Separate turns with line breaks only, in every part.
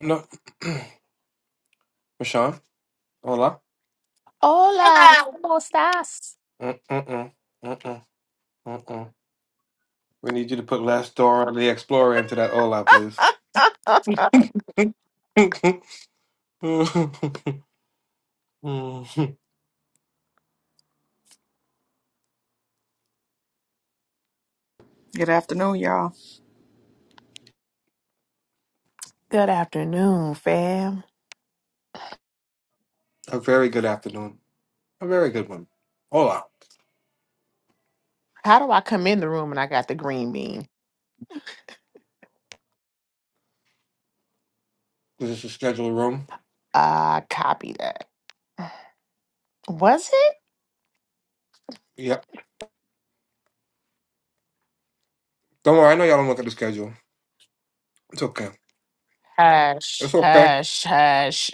No, Rashawn. Hola.
Hola, ¿cómo estás?
Mm-mm-mm. Mm-mm. Mm-mm. We need you to put Last Door on the Explorer into that hola, please.
Good afternoon, y'all.
Good afternoon, fam.
A very good afternoon. A very good one. Hola.
How do I come in the room and I got the green bean?
This is the schedule room.
Uh, copy that. Was it?
Yep. Don't worry, I know y'all don't look at the schedule. It's okay.
Hush,
It's okay.
hush, hush.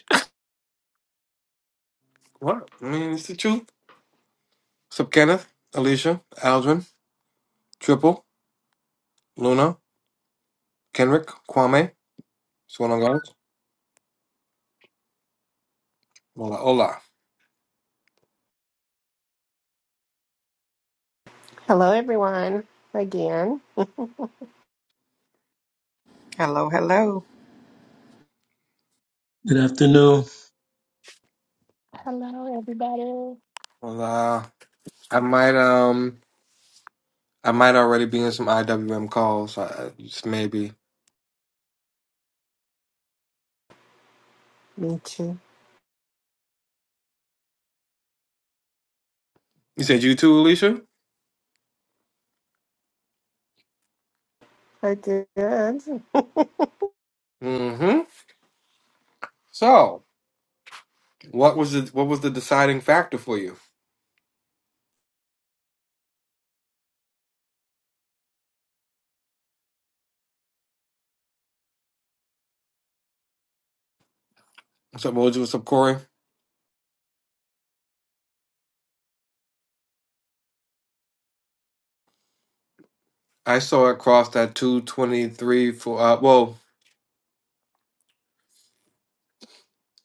What? I mean, it's the truth. Sup Kenneth, Alicia, Aldrin, Triple, Luna, Kenrick, Kwame. What's going on, guys? Hola, hola.
Hello, everyone. Again,
Hello, hello.
Good afternoon.
Hello, everybody.
Hola. I might um I might already be in some IWM calls. I, just maybe.
me too.
You said you too, Alicia?
I did.
Mm-hmm. So what was the what was the deciding factor for you? What's up, Mojo? What's up, Corey? I saw it cross that two twenty three for uh well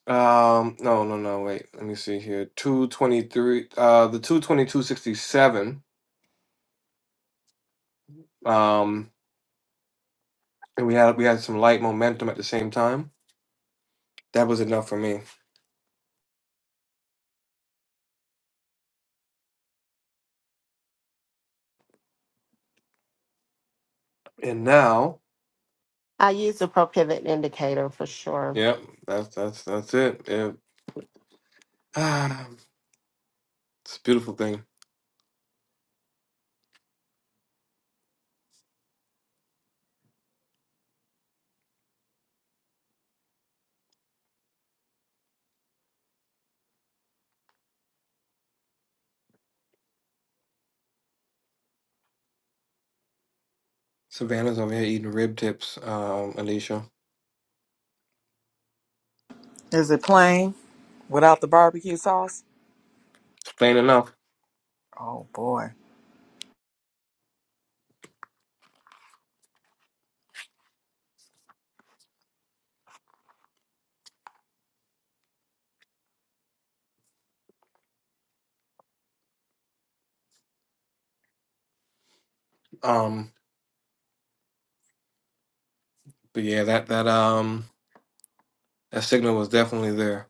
um no no no wait let me see here two twenty three uh the two twenty two sixty seven um and we had we had some light momentum at the same time that was enough for me and now
I use the pro pivot indicator for sure.
Yep, that's that's that's it. Yep. Ah, it's a beautiful thing. Savannah's over here eating rib tips, um, Alicia.
Is it plain without the barbecue sauce?
It's plain enough.
Oh boy,
Um, but yeah, that that um that signal was definitely there.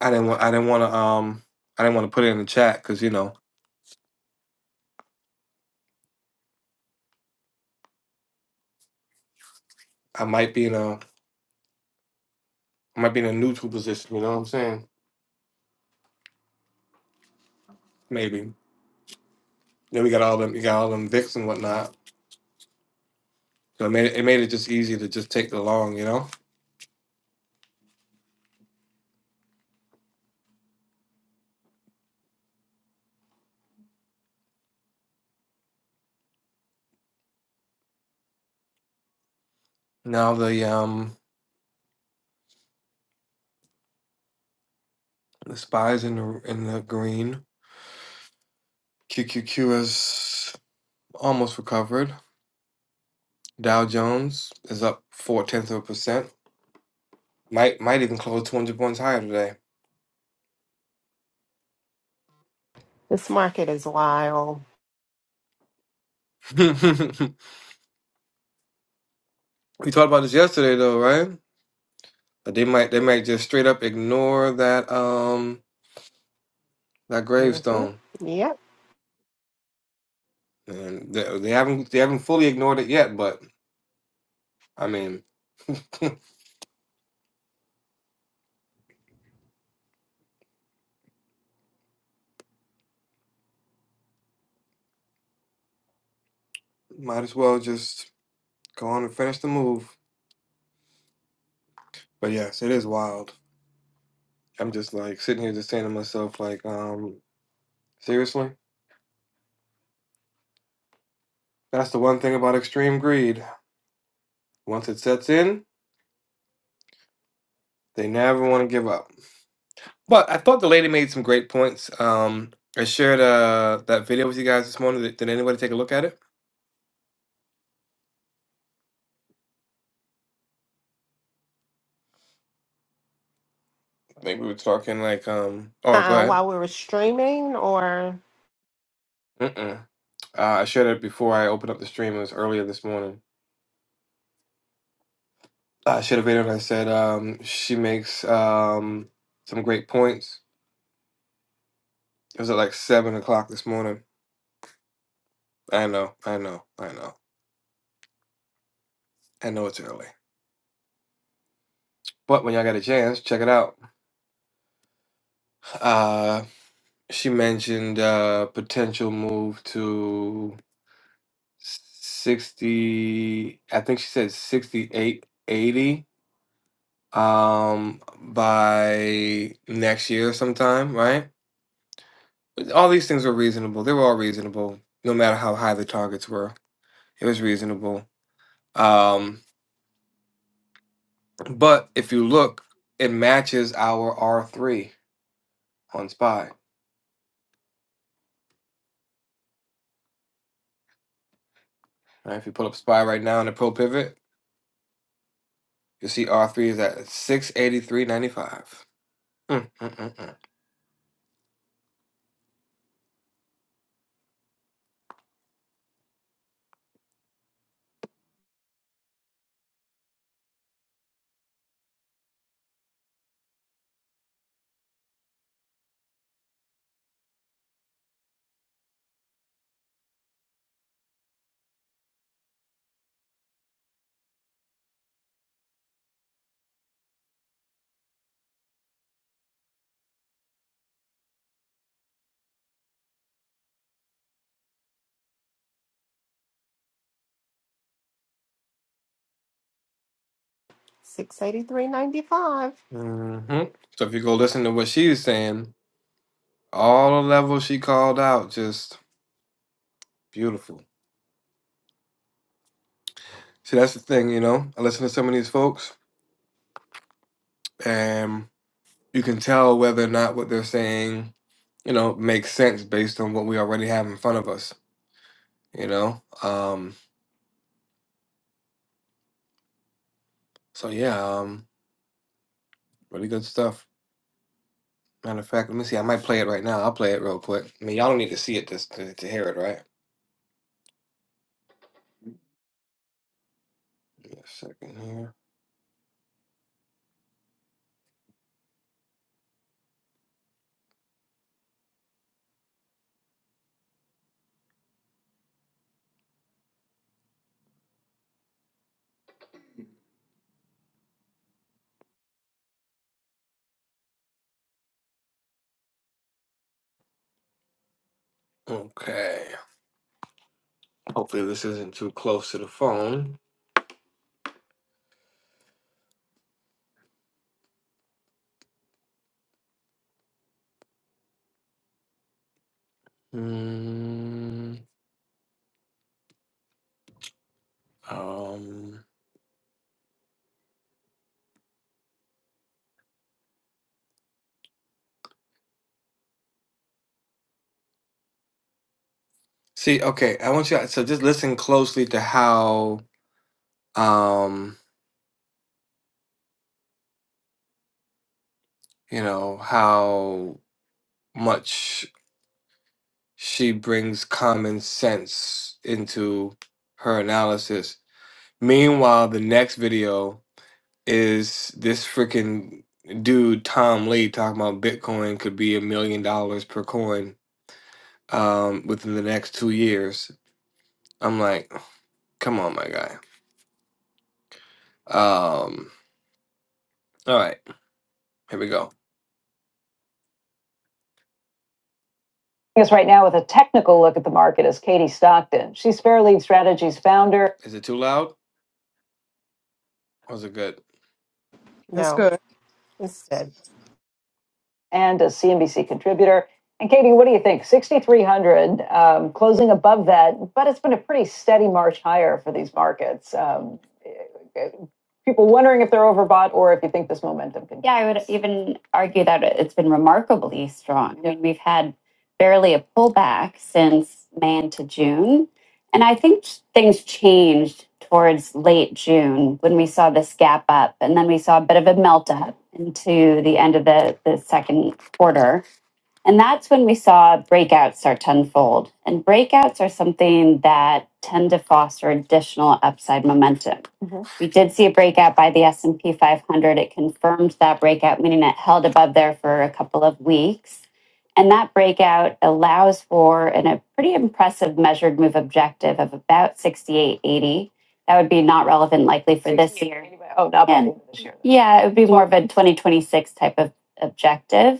I didn't want I didn't want to um I didn't want to put it in the chat because you know I might be in a I might be in a neutral position. You know what I'm saying? Maybe. Then we got all them you got all them Vicks and whatnot. So it made it, it made it just easy to just take the long. You know. Now the um the spies in the in the green. QQQ has almost recovered. Dow Jones is up four tenths of a percent. Might might even close two hundred points higher today.
This market is wild.
we talked about this yesterday though, right? But they might they might just straight up ignore that um that
hmm
gravestone.
Yep.
And they, they haven't they haven't fully ignored it yet, but I mean might as well just go on and finish the move. But yes, it is wild. I'm just like sitting here just saying to myself, like, um, seriously? That's the one thing about extreme greed. Once it sets in, They never want to give up. But I thought the lady made some great points. Um, I shared uh that video with you guys this morning. Did, did anybody take a look at it? I think we were talking like um. Oh, go
Uh-uh,
ahead.
while we were streaming, or
Mm-mm. Uh, I shared it before I opened up the stream. It was earlier this morning. Uh, I shared a video and I said um she makes um some great points. It was at like seven o'clock this morning. I know, I know, I know, I know it's early. But when y'all got a chance, check it out. Uh, she mentioned uh potential move to 60 i think she said 68, 80. um by next year sometime right But all these things were reasonable they were all reasonable no matter how high the targets were it was reasonable um but if you look it matches our r3 on spy right if you pull up spy right now in the pro pivot you see r3 is at 683.95 mm, mm, mm,
six eighty three ninety five.
mm. hmm so if you go listen to what she's saying All the levels she called out, just beautiful. See, that's the thing, you know. I listen to some of these folks, and you can tell whether or not what they're saying, you know, makes sense based on what we already have in front of us, you know. Um, so yeah, um, really good stuff. Matter of fact, let me see. I might play it right now. I'll play it real quick. I mean, y'all don't need to see it just to, to hear it, right? Give me a second here. Okay. Hopefully, this isn't too close to the phone. Mm, um. See, okay, I want you so just listen closely to how um, you know, how much she brings common sense into her analysis. Meanwhile, the next video is this freaking dude Tom Lee talking about Bitcoin could be a million dollars per coin um within the next 2 years. I'm like, come on, my guy. Um, all right, here we go. Joining us right now with a technical look at the market is Katie Stockton. She's Fairlead Strategies founder Is it too loud? Or is it good?
it's
No,
good.
instead,
and a CNBC contributor. And Katie, what do you think? 6,300, um, closing above that, but it's been a pretty steady march higher for these markets. Um, eh, people wondering if they're overbought or if you think this momentum can. Yeah, I would even argue that it- it's been remarkably strong. I mean, we've had barely a pullback since May into June. And I think things changed towards late June when we saw this gap up, and then we saw a bit of a melt up into the end of the, the second quarter. And that's when we saw breakouts start to unfold. And breakouts are something that tend to foster additional upside momentum. Mhm. We did see a breakout by the S&P 500. It confirmed that breakout, meaning it held above there for a couple of weeks. And that breakout allows for an, a pretty impressive measured move objective of about 68.80. That would be not relevant likely for this year. Anyway, oh, not by this year. yeah, it would be more of a 2026 type of objective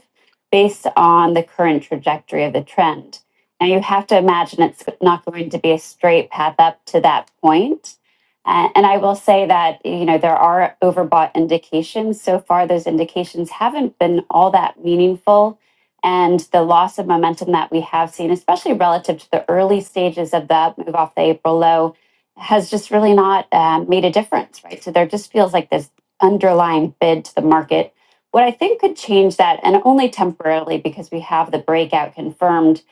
based on the current trajectory of the trend. Now, you have to imagine it's not going to be a straight path up to that point. Uh, and I will say that, you know, there are overbought indications. So far, those indications haven't been all that meaningful. And the loss of momentum that we have seen, especially relative to the early stages of that move off the April low, has just really not um, made a difference, right? So there just feels like this underlying bid to the market what I think could change that, and only temporarily because we have the breakout confirmed,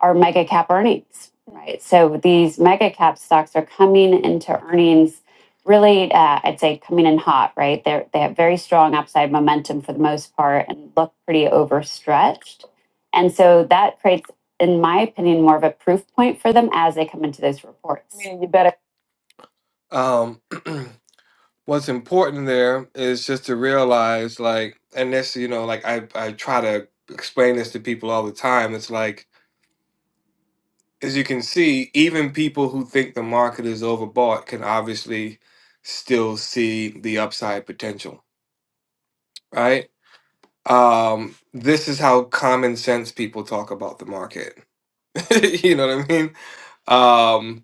are mega cap earnings, right? So these mega cap stocks are coming into earnings really, uh, I'd say, coming in hot, right? They're, they have very strong upside momentum for the most part and look pretty overstretched. And so that creates, in my opinion, more of a proof point for them as they come into those reports. I mean, you better Um, what's important there is just to realize like and this you know like i i try to explain this to people all the time it's like as you can see even people who think the market is overbought can obviously still see the upside potential right um this is how common sense people talk about the market you know what i mean um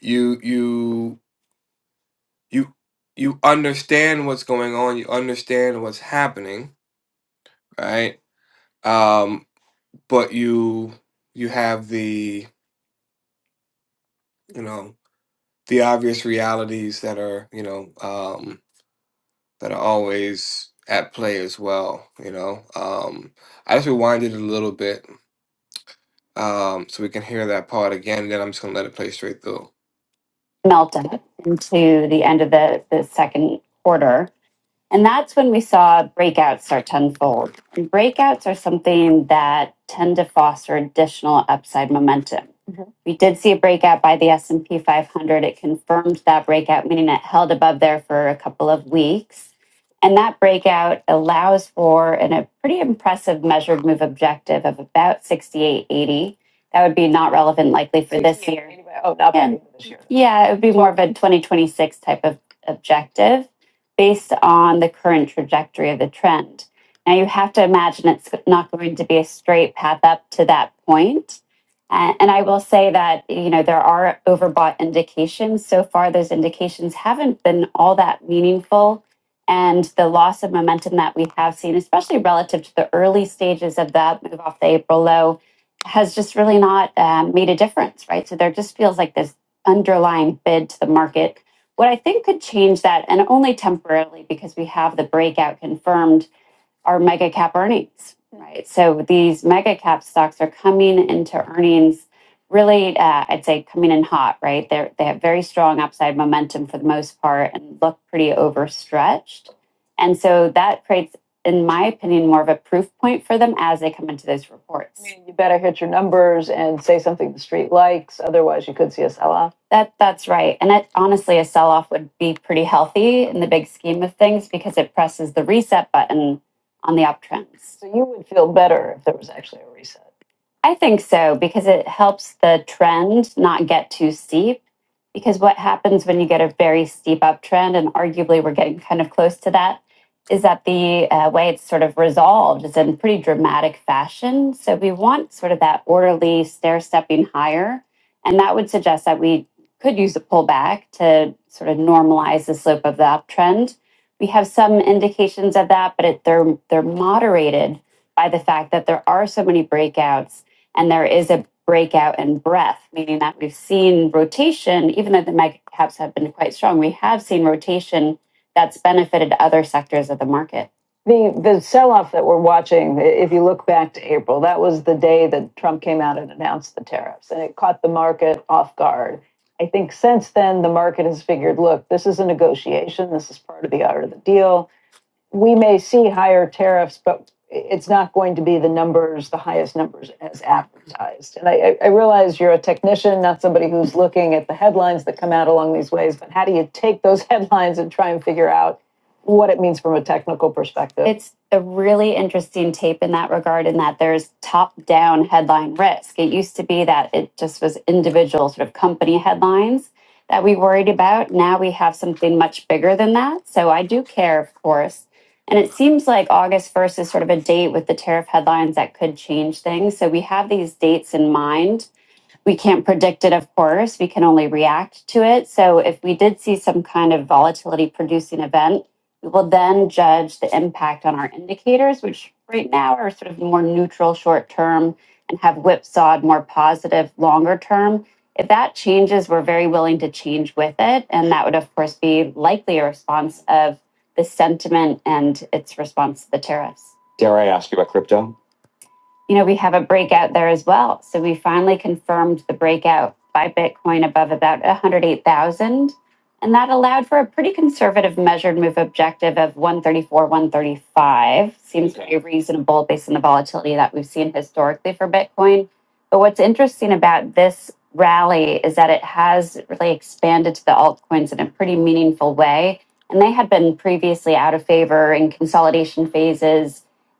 you you you you understand what's going on you understand what's happening right Um, but you you have the you know the obvious realities that are you know um, that are always at play as well. You know, um, I just rewinded it a little bit um, so we can hear that part again. And then I'm just gonna let it play straight through. Melted into the end of the, the second quarter. And that's when we saw breakouts start to unfold. And breakouts are something that tend to foster additional upside momentum. Mhm. We did see a breakout by the S&P 500. It confirmed that breakout, meaning it held above there for a couple of weeks. And that breakout allows for an, a pretty impressive measured move objective of about 68.80. That would be not relevant likely for this year. Oh, not relevant this year. Yeah, it would be more of a 2026 type of objective based on the current trajectory of the trend. Now, you have to imagine it's not going to be a straight path up to that point. A- And I will say that, you know, there are overbought indications. So far, those indications haven't been all that meaningful. And the loss of momentum that we have seen, especially relative to the early stages of that move off the April low, has just really not um, made a difference, right? So there just feels like this underlying bid to the market what I think could change that, and only temporarily because we have the breakout confirmed, are mega cap earnings, right? So these mega cap stocks are coming into earnings really, uh, I'd say, coming in hot, right? They they have very strong upside momentum for the most part and look pretty overstretched, and so that creates, in my opinion, more of a proof point for them as they come into those reports. I mean, you better hit your numbers and say something the street likes. Otherwise, you could see a sell off. That that's right, and it, honestly, a sell-off would be pretty healthy in the big scheme of things because it presses the reset button on the uptrends. So you would feel better if there was actually a reset. I think so because it helps the trend not get too steep. Because what happens when you get a very steep uptrend, and arguably we're getting kind of close to that, is that the uh, way it's sort of resolved is in pretty dramatic fashion. So we want sort of that orderly stair stepping higher. And that would suggest that we could use a pullback to sort of normalize the slope of the uptrend. We have some indications of that, but it, they're, they're moderated by the fact that there are so many breakouts and there is a breakout in breadth, meaning that we've seen rotation, even though the mega caps have been quite strong, we have seen rotation that's benefited other sectors of the market. The, the sell off that we're watching, if you look back to April, that was the day that Trump came out and announced the tariffs, and it caught the market off guard. I think since then, the market has figured look, this is a negotiation, this is part of the art of the deal we may see higher tariffs, but it's not going to be the numbers, the highest numbers as advertised. And I I realize you're a technician, not somebody who's looking at the headlines that come out along these ways, but how do you take those headlines and try and figure out what it means from a technical perspective? It's a really interesting tape in that regard, in that there's top down headline risk. It used to be that it just was individual sort of company headlines that we worried about. Now we have something much bigger than that. So I do care, of course, and it seems like August 1st is sort of a date with the tariff headlines that could change things. So we have these dates in mind we can't predict it, of course. We can only react to it. So if we did see some kind of volatility producing event, we will then judge the impact on our indicators, which right now are sort of more neutral short term and have whipsawed more positive longer term. If that changes, we're very willing to change with it. And that would, of course, be likely a response of the sentiment and its response to the tariffs. Dare I ask you about crypto? you know, we have a breakout there as well. So we finally confirmed the breakout by Bitcoin above about 108,000. And that allowed for a pretty conservative measured move objective of 134, 135. Seems very reasonable based on the volatility that we've seen historically for Bitcoin. But what's interesting about this rally is that it has really expanded to the altcoins in a pretty meaningful way. And they had been previously out of favor in consolidation phases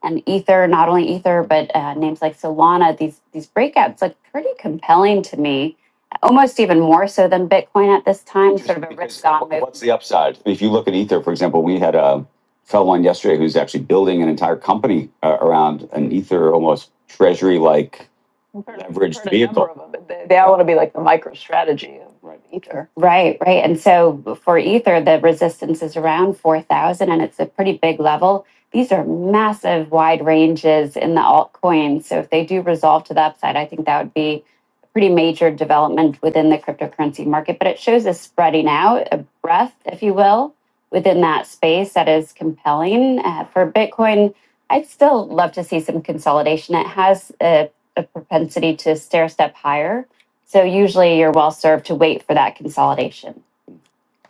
and Ether, not only Ether, but uh, names like Solana, these these breakouts look pretty compelling to me, almost even more so than Bitcoin at this time. Sort of a risk on move. what's the upside? If you look at Ether, for example, we had a fellow on yesterday who's actually building an entire company uh, around an Ether almost treasury like leveraged vehicle. They, they all want to be like the micro strategy of right. Ether. Right, right. And so for Ether, the resistance is around 4,000 and it's a pretty big level. These are massive wide ranges in the altcoins. So if they do resolve to the upside, I think that would be a pretty major development within the cryptocurrency market. But it shows a spreading out, a breadth, if you will, within that space that is compelling. Uh, for Bitcoin, I'd still love to see some consolidation. It has a, a propensity to stair step higher. So usually you're well served to wait for that consolidation.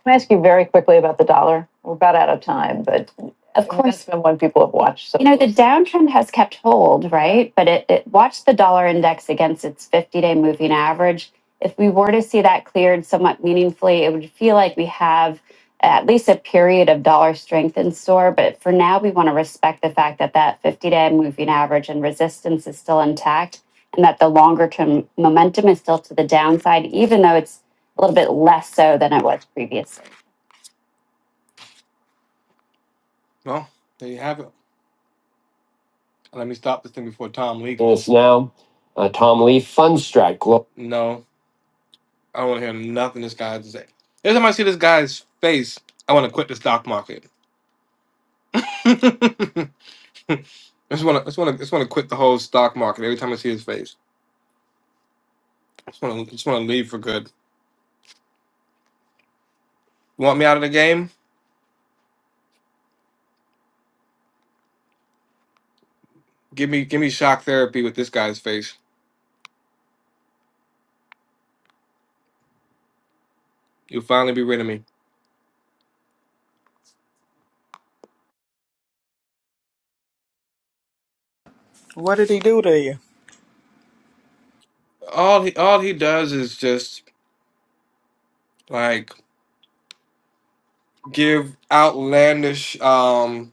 Can I ask you very quickly about the dollar? We're about out of time, but Of that's course. that's been one people have watched. So You know, the downtrend has kept hold, right? But it, it watch the dollar index against its 50 day moving average. If we were to see that cleared somewhat meaningfully, it would feel like we have at least a period of dollar strength in store. But for now, we want to respect the fact that that 50 day moving average and resistance is still intact and that the longer term momentum is still to the downside, even though it's a little bit less so than it was previously. Well, there you have it. Let me stop this thing before Tom leaks. No, I don't want to hear nothing this guy has to say. Every time I see this guy's face, I want to quit the stock market. I just want to, just want to, just want to quit the whole stock market. Every time I see his face, I just want to, just want to leave for good. You want me out of the game? Give me, give me shock therapy with this guy's face. You'll finally be rid of me.
What did he do to you?
All he, all he does is just like give outlandish. um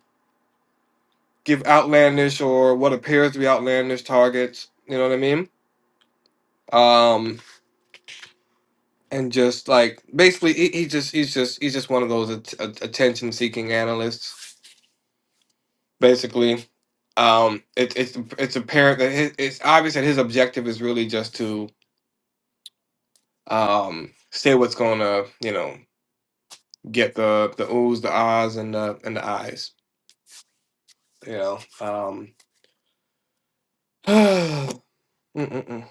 give outlandish or what appears to be outlandish targets. You know what I mean? Um, and just like basically, he, he just he's just he's just one of those at- at- attention-seeking analysts. Basically, um, it, it's it's apparent that his, it's obvious that his objective is really just to um, say what's gonna you know get the the oohs, the ahs, and the and the eyes. You know. Um, mm, mm, mm.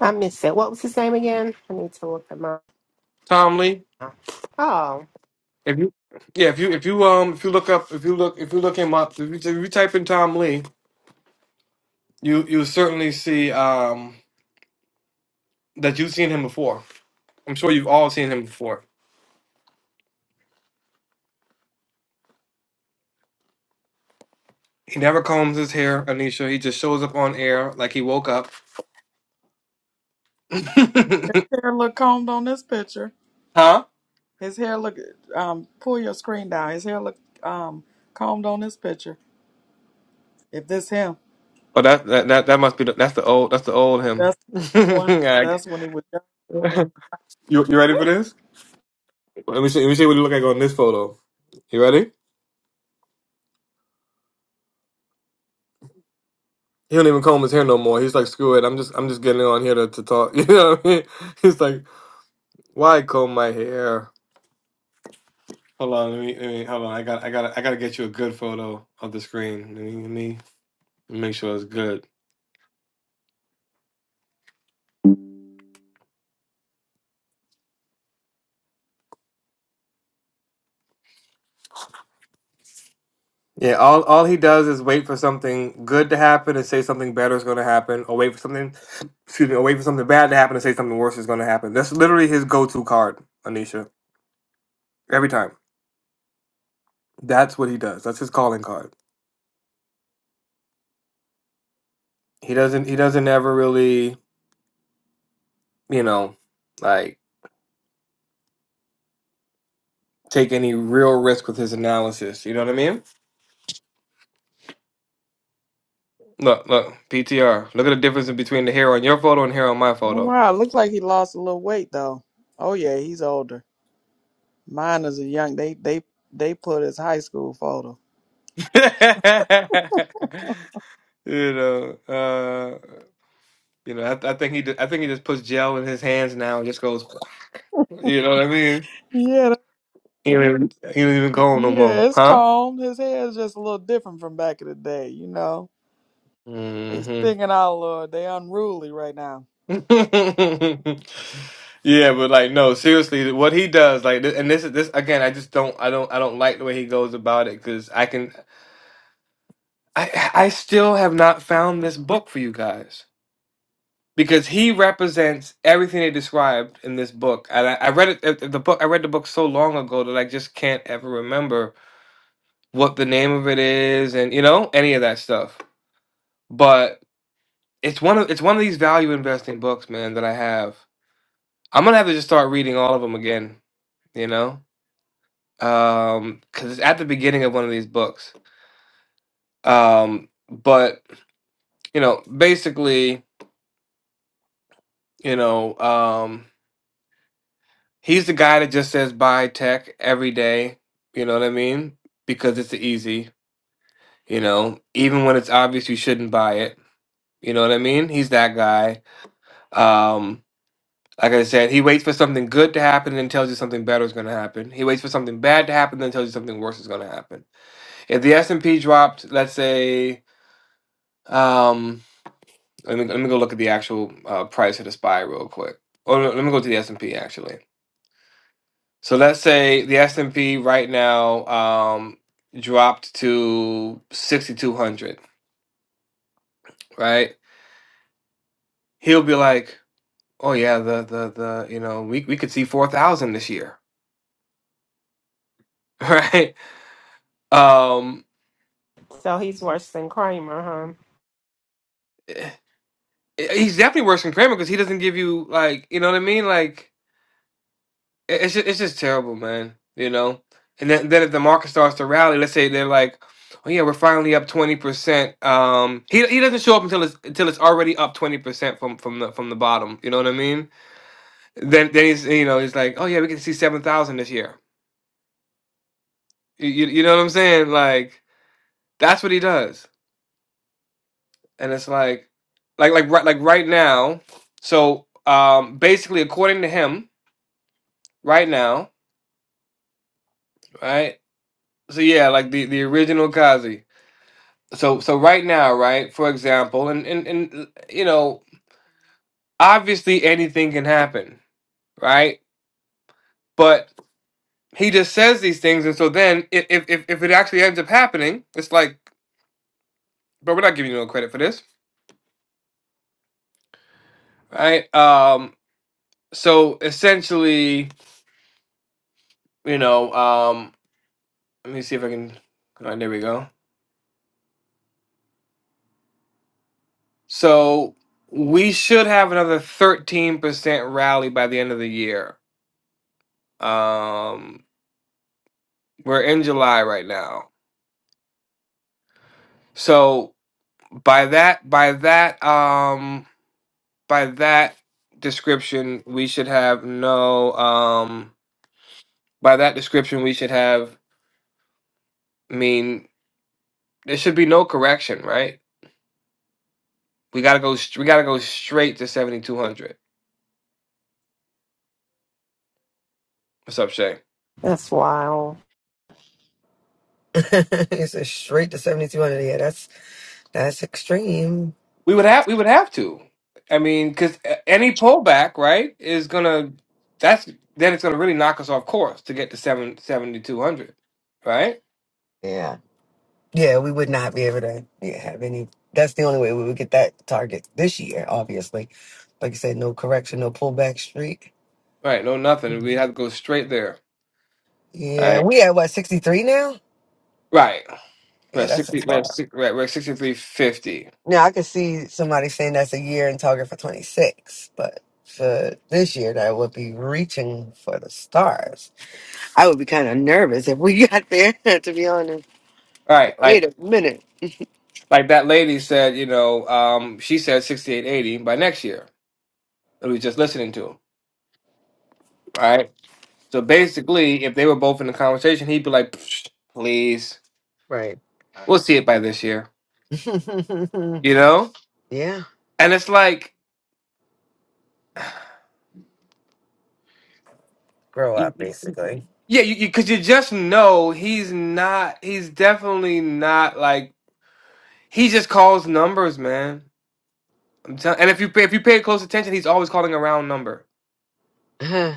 I missed it. What was his name again? I need to look at my.
Tom Lee,
Oh,
If you yeah, if you if you um if you look up if you look if you look him up if you, if you type in Tom Lee, you you certainly see um that you've seen him before. I'm sure you've all seen him before. He never combs his hair, Anisha. He just shows up on air like he woke up.
His hair look combed on this picture.
huh?
His hair look. Um, pull your screen down. His hair look um combed on this picture. If this him,
But that, that that that must be the, that's the old that's the old him.
that's the young one.
Like-
That's when he was young.
you you ready for this? Let me see let me see what he look like on this photo. You ready? He don't even comb his hair no more. He's like, screw it. I'm just I'm just getting on here to, to talk. You know what I mean? He's like Why comb my hair? Hold on, let me, let me hold on. I got I got I got to get you a good photo of the screen. Let me, let me make sure it's good. Yeah, all all he does is wait for something good to happen and say something better is going to happen, or wait for something, excuse me, or wait for something bad to happen and say something worse is going to happen. That's literally his go-to card, Anisha. Every time, that's what he does. That's his calling card. He doesn't he doesn't ever really, you know, like take any real risk with his analysis. You know what I mean? Look, look, PTR. Look at the difference in between the hair on your photo and hair on my
Oh
photo.
wow, looks like he lost a little weight though. Oh yeah, he's older. Mine is a young. They they they put his high school photo.
you know, uh, you know. I, I think he, ju- I think he just puts gel in his hands now and just goes. You know what I mean?
Yeah,
He don't even, he don't even go no
Yeah,
more,
it's
huh?
combed. His hair is just a little different from back in the day, you know. They
hmm
sticking out a little. They unruly right now.
yeah, but like, no, seriously, what he does, like, th- and this is this again. I just don't, I don't, I don't like the way he goes about it because I can, I, I still have not found this book for you guys. because he represents everything they described in this book. And I, I read it uh, the book. I read the book so long ago that I just can't ever remember what the name of it is, and you know any of that stuff. But it's one of it's one of these value investing books, man. That I have. I'm gonna have to just start reading all of them again. You know, because it's at the beginning of one of these books. Um, but you know, basically, you know. Um, He's the guy that just says buy tech every day. You know what I mean? Because it's easy. You know, even when it's obvious you shouldn't buy it. You know what I mean? He's that guy. Um, like I said, he waits for something good to happen and then tells you something better is going to happen. He waits for something bad to happen and then tells you something worse is going to happen. If the S and P dropped, let's say, um, let me let me go look at the actual uh, price of the spy real quick. Or let me go to the S and P actually. So let's say the S and P right now um, dropped to sixty two hundred, right? He'll be like, "Oh yeah, the the the you know we we could see four thousand this year, right?" Um,
so he's worse than Kramer, huh?
eh, he's definitely worse than Kramer because he doesn't give you like you know what I mean, like. It- It's just, it's just terrible, man. You know, and then then if the market starts to rally, let's say they're like, "Oh yeah, we're finally up twenty percent." Um, he he doesn't show up until it's until it's already up twenty percent from from the from the bottom. You know what I mean? Then then he's you know he's like, "Oh yeah, we can see seven thousand this year." You, you you know what I'm saying? Like that's what he does, and it's like like like right like right now. So um, basically, according to him, right now, right. So yeah, like the the original Kazi. so so right now right for example and and, and you know obviously anything can happen right but he just says these things and so then if if, if if it actually ends up happening it's like but we're not giving you no credit for this right um so essentially you know um let me see if i can all right, there we go so we should have another 13% rally by the end of the year um we're in july right now so by that by that um by that description we should have no um by that description we should have I mean there should be no correction right we gotta go st- we gotta go straight to 7200 what's up shay
That's wild.
it's a straight to 7200 yeah that's that's extreme
we would have we would have to i mean because any pullback right is gonna that's then it's gonna really knock us off course to get to seven seventy-two hundred, right
yeah yeah we would not be able to yeah, have any that's the only way we would get that target this year obviously like i said no correction no pullback streak
right no nothing
Mhm.
we have to go straight there
yeah
right
we at what 63 now
right We're
yeah
at
that's a
sixty. We're at,
far
six, we're at, we're at sixty-three fifty.
now i could see somebody saying that's a year and target for 26 but for this year that would be reaching for the stars i would be kind of nervous if we got there to be honest
All
like
right,
wait
like
a minute
like that lady said. You know, um, she said sixty-eight eighty by next year. That we was just listening to. All right. So basically, if they were both in the conversation, he'd be like, "Psh, "Please, we'll see it by this year." You know.
yeah,
And it's like,
grow
y-
up
y-
basically,
yeah, because you, you 'cause you just know he's not. He's definitely not like. He just calls numbers, man. I'm telling. And if you pay, if you pay close attention, he's always calling a round number.
uh,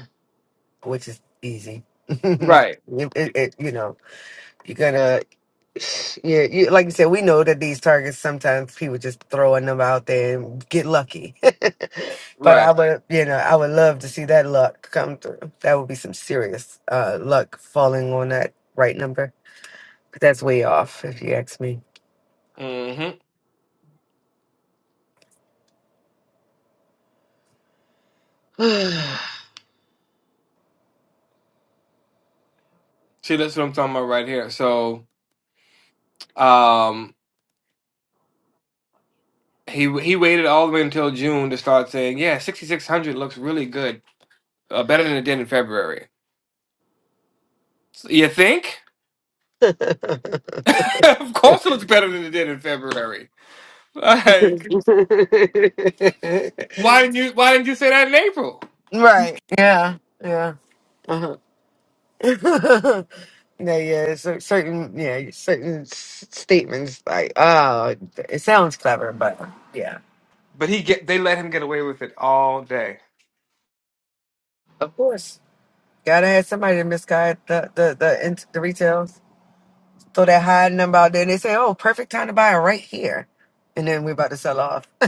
which is easy. it,
Right.
it, it- you know, you're gonna, yeah, you, like you said, we know that these targets sometimes people just throwing them out there and get lucky. but I
Right.
would, you know, I would love to see that luck come through. That would be some serious uh, luck falling on that right number. But that's way off, if you ask me.
Mm-hmm. See, that's what I'm talking about right here. So, um, he he waited all the way until June to start saying, "Yeah, 6600 looks really good, uh, better than it did in February." So, you think? of course, it looks better than it did in February. Like, why didn't you why didn't you say that in April?
Right. Yeah. Yeah. Uh-huh. no, yeah. So certain, yeah, certain s- statements like, oh, it sounds clever, but yeah,
But he get they let him get away with it all day,
of course, gotta have somebody to misguide the the the int- the retail. So they're hiding them out there, and they say, oh, perfect time to buy it right here, and then we're about to sell off.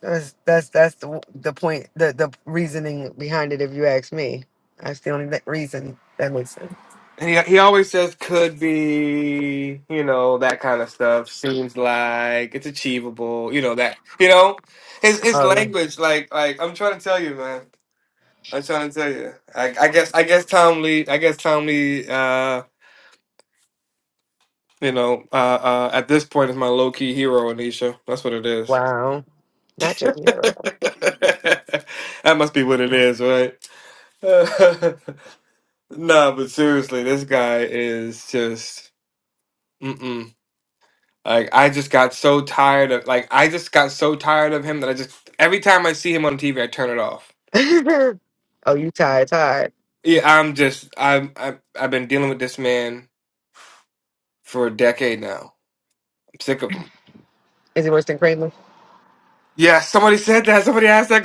that's that's that's the the point, the the reasoning behind it. If you ask me, that's the only like, reason that makes sense.
and he he always says could be, you know, that kind of stuff. Seems like it's achievable, you know that, you know his his language. Like like I'm trying to tell you, man. I'm trying to tell you. I, I guess I guess Tom Lee I guess Tom Lee uh you know uh uh at this point is my low key hero Anisha. That's what it is.
Wow. Not your hero.
that must be what it is, right? nah, but seriously, this guy is just mm-mm. Like I just got so tired of like I just got so tired of him that I just every time I see him on TV I turn it off.
oh, you tired, tired.
Yeah, I'm just I'm, I'm I've been dealing with this man for a decade now. I'm sick of him.
Is it worse than Kramer?
Yeah, somebody said that. Somebody asked that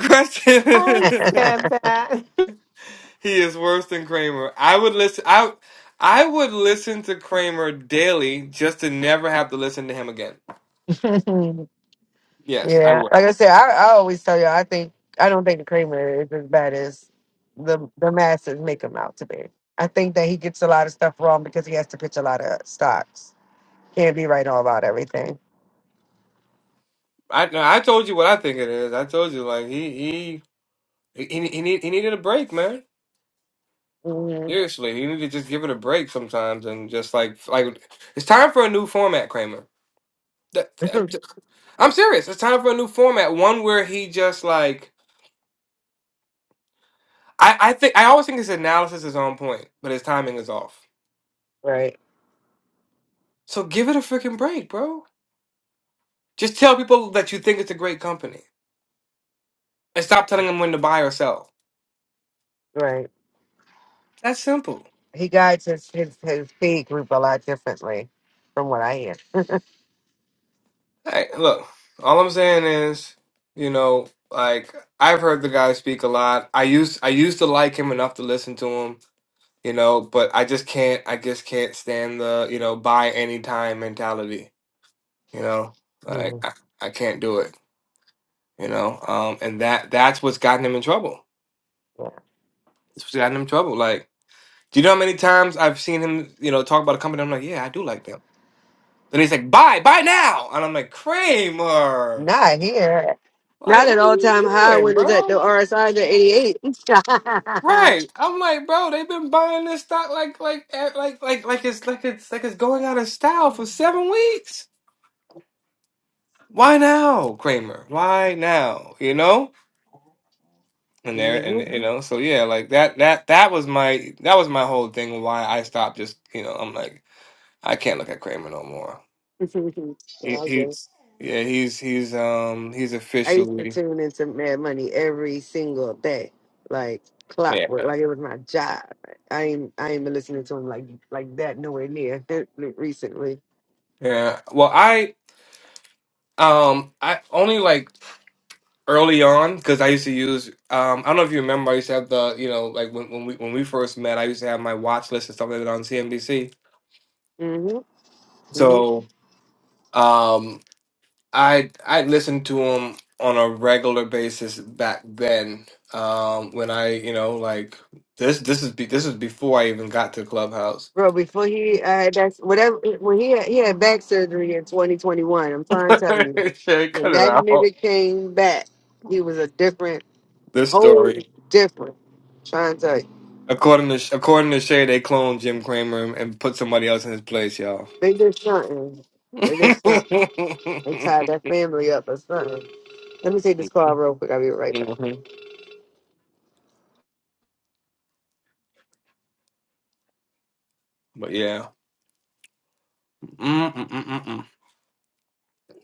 I
question.
said that.
he is worse than Kramer. I would listen. I I would listen to Kramer daily just to never have to listen to him again.
yeah.
Yes, I would.
Like I said, I, I always tell you, I think I don't think the Kramer is as bad as the the masses make him out to be. I think that he gets a lot of stuff wrong because he has to pitch a lot of stocks. Can't be right all about everything.
I no, I told you what I think it is. I told you like he he he he, need, he needed a break, man.
hmm
Seriously, he needed to just give it a break sometimes and just like like it's time for a new format, Kramer. That, I'm, I'm serious. It's time for a new format, one where he just like I, I think I always think his analysis is on point, but his timing is off.
right.
So give it a freaking break, bro. Just tell people that you think it's a great company, and stop telling them when to buy or sell.
Right.
That's simple.
He guides his, his his feed group a lot differently from what I hear.
Hey, look, all I'm saying is, you know, like I've heard the guy speak a lot. I used I used to like him enough to listen to him, you know, but I just can't I just can't stand the you know buy any time mentality. You know, like I,
Yeah.
I can't do it. You know, um, and that that's what's gotten him in trouble It's got him trouble. Like, do you know how many times I've seen him, you know, talk about a company? I'm like, yeah, I do like them. And he's like, buy, buy now. And I'm like, Kramer,
Not here.
like,
Not an
what are
all
you
time high
doing,
when it's at the
bro?
RSI to 88.
Right. I'm like, bro, they've been buying this stock like, like, eh, like, like, like it's like it's like it's going out of style for seven weeks. Why now, Kramer? Why now? You know. And there, and
Mhm.
you know, so yeah, like that, that, that was my, that was my whole thing. Why I stopped. Just you know, I'm like, I can't look at Kramer no more.
So
He,
I
he's yeah, he's he's um he's
I used to
officially
tune into Mad Money every single day, like
yeah
clockwork, like it was my job. I ain't I ain't been listening to him like like that nowhere near recently.
yeah. Well, I um I only like early on because I used to use um I don't know if you remember I used to have the you know like when when we when we first met I used to have my watch list and stuff like that on CNBC.
hmm hmm
So um I I listened to him on a regular basis back then um when I you know like this this is be, this is before I even got to Clubhouse.
Bro, before he uh, that's whatever when he had, he had back surgery in 2021. I'm trying to tell you,
Shay,
when
cut it
that
out
nigga came back, he was a different.
this
whole
story.
different. Trying to tell you.
According to according to Shay, they cloned Jim Cramer and, and put somebody else in his place, y'all.
they did something. They did something. They tied that family up or something. Let me take this call real quick. I'll be right back.
Mhm. But yeah. Mm-mm-mm-mm.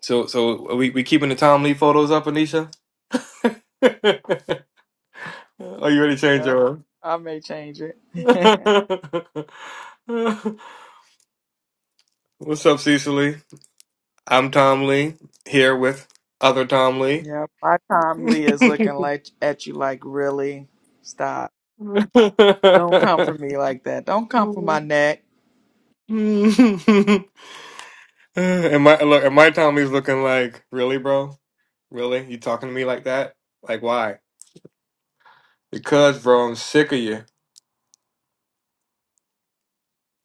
So so are we we keeping the Tom Lee photos up, Anisha? are you ready to change
Yep.
your
I may change it.
mind? What's up, Cecily? I'm Tom Lee here with other Tom Lee.
yep. My Tomly is looking like at you like really stop. Don't come for me like that. Don't come for my neck.
And my look, and my Tom Lee's looking like really, bro. Really? You talking to me like that? Like, why? Because, bro, I'm sick of you.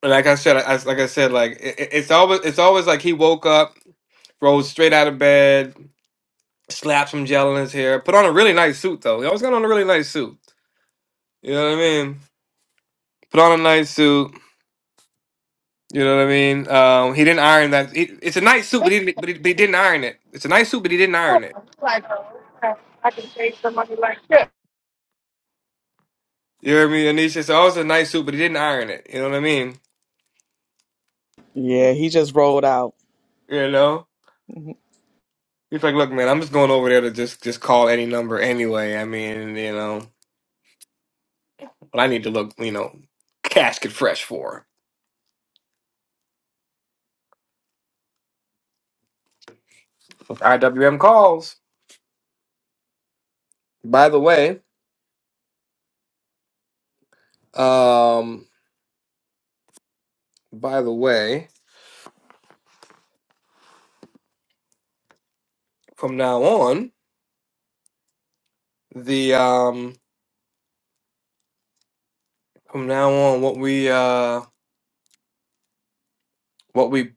Like I said, I, like I said, like it, it- it's always it's always like he woke up, rose straight out of bed, slapped some gel in his hair, put on a really nice suit though. He always got on a really nice suit. You know what I mean? Put on a nice suit. You know what I mean? Um, he didn't iron that. It, it's a nice suit, but he, didn't, but, he, but he didn't iron it. It's a nice suit, but he didn't iron it.
Like, uh, I can save somebody like that.
You know what I mean? Anisha said, "Oh, it's a nice suit, but he didn't iron it." You know what I mean?
Yeah, he just rolled out.
You know?
Mhm.
He's like, "Look, man, I'm just going over there to just just call any number anyway. I mean, you know." what I need to look, you know, casket fresh for. IWM calls. By the way, um, by the way, from now on, the um, from now on, what we uh, what we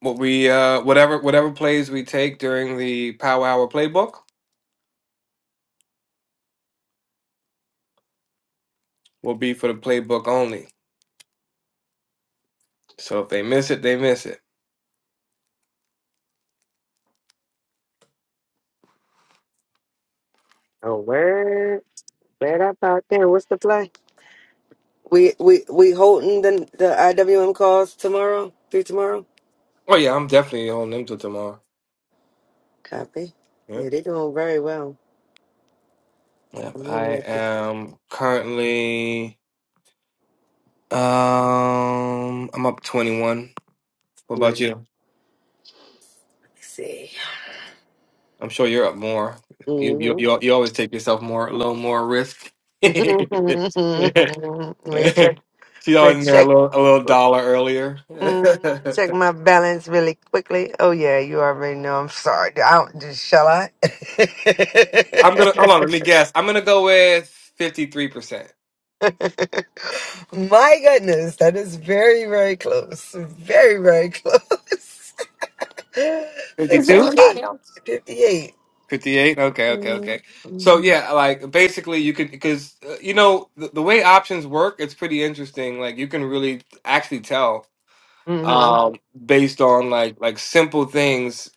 what we uh, whatever whatever plays we take during the Power Hour playbook will be for the playbook only. So if they miss it, they miss it.
Oh, word. Bad up out there. What's the play? We we we holding the the IWM calls tomorrow through tomorrow.
Oh yeah, I'm definitely on them till tomorrow.
Copy.
Yeah,
Yeah, they're doing very well.
yeah.
I'm
I
in there to-
am currently um, I'm up 21 What about
Let's
you?
see.
I'm sure you're up more. You you
Mm-hmm.
you, you always take yourself more a little more risk. She's
Recheck.
always in there a
Recheck.
little a little dollar earlier.
Mm, Check my balance really quickly. Oh yeah, you already know. I'm sorry. I don't, just- shall I?
I'm gonna hold on. Let me guess. I'm gonna go with fifty three percent.
My goodness, that is very, very close. Very, very close.
Fifty
was
two.
58.
everybody on?
58.
58 okay okay okay
Mm-hmm.
so yeah like basically you could because uh, you know the, the way options work it's pretty interesting like you can really actually tell um based on like like simple things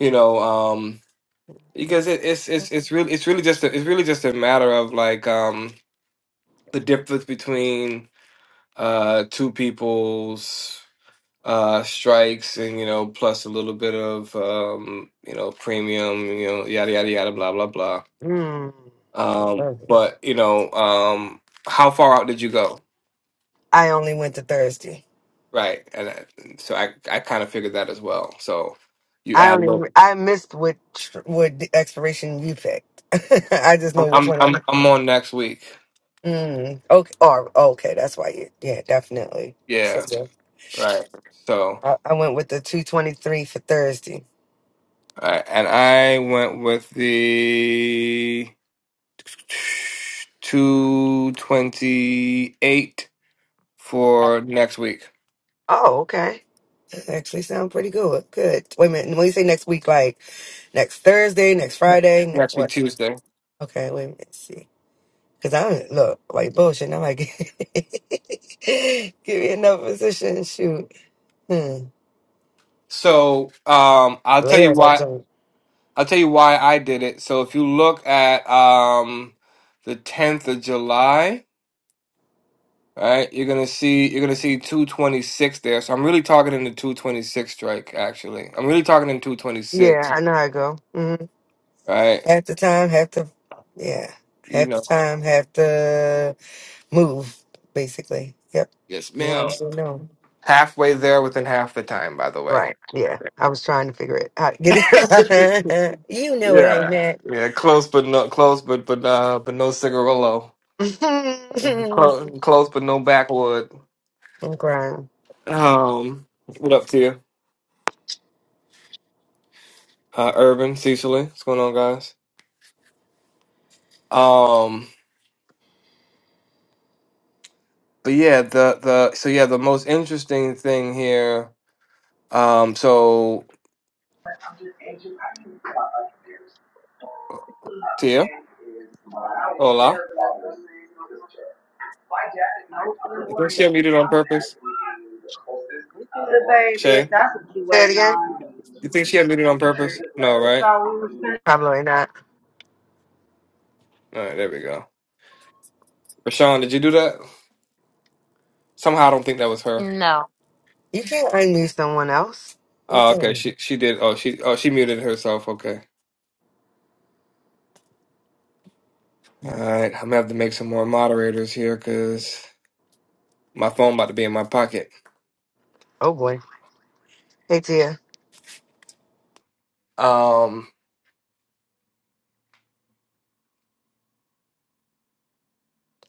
you know um, because it, it's it's it's really it's really just a, it's really just a matter of like um the difference between uh two people's uh strikes and you know plus a little bit of um you know premium you know yada yada yada blah blah blah
Mm. I
um
love it.
but you know um how far out did you go
I only went to Thursday.
right and I, so I I kind of figured that as well so you
I
add a
don't even,
little
I missed which, what the expiration you picked. I just
I'm
know which
I'm
one I
I'm, I'm on next week
Mm, okay. Oh, okay, that's why you. Yeah, definitely. So
yeah
yeah,
right so.
I, I went with the two twenty three for Thursday.
Uh, and I went with the 228 for next week.
Oh, okay. That actually sounds pretty good. Good. Wait a minute. When you say next week, like next Thursday, next
Ne-
Friday, ne-
Next week
what?
Tuesday.
Okay, wait a minute. See, because I don't look like bullshit. And I'm like, give me another position. Shoot. Hmm.
So, um I'll tell you
Later that
why
junk.
I'll tell you why I did it. So, if you look at um the 10th of July, right? You're going to see you're going to see 226 there. So, I'm really talking in the 226 strike actually. I'm really talking in 226,
Yeah, I know how I go. hmm
right?
Half the time, half the yeah,
You
half the
know.
time, half the. move, basically. Yep.
Yes,
You
ma'am.
already know.
Halfway there within half the time, by the way.
Right. Yeah. I was trying to figure it out. Get it? you know what I
Yeah.
meant.
Yeah, close but no close but but uh but no cigarillo. Close, close but no backwood.
I'm crying.
Um what up to you? Uh Urban, Cecily. What's going on guys? Um but yeah, the the so yeah, the most interesting thing here, um so
And you, I can talk about yours. My
Tia,
name is, I would
hola.
never My dad and my other
You
one
think
of
she
them
unmuted on
have
purpose?
actually been the closest. He's a Baby, if
Shay?
that's what you are
Say it
waiting
again?
on.
You think she unmuted on
it's Retrieve
purpose? No, right?
the letter.
Probably not.
Alright, there we go. Rashawn, did you do that? Somehow I don't think that was her.
No,
You can't unmute someone else. What are you
Oh,
telling
okay.
me?
She she did. Oh, she oh she muted herself. Okay. All right. I'm gonna have to make some more moderators here because my phone about to be in my pocket.
Oh boy. Hey Tia.
Um,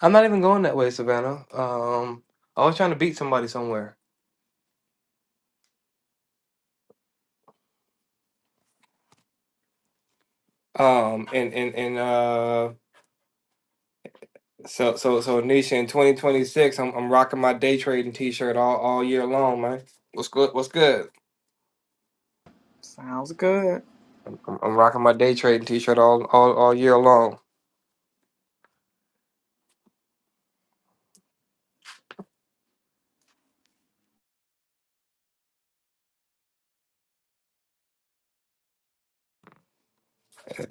I'm not even going that way, Savannah. Um, I was trying to beat somebody somewhere. Um, and and and uh, so so so Nisha in 2026, I'm I'm rocking my day trading T-shirt all all year long, man. What's good? What's good?
Sounds good.
I'm, I'm rocking my day trading T-shirt all all all year long.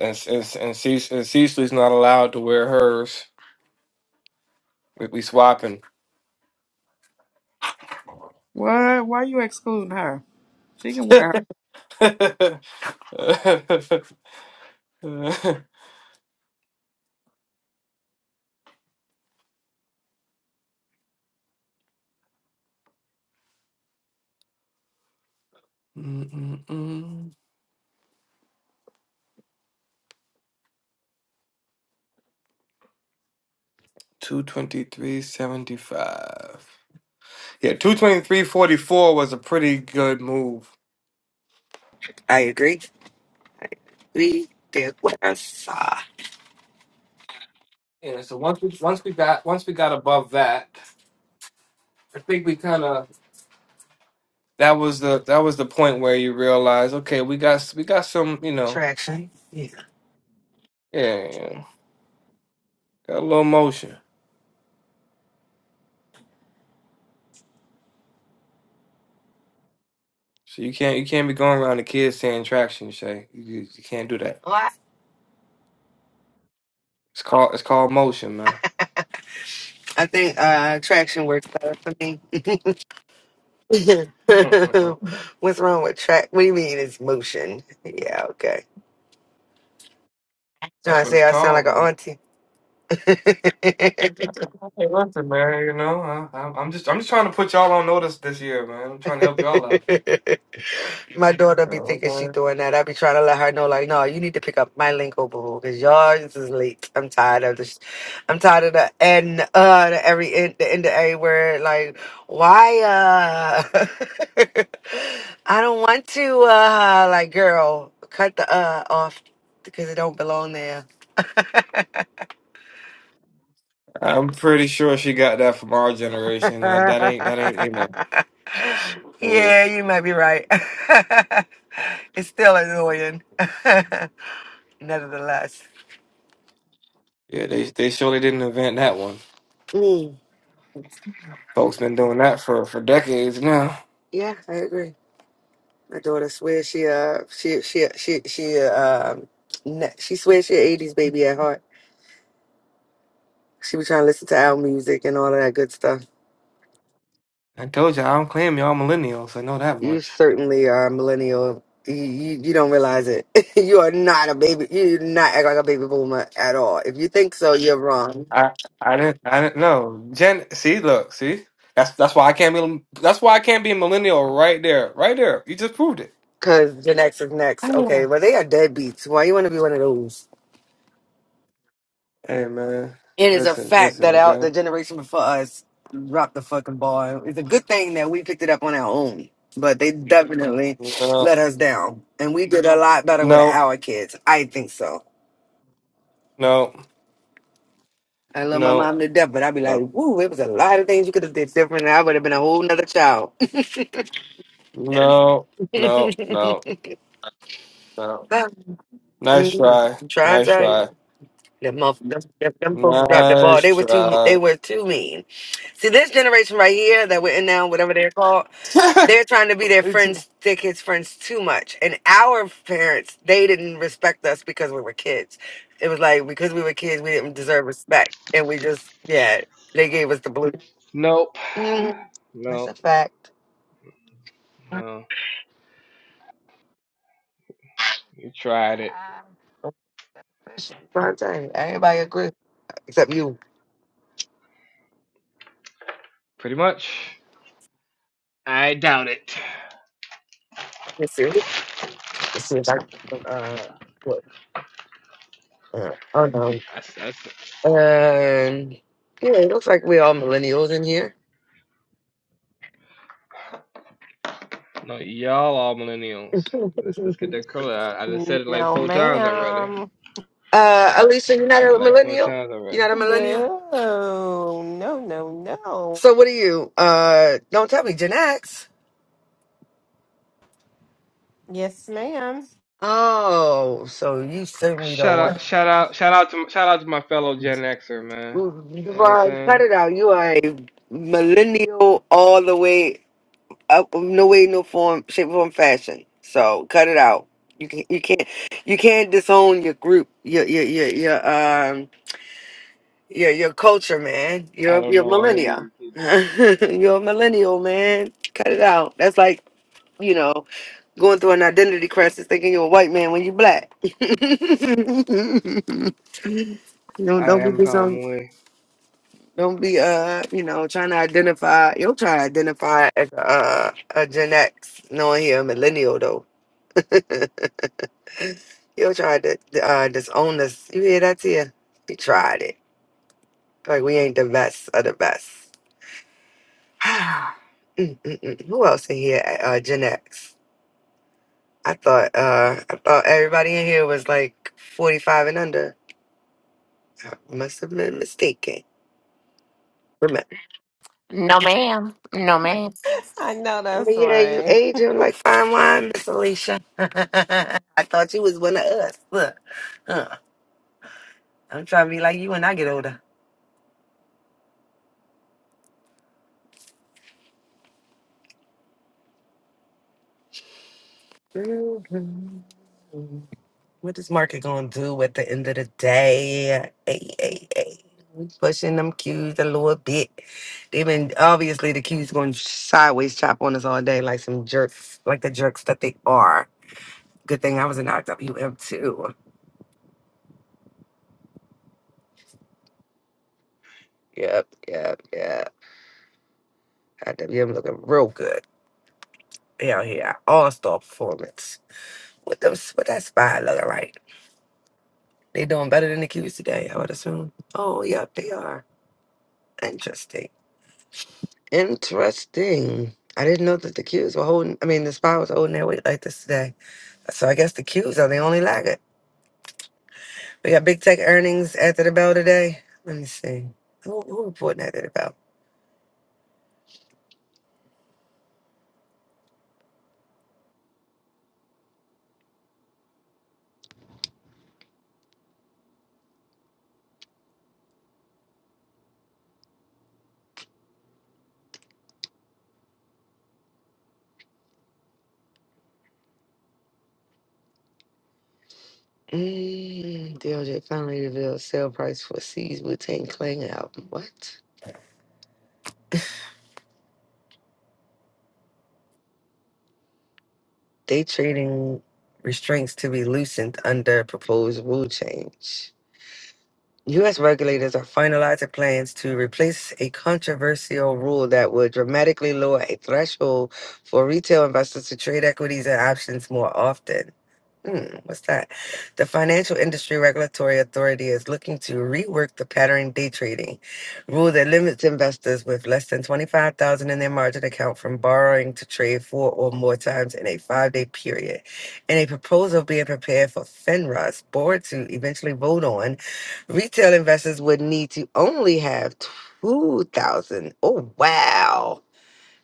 and and and, Cece, and Cecily's not allowed to wear hers. We, we swapping.
What? Why you excluding her? She can wear
Two twenty three seventy five. Yeah, two twenty three forty four was a pretty good move.
I agree. We did what I saw.
Yeah. So once we once we got once we got above that, I think we kind of that was the that was the point where you realize, okay, we got we got some, you know,
Traction. Yeah.
yeah, yeah, yeah, got a little motion. So you can't you can't be going around the kids saying traction, Shay. You, you you can't do that.
What?
It's called it's called motion, man.
I think uh traction works better for me.
Mm-mm-mm.
What's wrong with track? What do you mean it's motion? Yeah, okay. Trying
That's
to
what
say
it's
I sound like
called,
an
man.
auntie.
Hey, listen, man. You know, I, I'm I'm just I'm just trying to put y'all on notice this year, man. I'm trying to help y'all out.
my daughter
You
be
know
thinking
what I'm
she
saying?
doing that. I be trying to let her know, like, no, you need to pick up my lingo, boo, because yours is late. I'm tired of this. I'm tired of the end, uh, the every end, the end of every word. Like, why, uh, I don't want to, uh, like, girl, cut the uh off because it don't belong there.
I'm pretty sure she got that from our generation. That, that ain't that ain't you know. It
yeah,
was,
you might be right. it's still annoying, nevertheless.
yeah, they they surely didn't invent that one.
Mm,
Folks been doing that for for decades now.
yeah, I agree. My daughter swears she uh she she she she uh, um ne- she swears she an '80s baby at heart. She was trying to listen to our music and all of that good stuff.
I told you I don't claim y'all millennials. I know that
You
much.
certainly are a millennial. You, you you don't realize it. you are not a baby. You do not act like a baby boomer at all. If you think so, you're wrong.
I I didn't I didn't know. Gen see, look, see? That's that's why I can't be that's why I can't be a millennial right there. Right there. You just proved it.
Cause Gen X is next. Okay, well they are deadbeats. Why you want to be one of those?
Hey man.
It is a
Listen,
fact
listen,
that out the
okay?
generation before us dropped the fucking ball. It's a good thing that we picked it up on our own, but they definitely
No,
let us down, and we did a lot better
no,
with our kids. I think so.
no,
I love my
no,
mom to death, but I'd be like,
no,
"Woo, it was a lot of things you could have did different, and I would have been a whole nother child."
no, no, no, no. Nice
I'm
try.
trying to
Nice
tell you.
try.
Them, motherf- them, them them folks dropped the ball.
Nice
They were too.
try.
They were too mean. See, this generation right here that we're in now, whatever they're called, they're trying to be their friends, their kids' friends too much. And our parents, they didn't respect us because we were kids. It was like because we were kids, we didn't deserve respect, and we just yeah, they gave us the blue. hmm That's
No,
a fact.
no, you tried it.
That's what I'm saying. Everybody agree except you.
Pretty much. I doubt it.
Yes, sir. Let's see if I can, uh, what- uh, oh no.
That's, that's,
Um, yeah, it looks like we're all millennials in here.
No, y'all are millennials. Let's let's get that color. I, I just said it like
No,
four times already.
ma'am.
Uh, Alicia,
I
you're not
said it
a
like four
millennial?
times
You're
already.
not a millennial?
No, no, no, no.
So what are you? Uh, don't tell me, Gen X?
Yes, ma'am.
Oh, so you certainly don't
Shout
want.
out, shout out, shout out to shout out to my fellow Gen Xer man.
Ooh,
You know what I'm
Devon,
saying?
cut it out. You are a millennial all the way up, no way, no form, shape, form, fashion. So cut it out. You can, you can't, you can't disown your group, your, your, your, your um, your your culture, man.
I
You're
don't
you're
know any of
millennia.
you people.
you're a millennial, man. Cut it out. That's like you know going through an identity crisis, thinking you're a white man when you're black. you know,
I
don't be
am
disown.
Tom Lee.
Don't be uh, you know, trying to identify. you will try to identify as a, uh, a Gen X, knowing you're a millennial though. you will try to uh, disown us. You hear that, Tia? We tried it. Like we ain't the best of the best. Ah, mm, mm, mm. Who else in here? Uh, uh, Gen X. I thought uh, I thought everybody in here was like forty five and under. I must have been mistaken. Remember?
no, ma'am. No, ma'am.
I know that's
But yeah, you
right.
aging like fine wine, Miss Alicia. I thought you was one of us. Look, huh. I'm trying to be like you when I get older. Mhm. What is market going to do at the end of the day? Hey, hey, hey. We pushing them cues a little bit. They've been obviously the cues going sideways chop on us all day, like some jerks, like the jerks that they are. Good thing I was in IWM too. Yep, yep, yep. IWM looking real good. Hell yeah, all star performance. With them, with that spy looking right. They doing better than the cues today, I would assume. Oh, yep, they are. Interesting. Interesting. I didn't know that the Qs were holding, I mean, the SPY was holding their weight like this today. So I guess the Qs are the only laggard. We got big tech earnings after the bell today. Let me see. Who, who reporting after the bell? Mm, DOJ finally revealed sale price for C's Wu Tang Clan album. What? Day trading restraints to be loosened under proposed rule change. U.S. regulators are finalizing plans to replace a controversial rule that would dramatically lower a threshold for retail investors to trade equities and options more often. Hmm, what's that? The Financial Industry Regulatory Authority is looking to rework the pattern day trading rule that limits investors with less than 25000 in their margin account from borrowing to trade four or more times in a five day period. And a proposal being prepared for FINRA's board to eventually vote on Retail investors would need to only have 2,000. Oh, wow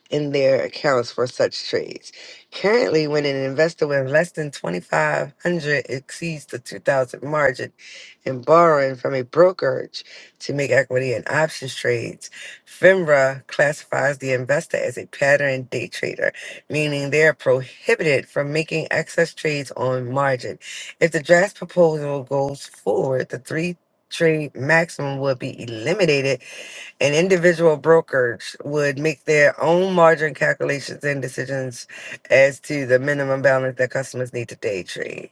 in their accounts for such trades. Currently, when an investor with less than 2500 exceeds the 2000 margin in borrowing from a brokerage to make equity and options trades, FINRA classifies the investor as a pattern day trader, meaning they are prohibited from making excess trades on margin. If the draft proposal goes forward, the three trade maximum will be eliminated an individual brokerage would make their own margin calculations and decisions as to the minimum balance that customers need to day trade.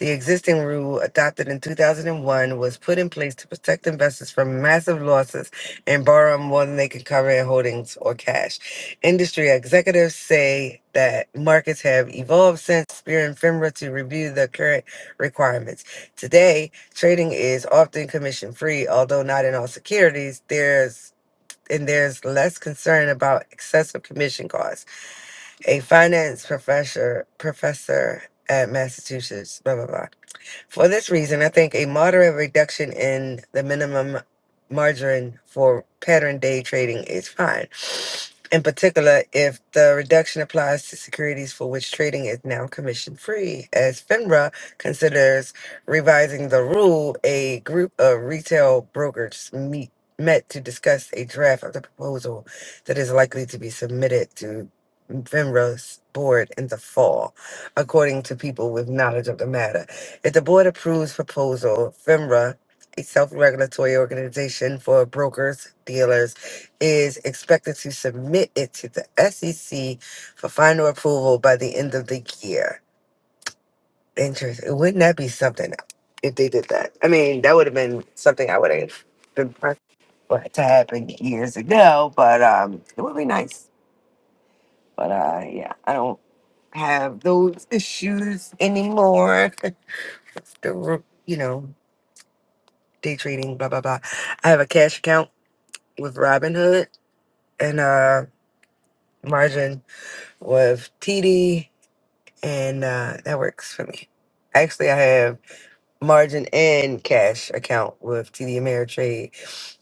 The existing rule, adopted in 2001, was put in place to protect investors from massive losses and borrowing more than they can cover in holdings or cash. Industry executives say that markets have evolved since Spear and FINRA to review the current requirements. Today, Trading is often commission free, although not in all securities. There's and there's less concern about excessive commission costs. A finance professor professor at Massachusetts, blah blah blah for this reason, I think a moderate reduction in the minimum margin for pattern day trading is fine. In particular, if the reduction applies to securities for which trading is now commission free, as FINRA considers revising the rule, a group of retail brokers meet, met to discuss a draft of the proposal that is likely to be submitted to FINRA's board in the fall, according to people with knowledge of the matter. If the board approves proposal, FINRA, a self-regulatory organization for brokers, dealers, is expected to submit it to the SEC for final approval by the end of the year. Interesting. Wouldn't that be something if they did that? I mean, that would have been something I would have been pressed for it to happen years ago, but um, it would be nice. But uh, yeah, I don't have those issues anymore. The, you know. day trading, blah blah blah. I have a cash account with Robinhood and uh margin with TD, and uh, that works for me. Actually, I have margin and cash account with TD Ameritrade.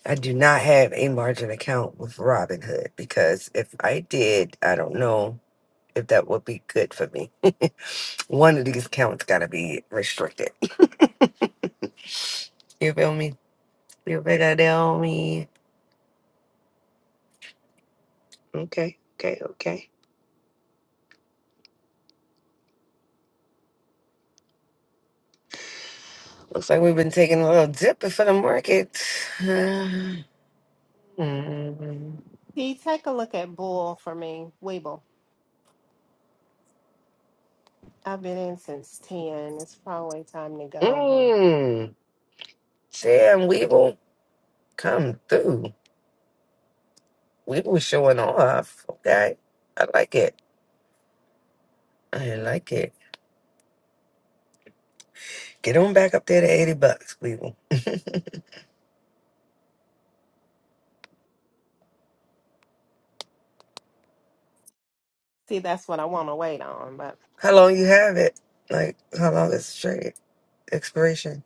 I do not have a margin account with Robinhood because if I did, I don't know if that would be good for me. One of these accounts gotta be restricted. You feel me? You figure that on me. Okay, okay, okay. Looks like we've been taking a little dip for the market. Mmm.
See, take a look at Bull for me. Weeble. I've been in since 10. It's probably time to go, huh?
Mmm. Sam Weeble, come through. Weeble showing off. Okay. I like it. I like it. Get on back up there to 80 bucks, Weeble.
See, that's what I want to wait on, but
How long you have it? Like, how long is the trade expiration?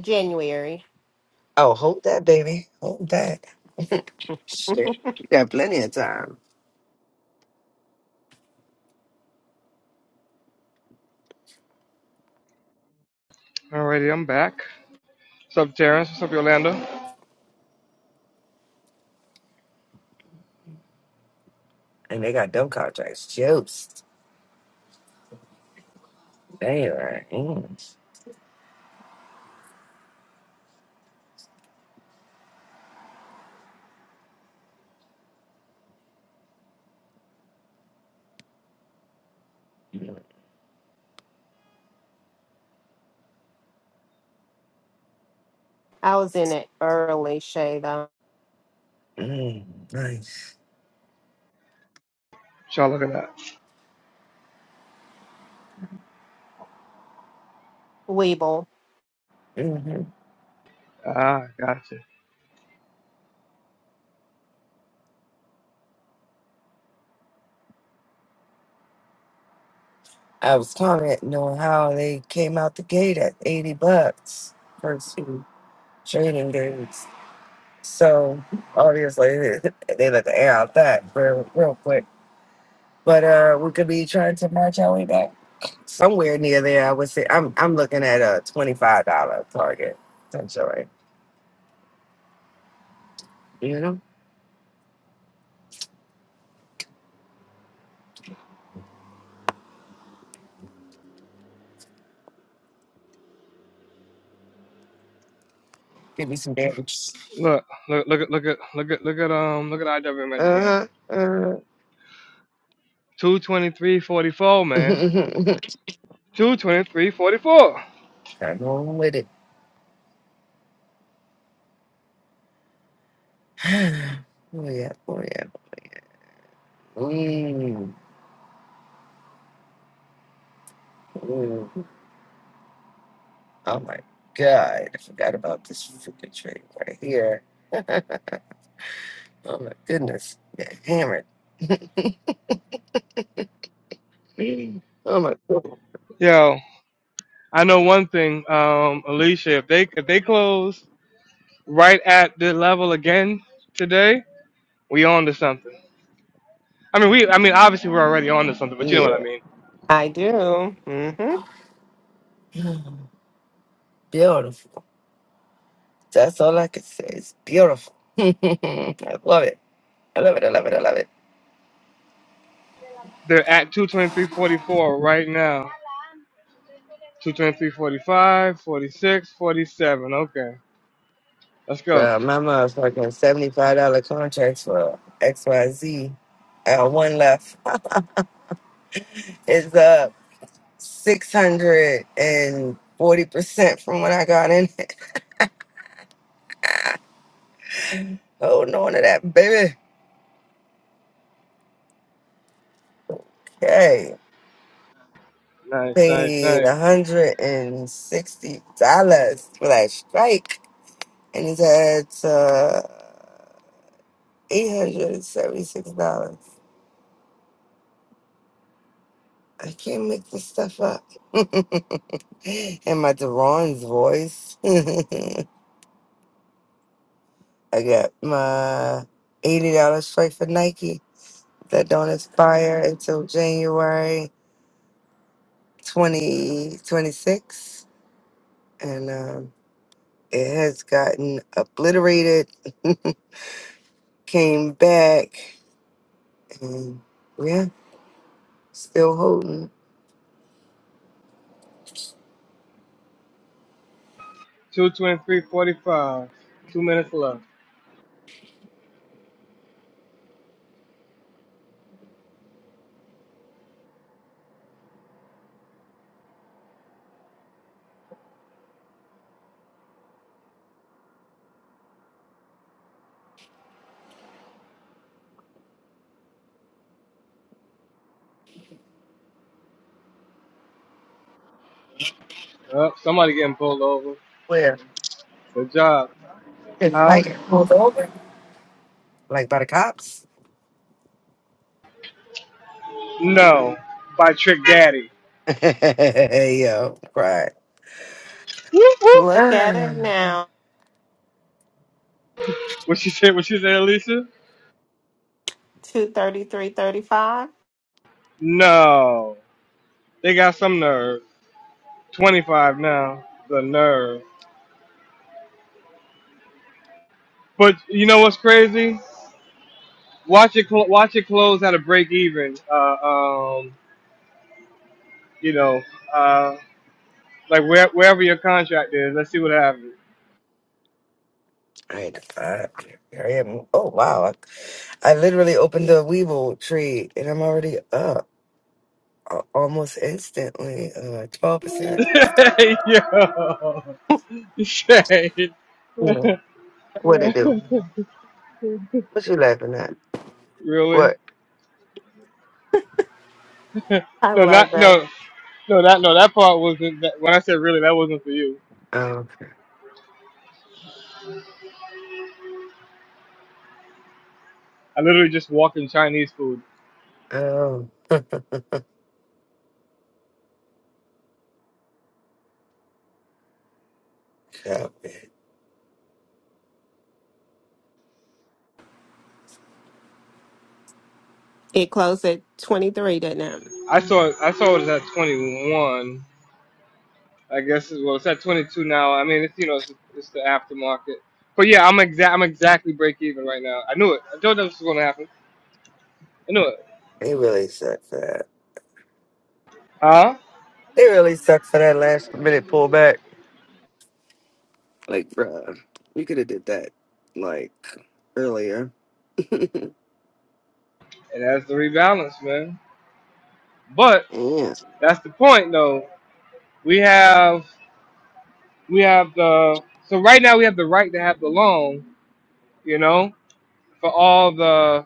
January.
Oh, hold that, baby. Hold that. Shit. You got plenty of time.
Alrighty, I'm back. What's up, Terrence? What's up, Yolanda? What
And they got dumb contracts. Juice. Damn. Mm.
I was in it early, Shada.
Mm, nice.
y'all look at that.
Weeble.
hmm
Ah, gotcha.
I was commenting on how they came out the gate at 80 bucks first two trading days. So obviously they let the air out that real, real quick. But uh, we could be trying to march our way back somewhere near there. I would say I'm I'm looking at a twenty five dollar target essentially. You know, give me some damage.
Look, look, look at, look at, look at, look at, um, look at IWM at the
Uh
end.
huh. Uh
Two twenty three forty four, man.
huh.
Two twenty three forty four.
I'm going with it. oh yeah. Oh yeah. Mm, mm. Oh my God. I forgot about this freaking trade right here. oh my goodness. Got hammered. oh my God.
Yo. I know one thing, um, Alicia. If they if they close right at the level again today, we on to something. I mean, we I mean obviously we're already on to something, but you know what
Yeah.
I mean.
I do. Mm-hmm.
Beautiful. That's all I can say. It's beautiful. I love it. I love it. I love it. I love it.
They're at 223.44 right now. Two twenty three forty five, forty six, forty seven. Okay, let's go.
Bro, my motherfucking seventy-five dollar contracts for X, Y, Z. I got one left is up six hundred and forty percent from what I got Holding on to that baby. Hey,
Nice, nice,
paid
nice.
one hundred and sixty dollars for that strike, and it had uh, eight hundred and seventy-six dollars. I can't make this stuff up. and my Deron's voice. I got my eighty dollars strike for Nike that don't expire until January twenty twenty six, and. um, It has gotten obliterated, came back, and yeah, still holding.
223.45. Two minutes left. Oh, somebody getting pulled over.
Where?
Good job.
It's
Huh?
like pulled over. Like by the cops?
No, by Trick Daddy.
Yo, right.
Look at it now.
What she said? What she said, Alicia?
233.35.
No, they got some nerve. 25 now, the nerve. But you know what's crazy? Watch it, cl- watch it close at a break even. Uh, um, you know, uh, like where, wherever your contract is, let's see what happens.
I had to find. Here I am. Oh, wow. I, I literally opened the Weevil tree and I'm already up a- almost instantly. Uh, 12%.
Yo, Shade.
You know, what it do? What you laughing at?
really?
What?
I
No,
love
not
that.
no, no, that no, that part wasn't. That, when I said really, that wasn't for you.
Oh,
I literally just walked in Chinese food.
okay. oh. Yeah, man.
It closed at 23, didn't it?
I saw, I saw it at 21. I guess it's, well, it's at 22 now. I mean, it's you know, it's, it's the aftermarket. But yeah, I'm exact. I'm exactly break even right now. I knew it. I told you this was gonna happen. I knew it.
He really sucks.
Huh?
It really suck for that last minute pullback. Like, bruh, we could have did that like earlier.
And that's the rebalance, man. But
Yeah.
that's the point, though. We have we have the so right now we have the right to have the long, you know, for all the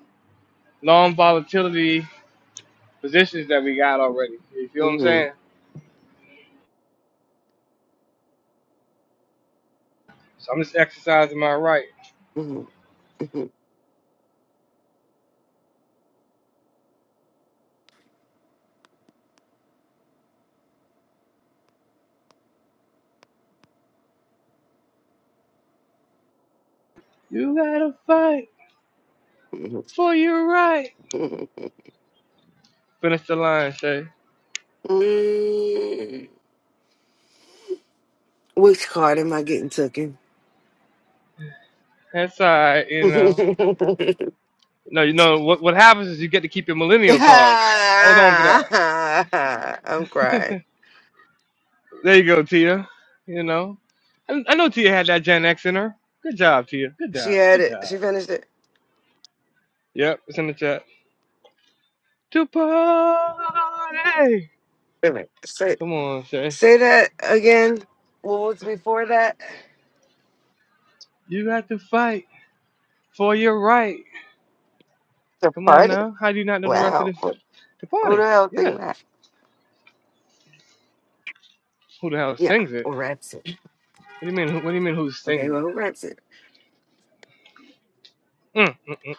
long volatility positions that we got already. You feel what I'm
Mhm,
saying? So I'm just exercising my right.
mhm, mhm,
You gotta fight
mhm,
for your right.
mhm,
Finish the line, Shay.
mhm. Which card am I getting taken?
That's all right, you know.
I'm
No, you know what what happens is you get to keep your millennial card. Hold on to that.
crying.
There you go, Tia. You know, I, I know Tia had that Gen X in her. Good job, Tia. Good
She
job.
had
Good
it.
job.
She finished it.
Yep, it's in the chat. To party.
Wait a minute. Say,
Come on, Shay.
say that again. What was before that?
You got to fight for your right.
The
Come on
party?
now. How do you not know the rest of
Wow.
this?
Who
To
who the
party.
hell think
Yes.
that?
Who the hell
Yeah,
sings it?
or that's it.
What do you mean? Who, what do you mean? Who
Okay,
sings
well,
it?
who raps it?
Mm, mm, mm,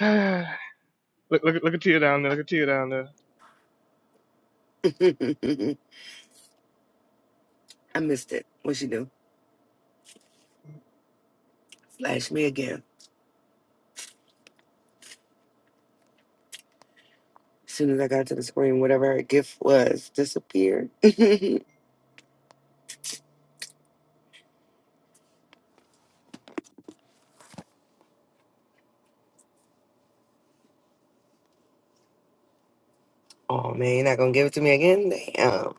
mm. look, look, at- look at Tia down there. Look at Tia down there.
I missed it. What she do? Slash me again. As soon as I got to the screen, whatever her gift was disappeared. oh man, you're not gonna give it to me again? Damn.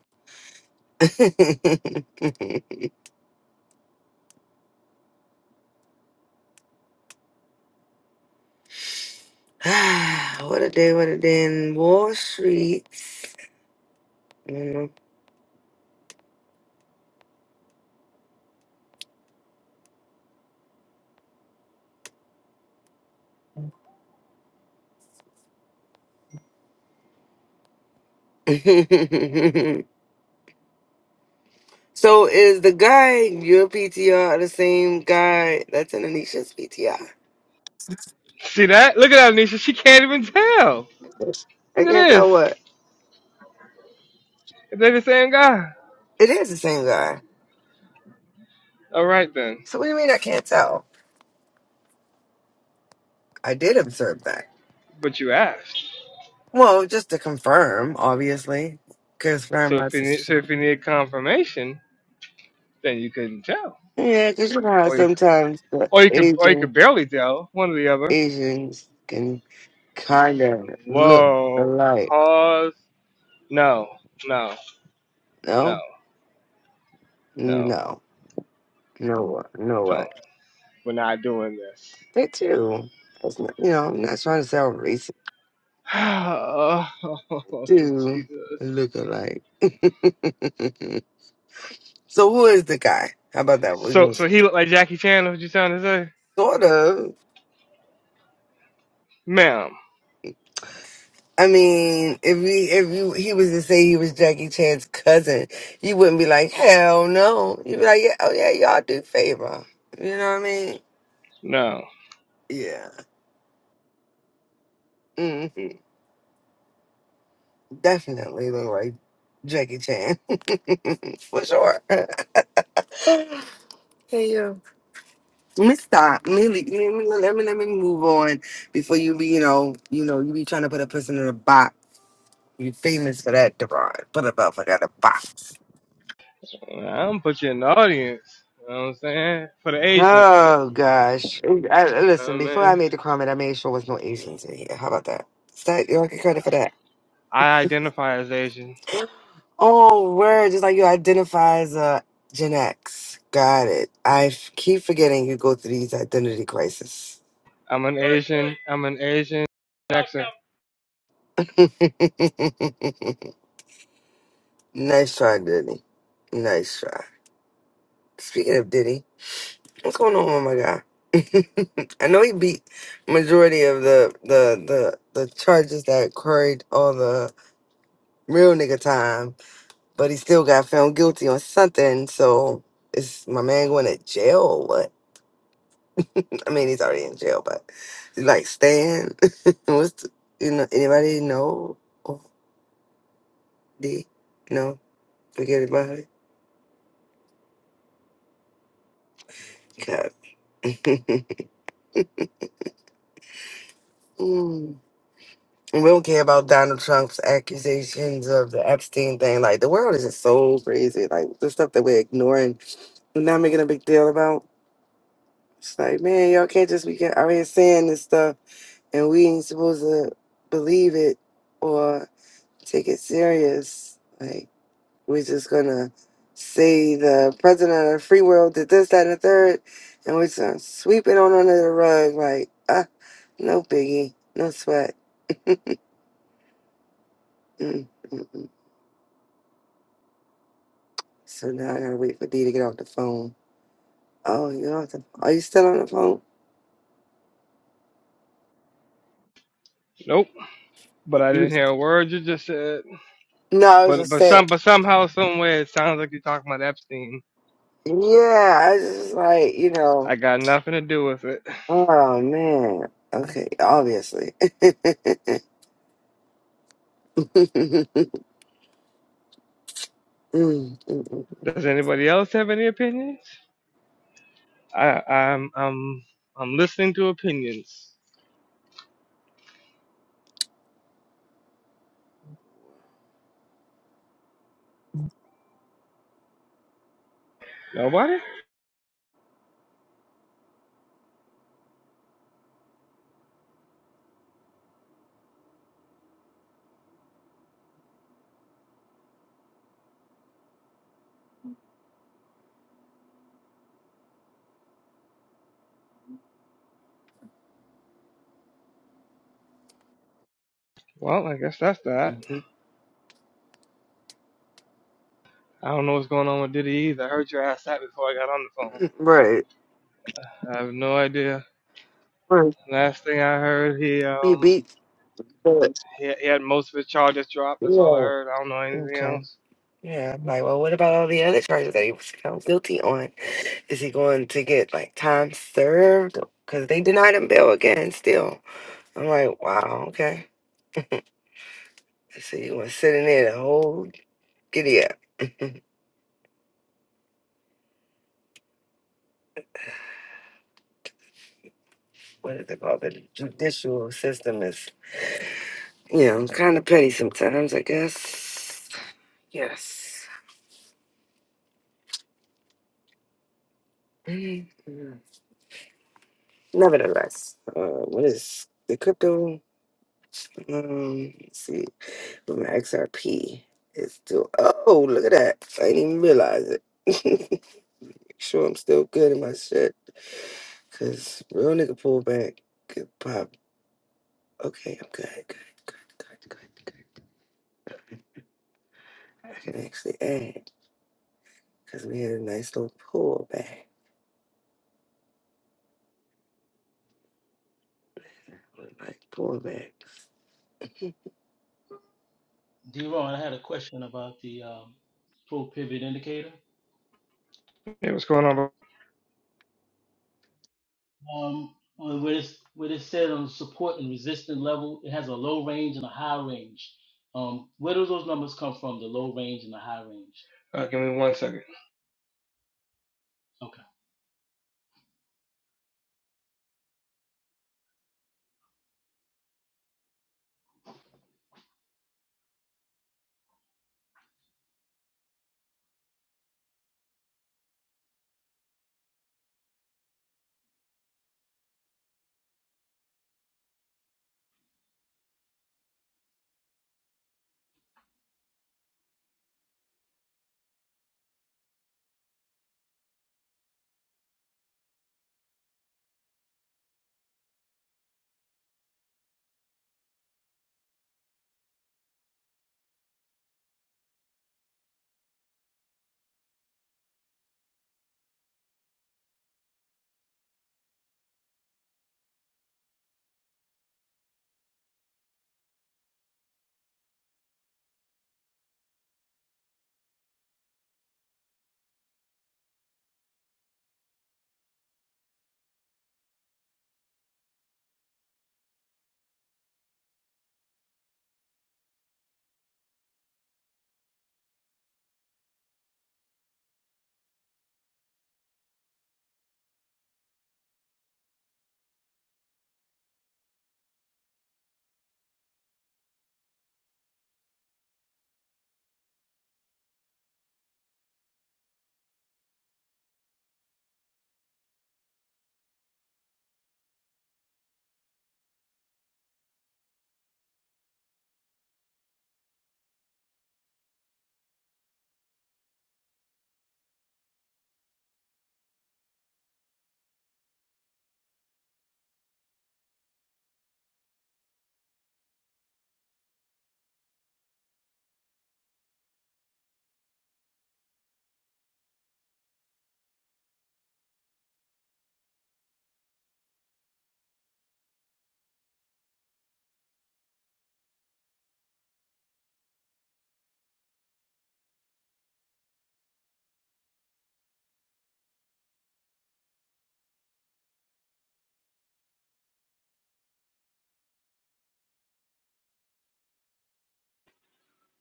Ah, what a day, what a day in Wall Street. Mhm. so is the guy in your PTR the same guy that's in Anisha's PTR?
See that? Look at that, Anisha. She can't even tell.
I
Look at
can't
this.
tell what.
They're the same guy.
It is the same guy.
All right then.
So what do you mean I can't tell? I did observe that.
But you asked.
Well, just to confirm, obviously, confirm
So
my
if you need, so
suspicion.
if you need confirmation, then you couldn't tell,
Yeah, because you know how
or you
sometimes the
or you could or you could
Asian
barely tell one or the other.
Asians can kind of look
Whoa.
alike.
Pause. No. No. No.
No,
No.
no, no, what, no, what?
Don't. We're not doing this.
They too. That's not, you know, I'm not trying to sound racist.
oh,
Do
Jesus.
look alike. so who is the guy? How about that? We
So
can
so he looked like Jackie Chan. What you trying to say,
Sort of.
ma'am?
I mean, if he if you he was to say he was Jackie Chan's cousin, you wouldn't be like, hell no. You'd be like, yeah, oh yeah, y'all do favor. You know what I mean?
No.
Yeah, hmm definitely look like Jackie Chan for sure. hey yo, let me stop. Let me, let me let me let me move on before you be you know you know you be trying to put a person in a box. You famous for that, Deron. Put a motherfucker in a box.
I'm put you in the audience. You know what I'm saying? For the Asians, man.
Oh gosh! I, I-
You know what
listen,
I
before I
mean?
made the comment, I made sure there was no Asians in here. How about that? Is that you don't get credit for that?
I identify as Asian.
Oh, word! Just like you identify as a Gen X. Got it. I f- keep forgetting you go through these identity crises.
I'm an Asian. I'm an Asian. Jackson.
nice try, Diddy. Nice try. Speaking of Diddy, what's going on with my guy? I know he beat majority of the the the the charges that carried all the real nigga time. but he still got found guilty on something. So is my man going to jail or what? I mean, he's already in jail, but like Stan, what's the, you know anybody know of the no forget about it. God. Mm. And We don't care about Donald Trump's accusations of the Epstein thing. Like the world is just so crazy. Like the stuff that we're ignoring, we're not making a big deal about. It's like, man, y'all can't just be out here saying this stuff and we ain't supposed to believe it or take it serious. Like we're just gonna say the president of the free world did this, that, and the third, and we're just gonna sweep it on under the rug. Like ah, no biggie, no sweat. Mm, mm, mm. so now I gotta wait for D to get off the phone. Oh, you off the? Are you still on the phone?
Nope. But I
You-
didn't hear a word you just said.
No, I was
But
just
but
saying.
some but somehow, some way, it sounds like you're talking about Epstein.
Yeah, I was just like you know.
I got nothing to do with it.
Oh man. Okay, obviously.
Does anybody else have any opinions? I I'm I'm I'm listening to opinions. Nobody? Well, I guess that's that. I don't know what's going on with Diddy either. I heard your ass that before I got on the phone.
right.
I have no idea.
Right.
Last thing I heard, he
He
um
beats. But,
he, he had most of his charges dropped. That's all I
yeah.
heard. I don't know anything
Okay.
else.
Yeah. I'm like, well, what about all the other charges that he was found guilty on? Is he going to get like time served? Because they denied him bail again. Still, I'm like, wow. Okay. So you want to sit in there the whole giddy up? What is it called? The judicial system is, you know, kind of petty sometimes. I guess. Yes. Mm-hmm. Nevertheless, uh, what is the crypto? Um, let's see, but my XRP is still. Oh, look at that! I didn't even realize it. Make sure I'm still good in my shit, cause real nigga pullback good pop. Okay, I'm good, good, good, good, good, good. I can actually add, cause we had a nice little pullback. Like pullbacks.
D-Ron, I had a question about the um, pro pivot indicator.
Hey, what's going on? Bro?
Um, on where it's, where it said on support and resistance level, it has a low range and a high range. Um, where do those numbers come from? The low range and the high range.
Uh, give me one second.
Okay.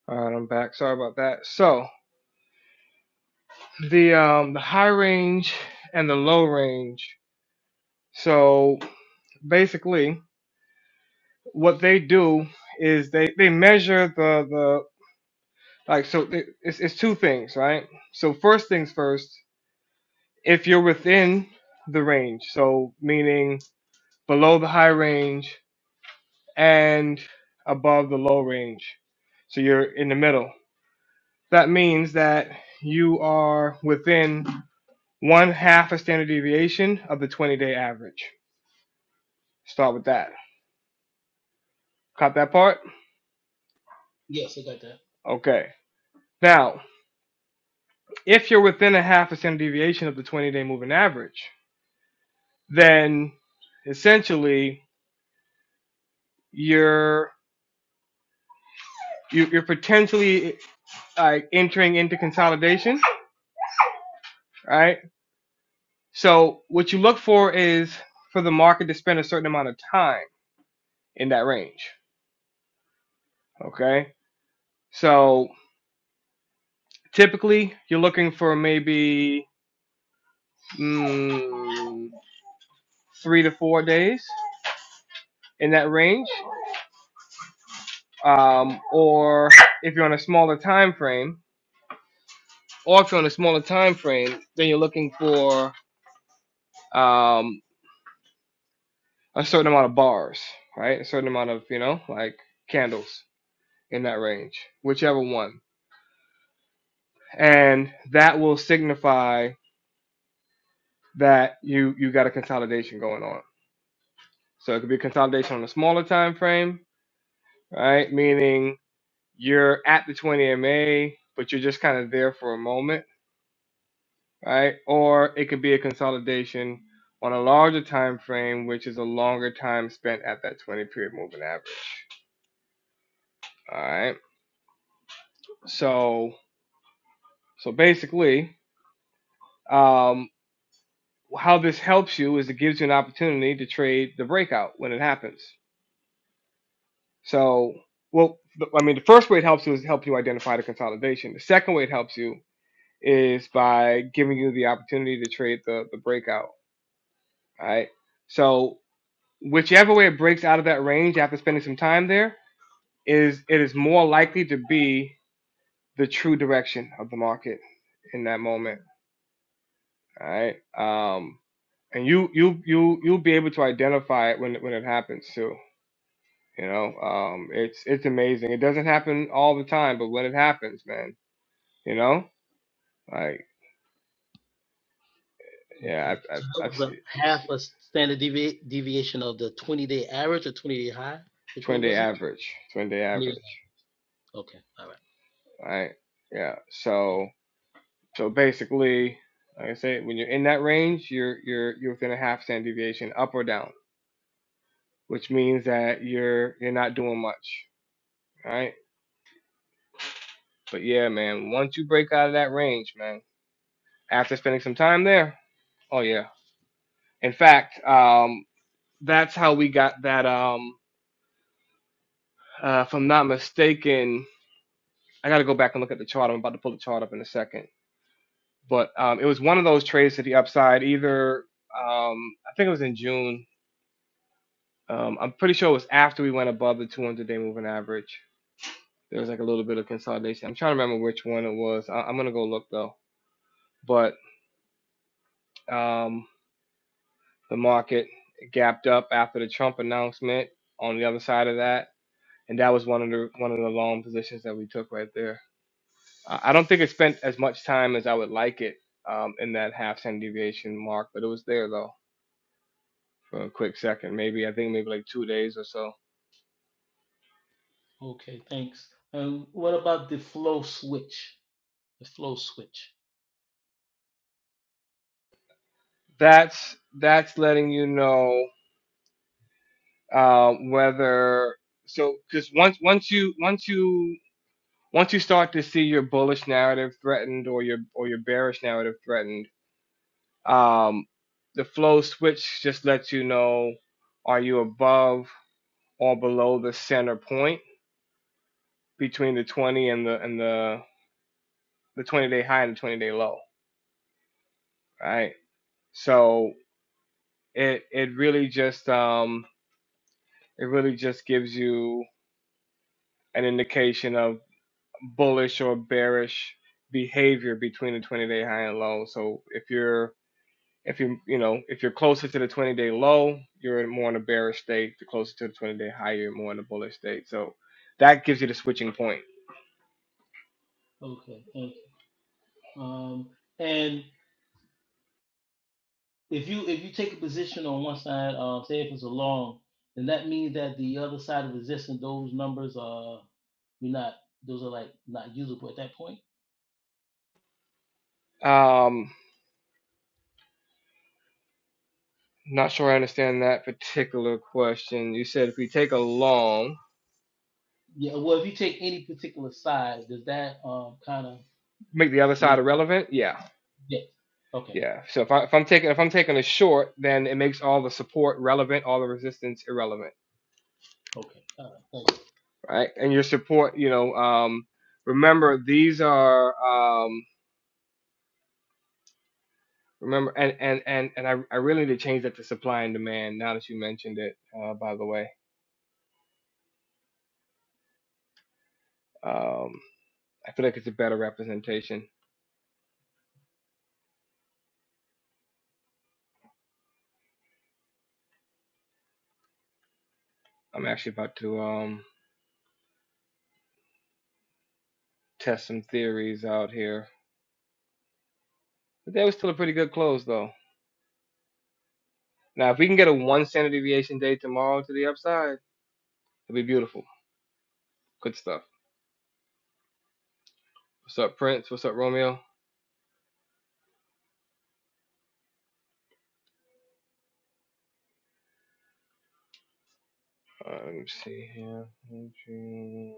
All right, I'm back. Sorry about that. So the um the high range and the low range. So basically what they do is they they measure the the like so it- it's, it's two things right so first things first if you're within the range so meaning below the high range and above the low range. So you're in the middle. That means that you are within one half a standard deviation of the 20 day average. Start with that. Caught that part?
Yes, I got that.
Okay. Now, if you're within a half a standard deviation of the 20 day moving average, then essentially you're you- are you are potentially like uh, entering into consolidation, right? So what you look for is for the market to spend a certain amount of time in that range. Okay, so typically you're looking for maybe mm, three to four days in that range, um, or if you're on a smaller time frame, or if you're on a smaller time frame, then you're looking for um, a certain amount of bars, right? A certain amount of you know like candles in that range, whichever one, and that will signify that you you got a consolidation going on. So it could be consolidation on a smaller time frame, right? Meaning you're at the 20 MA, but you're just kind of there for a moment, right? Or it could be a consolidation on a larger time frame, which is a longer time spent at that 20 period moving average. All right. So so basically, um, how this helps you is it gives you an opportunity to trade the breakout when it happens. So well, the- I mean, the first way it helps you is to help you identify the consolidation. The second way it helps you is by giving you the opportunity to trade the the breakout. right? So whichever way it breaks out of that range after spending some time there is it is more likely to be the true direction of the market in that moment. All right. Um, and you you you you'll be able to identify it when when it happens too. You know, um, it's it's amazing. It doesn't happen all the time, but when it happens, man, you know, like yeah,
Okay.
I, I,
So that
I've
was
seen
a half a standard devi- deviation of the 20-day average or 20-day high. Which one
twenty day
was it?
average, twenty day
20 day.
average.
Okay. All right.
right? Yeah. So so basically, like I say, when you're in that range, you're you're you're within a half standard deviation up or down, which means that you're you're not doing much, all right? But yeah, man, once you break out of that range, man, after spending some time there, oh yeah. In fact, um, that's how we got that. Um, uh, if I'm not mistaken, I got to go back and look at the chart. I'm about to pull the chart up in a second. But um, it was one of those trades to the upside, either um, I think it was in June Um, I'm pretty sure it was after we went above the 200 day moving average. There was like a little bit of consolidation. I'm trying to remember which one it was. I- I'm gonna go look though. But um, the market gapped up after the Trump announcement. On the other side of that, and that was one of the one of the long positions that we took right there. I I don't think it spent as much time as I would like it um, in that half standard deviation mark, but it was there though for a quick second. Maybe I think maybe like two days or so.
Okay. Thanks. And what about the flow switch? The flow switch.
That's that's letting you know. uh, whether so because once once you once you once you start to see your bullish narrative threatened or your or your bearish narrative threatened, um, the flow switch just lets you know are you above or below the center point between the 20 and the and the the 20 day high and the 20 day low, right? So it it really just um it really just gives you an indication of. bullish or bearish behavior between the 20 day high and low. So if you're if you you know if you're closer to the 20 day low, you're more in a bearish state. The closer to the 20 day high, you're more in a bullish state. So that gives you the switching point.
Okay. Um, and if you if you take a position on one side, uh, say if it's a long, then that means that the other side of resistance, those numbers are you're not those are like not usable at that point.
Um, not sure I understand that particular question. You said if we take a long,
Yeah. Well, if you take any particular side, does that um kind of
make the other
make
side irrelevant. Yeah,
yes? Okay.
yeah. So if, I, if I'm taking if I'm taking a short, then it makes all the support relevant, all the resistance irrelevant.
Okay. All right. Thank you.
right? And your support, you know, um, remember these are um, remember and and and and I, I really need to change that to supply and demand. Now that you mentioned it, uh, by the way, um, I feel like it's a better representation. I'm actually about to um, test some theories out here, but that was still a pretty good close though. Now, if we can get a one standard deviation day tomorrow to the upside, it'll be beautiful. Good stuff. What's up, Prince? What's up, Romeo? Uh, let me see here.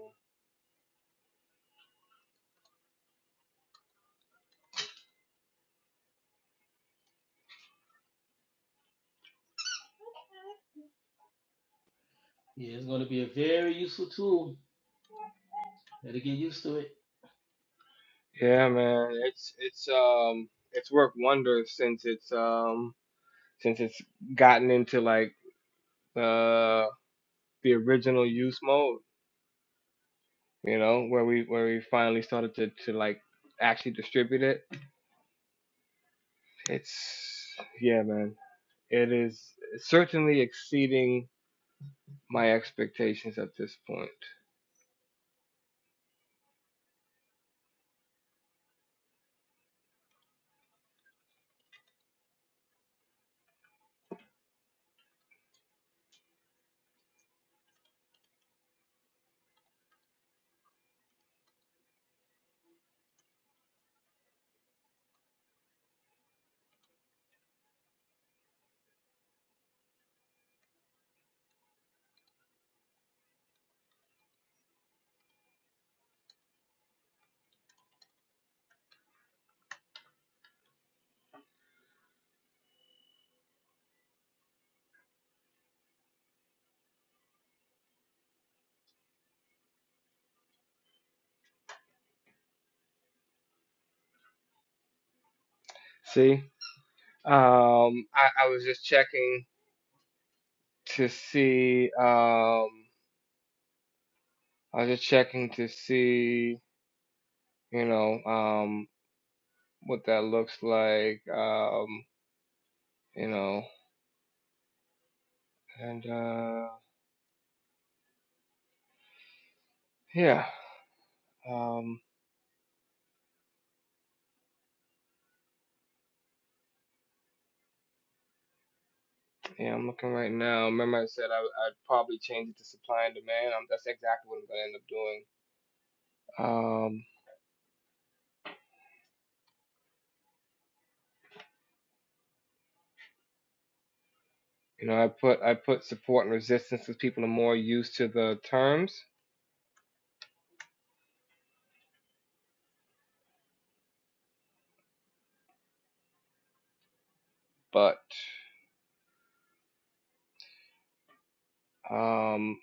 Yeah, it's going to be a very useful tool. Better get used to it.
Yeah, man. It's it's um it's worked wonders since it's um since it's gotten into like uh the original use mode, you know, where we where we finally started to to like actually distribute it. It's yeah, man. It is certainly exceeding my expectations at this point. See? Um I, I was just checking to see um I was just checking to see you know um. what that looks like, um, you know, and uh, yeah, um, yeah, I'm looking right now. Remember, I said I, I'd probably change it to supply and demand. Um that's exactly what I'm gonna end up doing. Um, you know, I put I put support and resistance because people are more used to the terms, but um,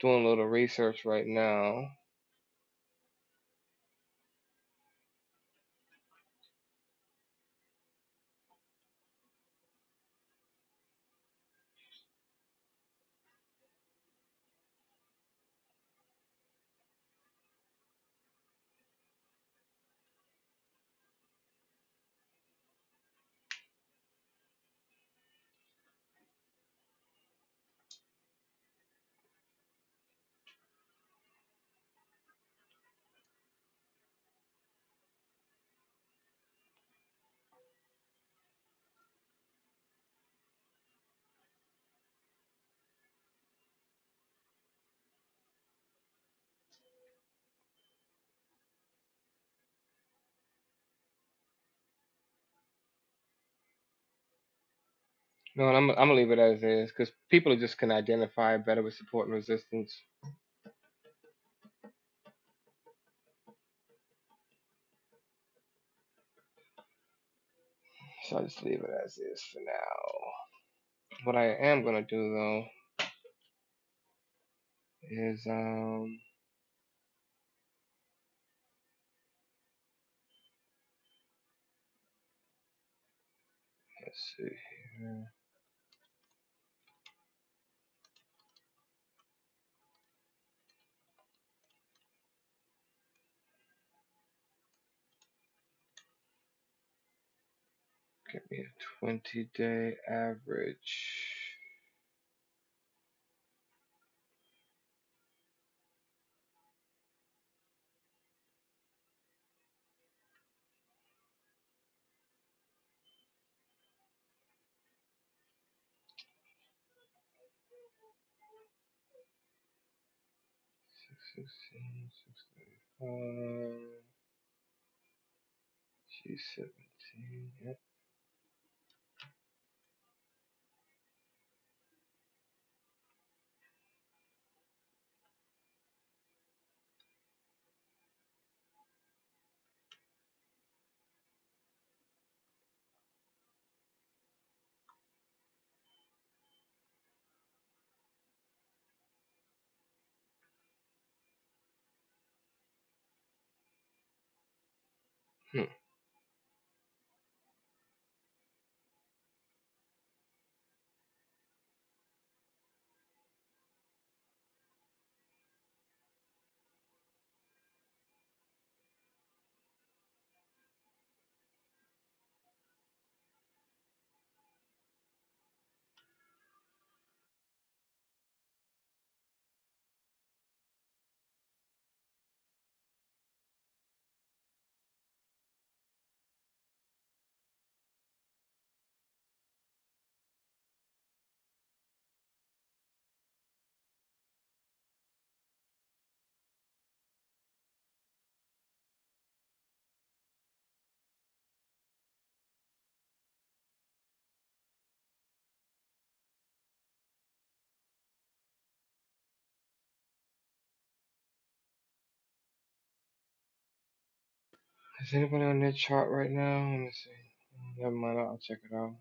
doing a little research right now. No, and I'm, I'm gonna leave it as is because people just can identify better with support and resistance. So I just leave it as is for now. What I am gonna do though is um let's see here. Give me a 20 day average. 616, G17. Yep. Hmm. Is anybody on that chart right now? Let me see. Uh, Never mind, I'll check it out.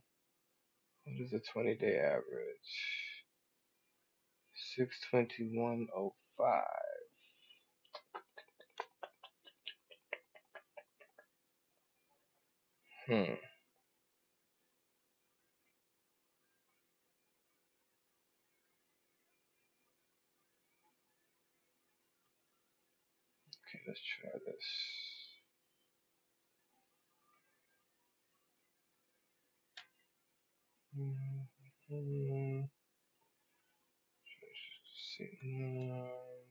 What is the 20 day average? 621.05. Hmm. Okay, let's try this. Mm, mm, Let's see. Hmm.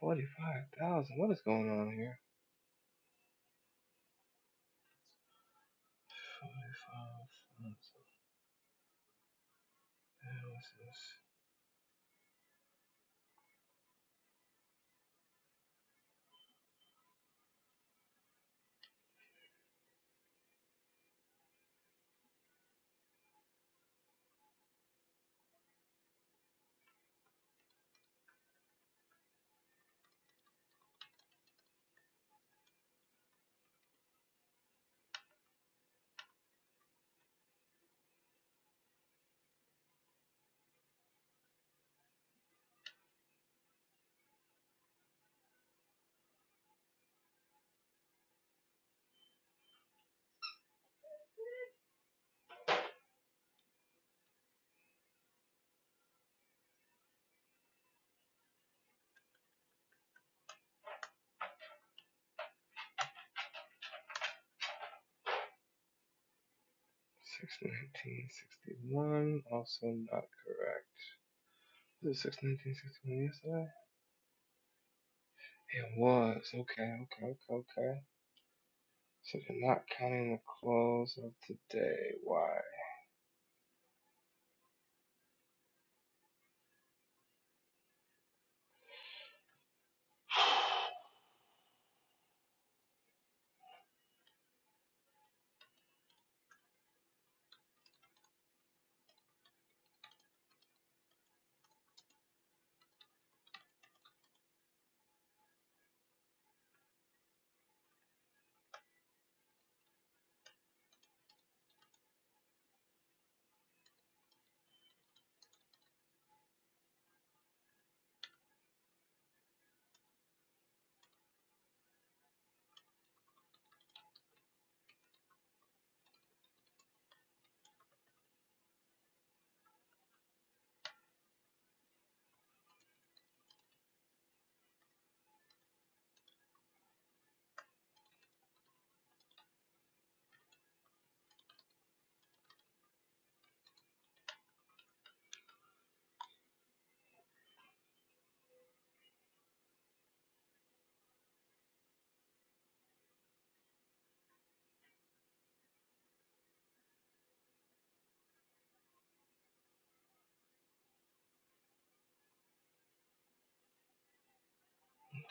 45,000. What is going on here? 45,000. Six nineteen sixty one, also not correct. Is it six nineteen sixty one yesterday? It was. Okay, okay, okay, okay. So they're not counting the close of today. Why?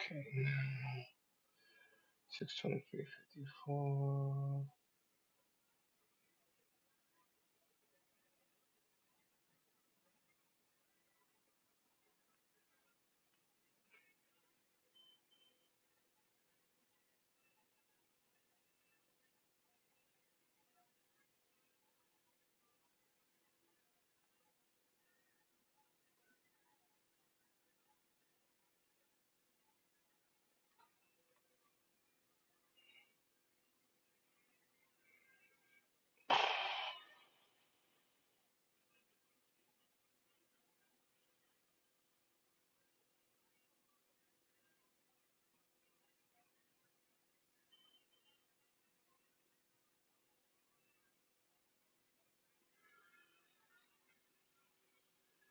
Okay, now six twenty three fifty four.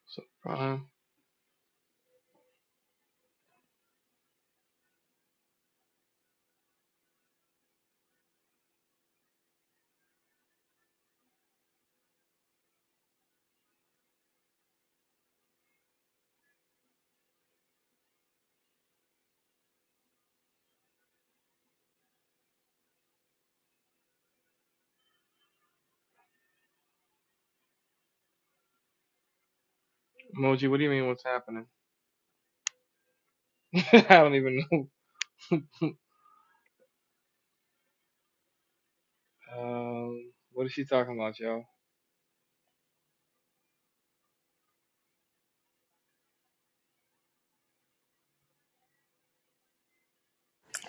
So prime emoji. What do you mean? What's happening? I don't even know. Um, what is she talking about, y'all?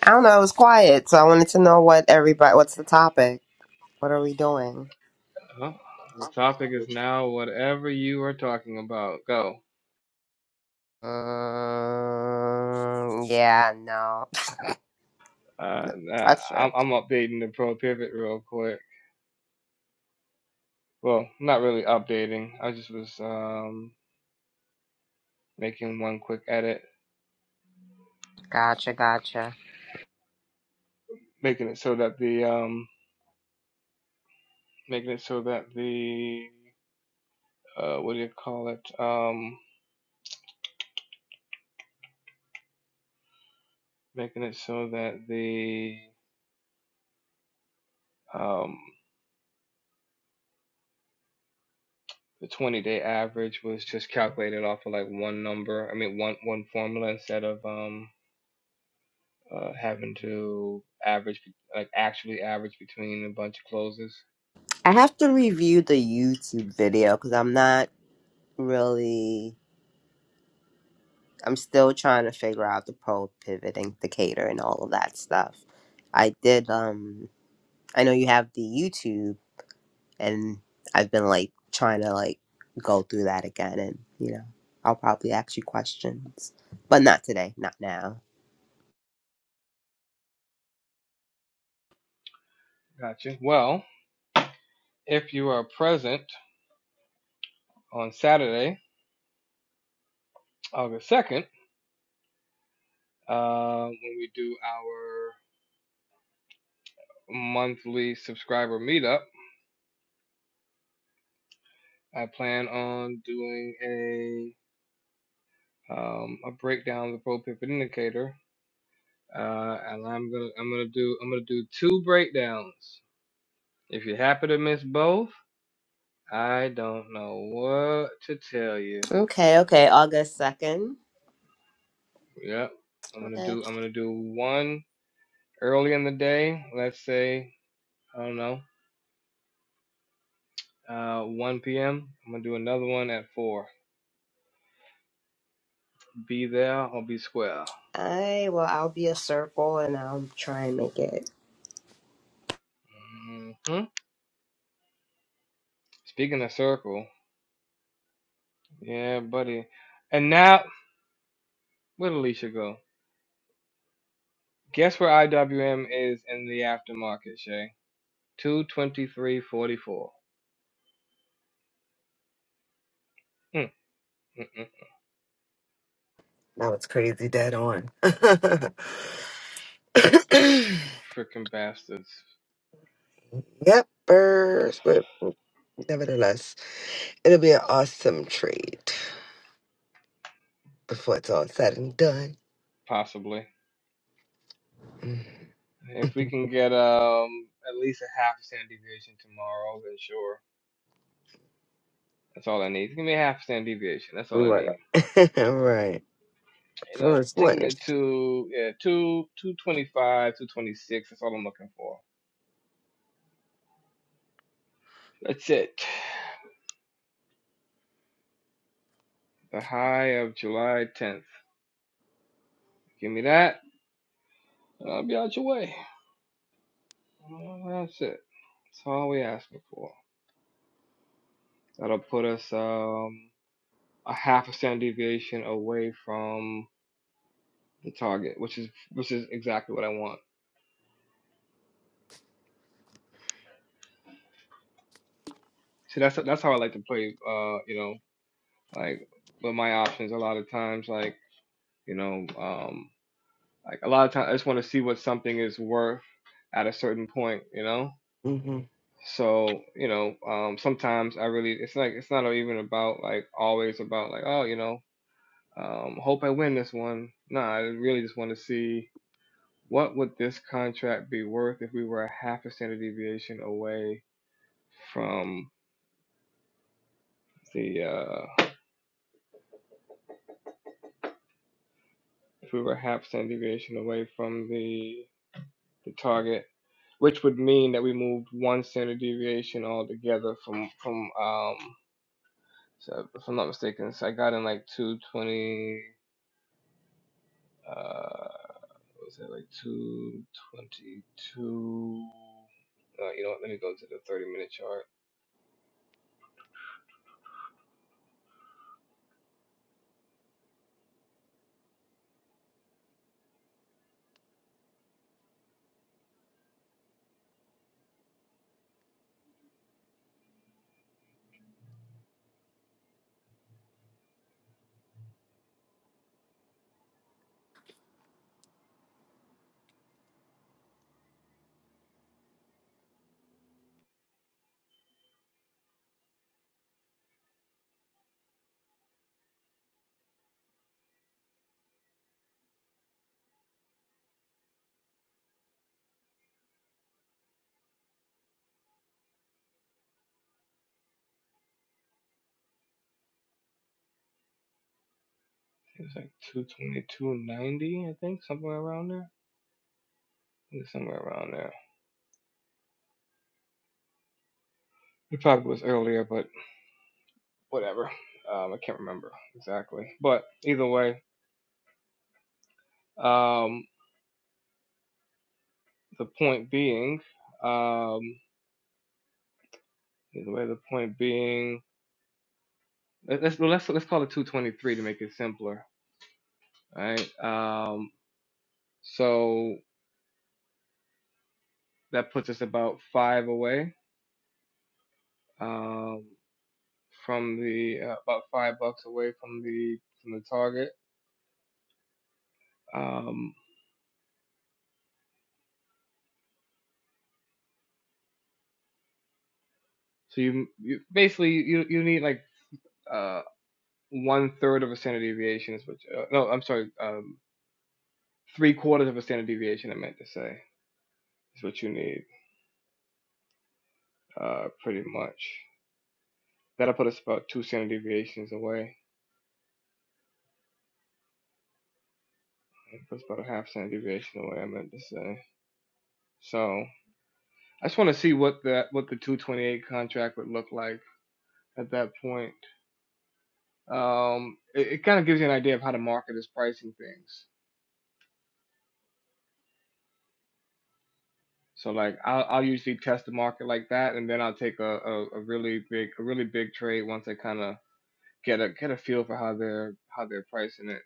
I don't know. It was quiet, so I wanted to know what everybody. What's the topic? What are we doing?
Well, the topic is now whatever you are talking about. Go.
Mm, yeah, no
Uh, nah,
pressure.
I'm, I'm updating the pro pivot real quick. Well, not really updating. I just was um making one quick edit,
Gotcha, gotcha.
making it so that the um making it so that the uh what do you call it um making it so that the um the 20 day average was just calculated off of like one number. I mean one one formula instead of um uh, having to average, like actually average between a bunch of closes.
I have to review the YouTube video because I'm not really. I'm still trying to figure out the pro pivot indicator and all of that stuff. I did. Um, I know you have the YouTube. and I've been like trying to like go through that again and you know I'll probably ask you questions but not today not now
Gotcha. Well, if you are present on Saturday, August 2nd, uh, when we do our monthly subscriber meetup, I plan on doing a um, a breakdown of the pro pivot indicator, uh, and I'm gonna I'm gonna do I'm gonna do two breakdowns. If you happen to miss both, I don't know what to tell you.
okay okay August 2nd
Yep. I'm gonna
okay.
do I'm gonna do one early in the day. Let's say I don't know, uh, 1 p.m. I'm gonna do another one at four. Be there or be square.
I well I'll be a circle and I'll try and make it
hmm Speaking of circle, yeah, buddy. And now where'd Alicia go? Guess where IWM is in the aftermarket, Shay? Two twenty three forty four. Mm, mm, mm.
Now it's crazy dead on.
Freaking bastards,
yep, Nevertheless, it'll be an awesome trade before it's all said and done.
possibly.
Mm.
If we can get um at least a half a standard deviation tomorrow, then sure. That's all I need. Give me a half standard deviation. That's all I
Right.
need.
right.
You know,
First
take me
one.
to two, yeah, two, two twenty-five, two twenty-six. That's all I'm looking for. That's it. The high of July 10th. Give me that, and I'll be out your way. Uh, That's it. That's all we asking for. That'll put us um a half a standard deviation away from the target, which is which is exactly what I want. See, that's that's how I like to play. Uh, you know, like with my options, a lot of times, like. You know, um, like a lot of times I just want to see what something is worth at a certain point. You know,
Mm-hmm.
so you know, um, sometimes I really it's like it's not even about like always about like oh you know um, hope I win this one. No, I really just want to see what would this contract be worth if we were a half a standard deviation away from the uh, if we were a half standard deviation away from the the target, which would mean that we moved one standard deviation altogether from from um so if I'm not mistaken, so I got in like 220 uh what was it like 222 uh, you know what, let me go to the 30 minute chart. It was like 222.90, I think, somewhere around there. I think somewhere around there. It probably was earlier, but whatever. Um, I can't remember exactly. But either way, um, the point being, um, the way the point being, let- us let's let's call it 223 to make it simpler. All right. Um, so that puts us about five away um, from the uh, about five bucks away from the from the target. Um, so you, you basically you you need like uh, one third of a standard deviation is what. You, uh, no, I'm sorry. Um, three quarters of a standard deviation. I meant to say is what you need uh, pretty much. That'll put us about two standard deviations away. It puts about a half standard deviation away. I meant to say. So I just want to see what that what the 228 contract would look like at that point. Um, it, it kind of gives you an idea of how the market is pricing things. So like I'll, I'll usually test the market like that, and then I'll take a, a, a really big a really big trade once I kind of get a get a feel for how they're how they're pricing it.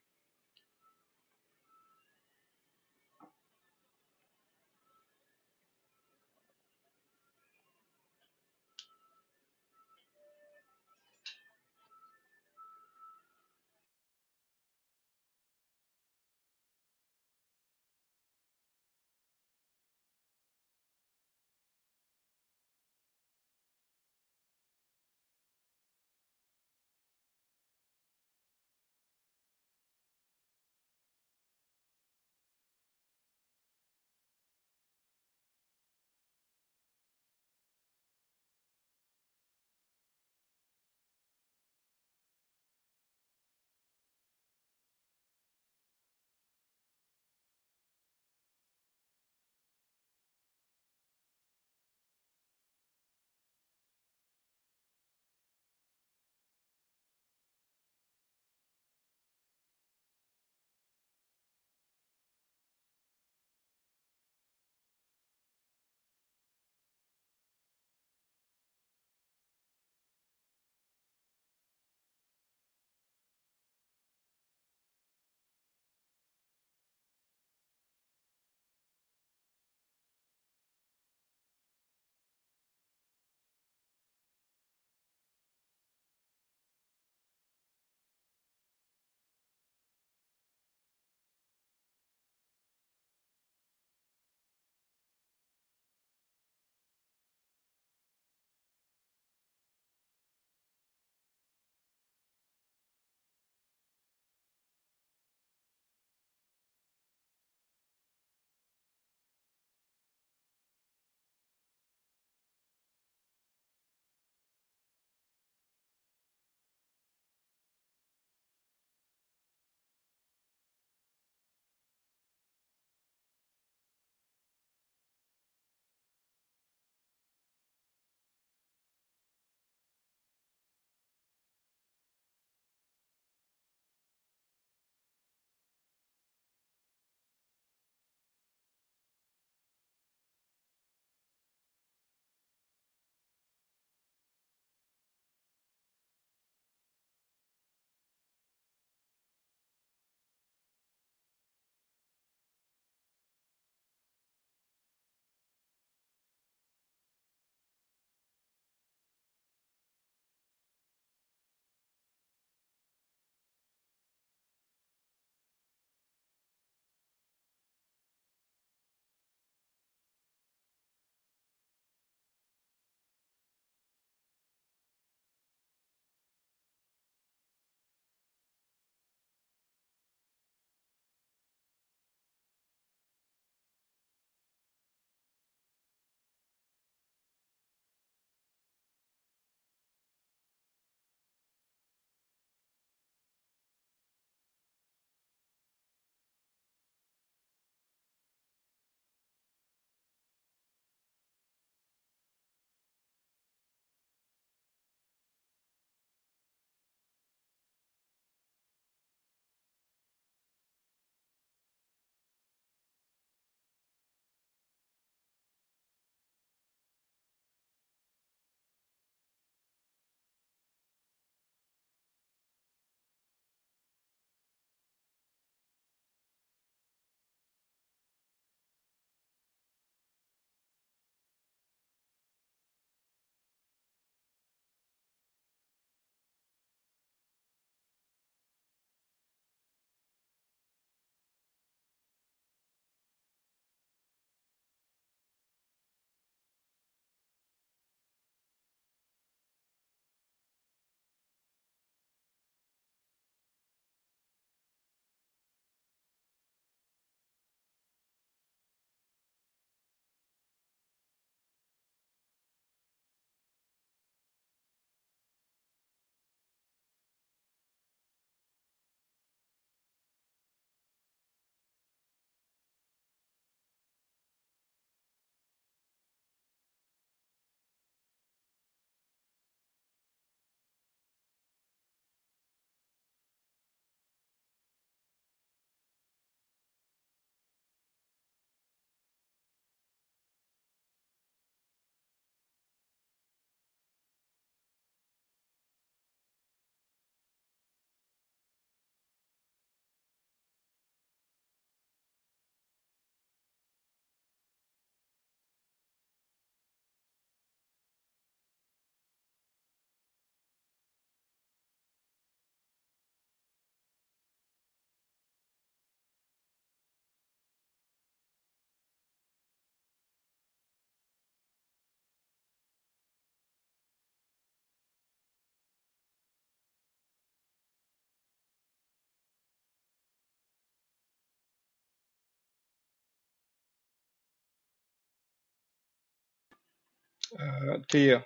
Uh, Tia,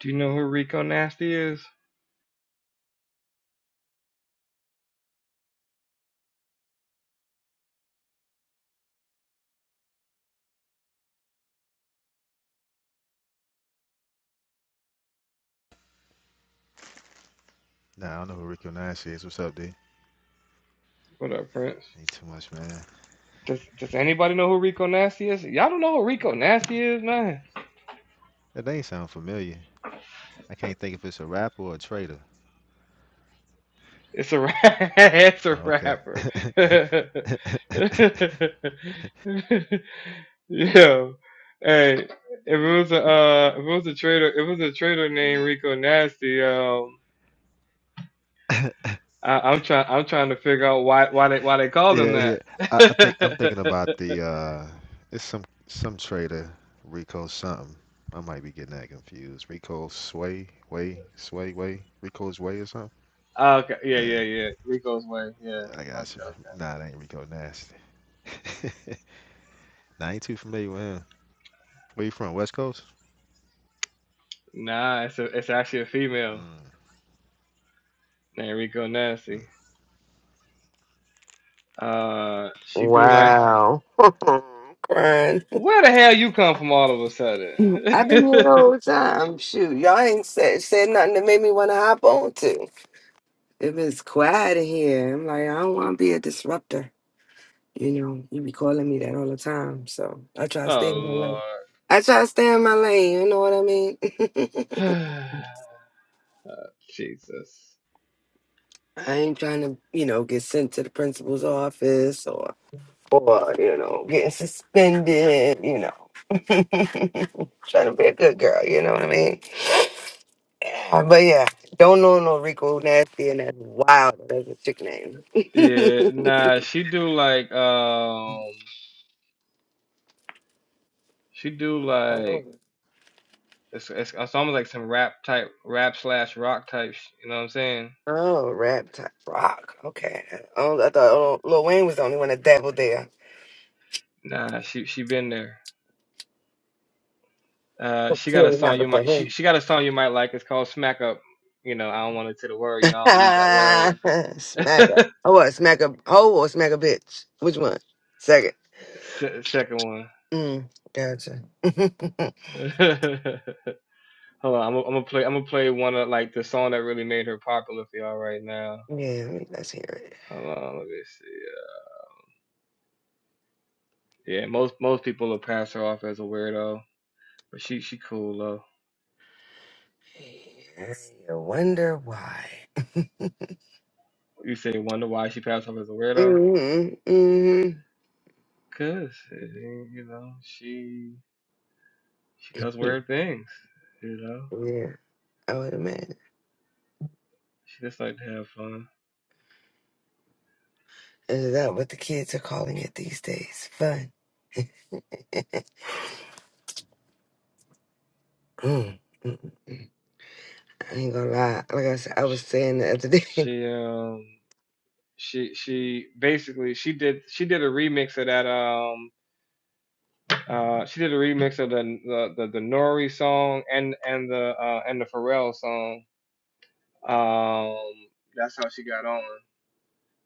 do you know who Rico Nasty is?
Nah, I don't know who Rico Nash is. What's up, D?
What up, Prince?
Ain't too much, man.
Does Does anybody know who Rico Nasty is? Y'all don't know who Rico Nasty is, man.
That name sound familiar. I can't think if it's a rapper or a trader.
It's a ra- it's a
Oh, okay.
rapper. Yeah. hey, if it was a uh, if it was a trader, if it was a trader named Rico Nasty, um, I, I'm trying I'm trying to figure out why why they why they called him
Yeah,
that.
yeah. I, I think I'm thinking about the uh it's some some trader, Rico something. I might be getting that confused. Rico Sway, Way, Sway, Way, Rico's Way or something.
okay, yeah,
Yeah,
yeah, yeah, Rico's way, yeah.
I
Okay,
got you.
okay.
Nah, it ain't Rico Nasty. nah, I ain't too familiar with him. Where you from? West Coast?
Nah, it's a, it's actually a female
Mm,
named Rico Nasty. Uh, she do like,
Wow. Crying.
where the hell you come from all of a sudden?
I've been here the whole time. Shoot, y'all ain't said, said nothing that made me want to hop on to. If it's quiet in here, I'm like, I don't want to be a disruptor. You know, you be calling me that all the time. So I try to stay
oh
in my lane.
Lord,
I try to stay in my lane. You know what I mean?
oh, Jesus.
I ain't trying to, you know, get sent to the principal's office or, or you know, getting suspended, you know. trying to be a good girl, you know what I mean? Yeah, but yeah, don't know no Rico Nasty and that's wild. That's a chick name.
Yeah, nah, she do like, um, she do like,
oh,
it's, it's it's almost like some rap type, rap slash rock type. sh- You know what I'm saying?
oh, rap type rock. Okay. Oh, I thought oh, Lil Wayne was the only one that dabbled there.
Nah, she she been there. Uh, she got a
Clearly not
song
the
you might she
him.
she got a song you might like. It's called Smack Up. You know, I don't want to say the word. You know, I don't use that word.
smack a. Oh, what? Smack a. hoe or smack a bitch. Which one? Second.
Se- second
Mm, gotcha.
one. Hold on, I'm gonna I'm gonna play I'm gonna play one of like the song that really made her popular for y'all right now.
yeah, let's hear it.
Hold on, let me see. uh, Yeah, most most people will pass her off as a weirdo, but she she cool though.
You wonder why.
You say wonder why she passed off as a weirdo?
Mm-hmm,
Cause eh, you know she she does
mm-hmm.
weird things. You know
Yeah, I would imagine.
she just like to have fun.
Is that what the kids are calling it these days? Fun. Mm, mm, I ain't gonna lie. Like I said, I was
She,
saying the other day.
she um she she basically she did she did a remix of that um. Uh, she did a remix of the the the, the Nori song and and the uh, and the Pharrell song. Um, that's how she got on.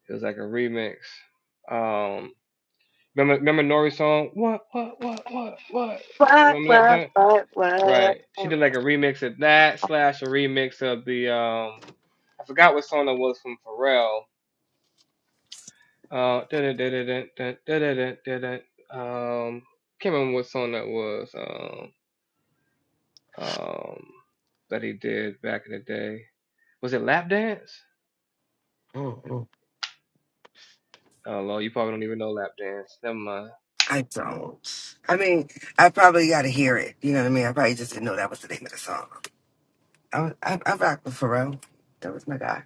It was like a remix. Um, remember remember Nori's song? What what what what what?
What,
Remember that
what,
joint?
what, what?
Right. She did like a remix of that slash a remix of the um. I forgot what song that was from Pharrell. Uh, dun- dun- dun- dun- dun- dun- dun- dun- dun- dun. um, can't remember what song that was. Um, um, that he did back in the day. Was it lap dance?
Mm, mm.
Oh Lord, you probably don't even know lap dance. Never mind.
I don't. I mean, I probably got to hear it. You know what I mean? I probably just didn't know that was the name of the song. I was, I, I rocked with Pharrell. That was my guy.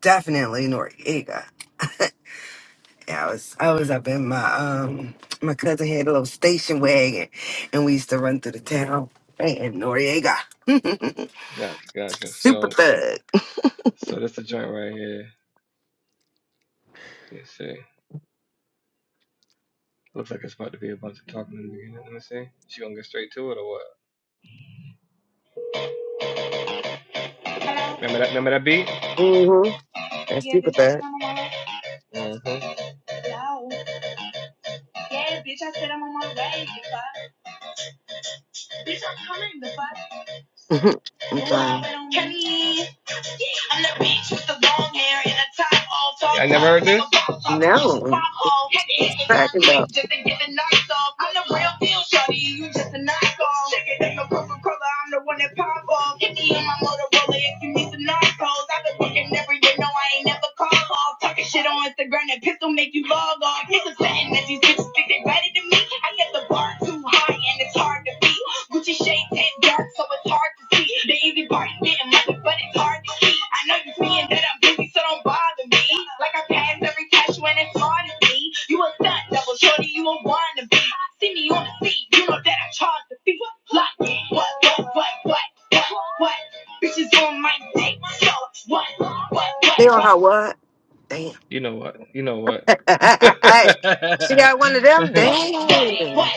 definitely Noriega. Yeah, I was I was up in my um my cousin had a little station wagon and we used to run through the town and Noriega.
Gotcha, gotcha.
super
So,
thug.
so that's the joint right here. Let me see. Looks like it's about to be a bunch of talking in the beginning. Let me see. She gonna get straight to it or what? Remember that? Remember that beat?
hmm That's super thug.
hmm
I'm trying. No. Cracking up. They on her what? Damn.
You know what? You know what? but
she got one of them? Damn.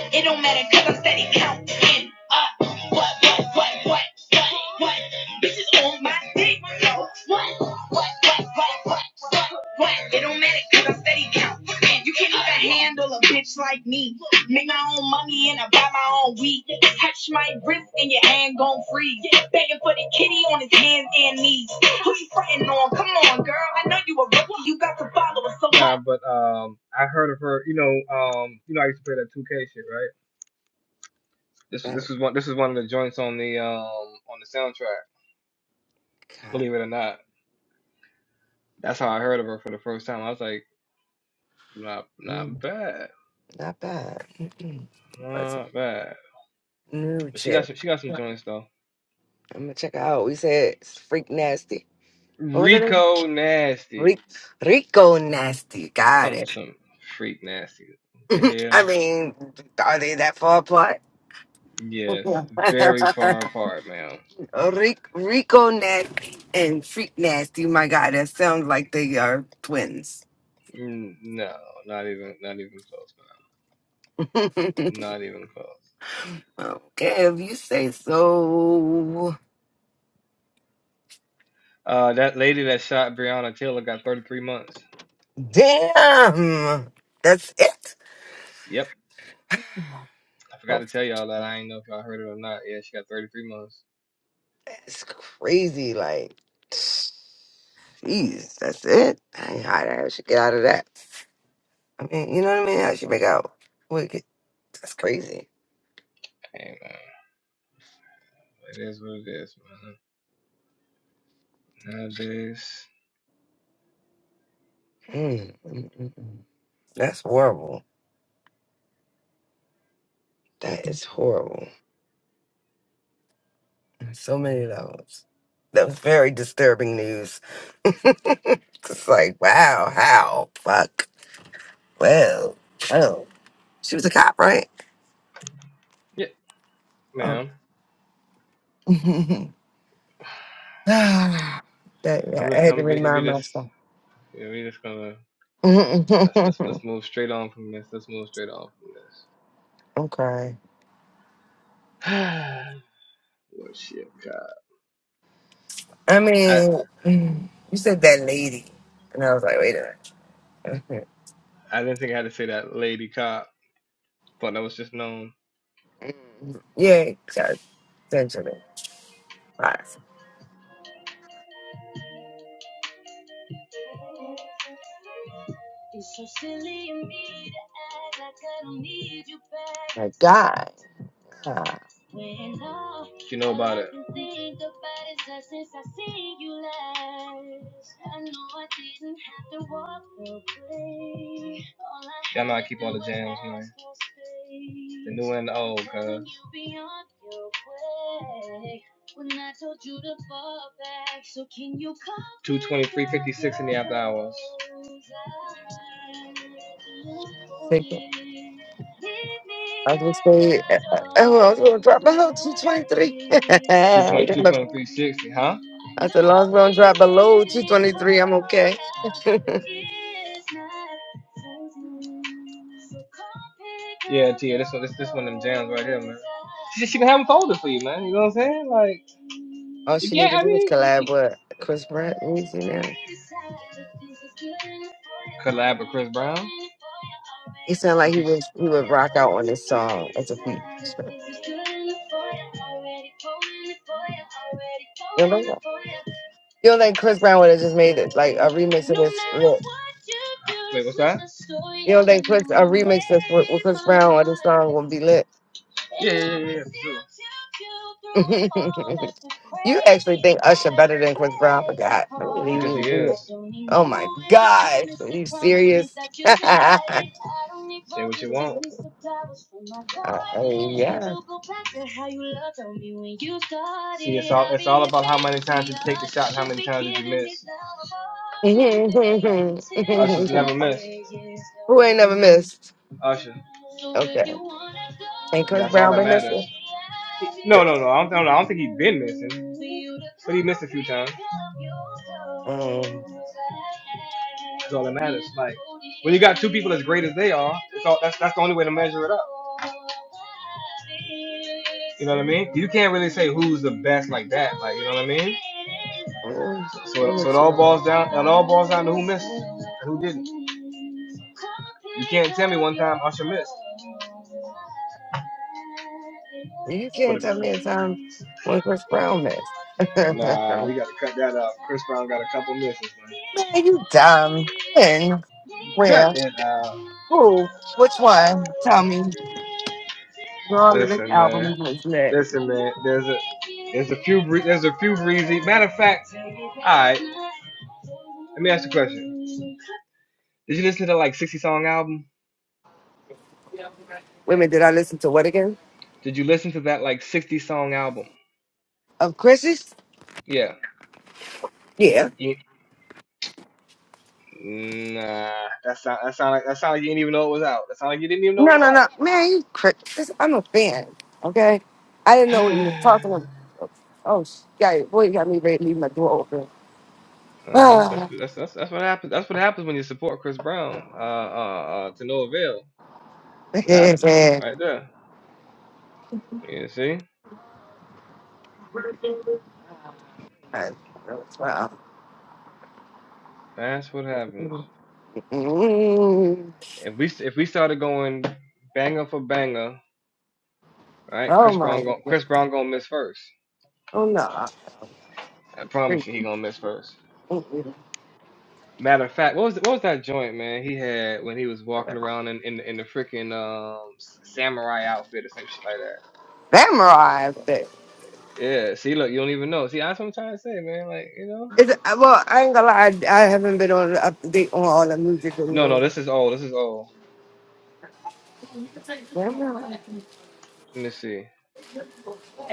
um, I heard of her. You know, um, you know, I used to play that 2K shit, right? This
Got
this was one. This was one of the joints on the um on the soundtrack.
cop.
Believe it or not. That's how I heard of her for the first time. I was like, not
Mm,
not bad,
not bad. Mm-mm. Wasn't
not bad.
new
But she got
chick.
some she got some joints though.
I'm gonna check her out. We said it's freak nasty. What was her name?
Rico
Rick,
Nasty,
Rico nasty. Got
talking about
it.
some freak nasty. What The hell?
I mean, are they that far apart?
Yes, very far apart, man.
Rick, Rico nasty and freak nasty. My God, that sounds like they are twins.
Mm, No, not even not even close,
okay,
man. Not even close.
if you say so.
Uh, that lady that shot Breonna Taylor got 33 months.
Damn, that's it.
Yep, I forgot
Oh,
to tell y'all that. I ain't know if y'all heard it or not. Yeah, she got 33 months.
that's crazy. Like, jeez, that's it. I, I should get out of that. I mean, you know what I mean? How she make out? Wicked. That's crazy.
Hey man, it is what it is, man. Nowadays.
Mm, mm, mm, mm. That's horrible. That is horrible. On So many levels. That was very disturbing news. It's like, wow, how? Fuck. Well, well. She was a cop, right?
Yeah,
Oh.
ma'am.
that,
I'm
yeah, I
just,
had to
I'm, we we
remind
just,
myself.
yeah, we just gonna, let's, let's, let's move straight on from this. Let's move straight on from
okay.
this. What's your cop?
I
I,
mean, you said that lady. And I was like, wait a minute.
I didn't think I had to say that, lady cop. Thought that was just known.
Mhm. Yeah, God, Benjamin. Right. My God. Ah,
And oh,
thank you. I was gonna say, uh, uh, oh, I was gonna drop below 223. That's as long as we don't drop below 223, I'm okay. All she
yeah,
needed
I
to do was
mean,
collab with Chris Brett. Easy now. It sounded like he was he would rock out on this song as a feat. You know that? You don't think Chris Brown would have just made it like a remix of this? Look, you don't think Chris a remix that's with, with Chris Brown on this song would be lit? you actually think Usher better than Chris Brown? I forgot. Oh my gosh, are you serious? Uh, yeah. Who ain't never missed? Okay. Ain't Chris Brown been missing? Six. Um,
y'all.
mm, I'm with you on that. You can't tell me a time when Chris Brown missed. Man, you dumb. When? Where? Who? Which one? Tell me. All of this album was that.
Did you listen to like 60 song album?
Wait a minute, did I listen to what again?
Did you listen to that like 60 song album?
Of Chris's?
Yeah.
Yeah.
You, nah, that sound, that sound like, that sound like you didn't even know it was out. That sound like you didn't even know
No,
it
no, no. Man, you cra I'm a fan. Okay? I didn't know what you were
was
talking
out.
about. Oh, oh, sh- yeah, boy, you got me ready to leave my door open.
Uh huh. That's
Ah.
that's that's that's what happens. That's what happens when you support Chris Brown. Uh, uh, uh to no avail. That's what happened
man.
right there. You see,
Wow.
that's what happens.
Mm.
If we if we started going banger for banger, right?
Oh,
Chris
my.
Brown going Chris Brown gonna miss first.
Oh, no.
I promise you, he gonna miss first. Matter of fact, what was what was that joint, man? He had when he was walking around in in, in the freaking um s- samurai outfit or some shit like that.
Memorize it.
Yeah. See, look, you don't even know. See, that's what I'm trying to say, man. Like, you know.
It's, well, I ain't gonna lie, I, I haven't been on up to date on all the music
No, no,
videos.
this is old. This is old. Let me see.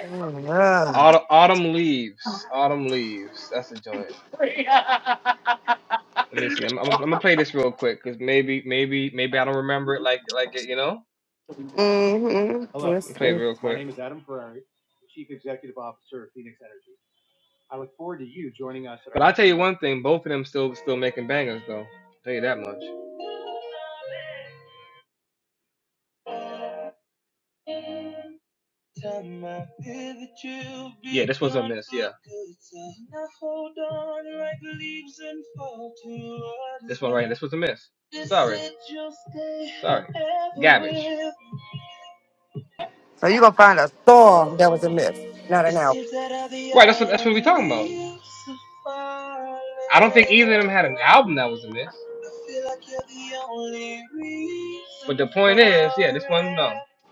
Mm, Yeah.
Autumn, autumn leaves. Autumn leaves. That's a joint. Let me see. I'm, I'm, I'm gonna play this real quick because maybe, maybe, maybe I don't remember it like, like it. You know,
Mm-hmm.
Let
Yes,
me play it
yes.
real quick. I'll tell you one thing. Both of them still, still making bangers though. I'll tell you that much. This was a miss.
So you gonna find a storm that was a myth, not an album.
Album that was a miss.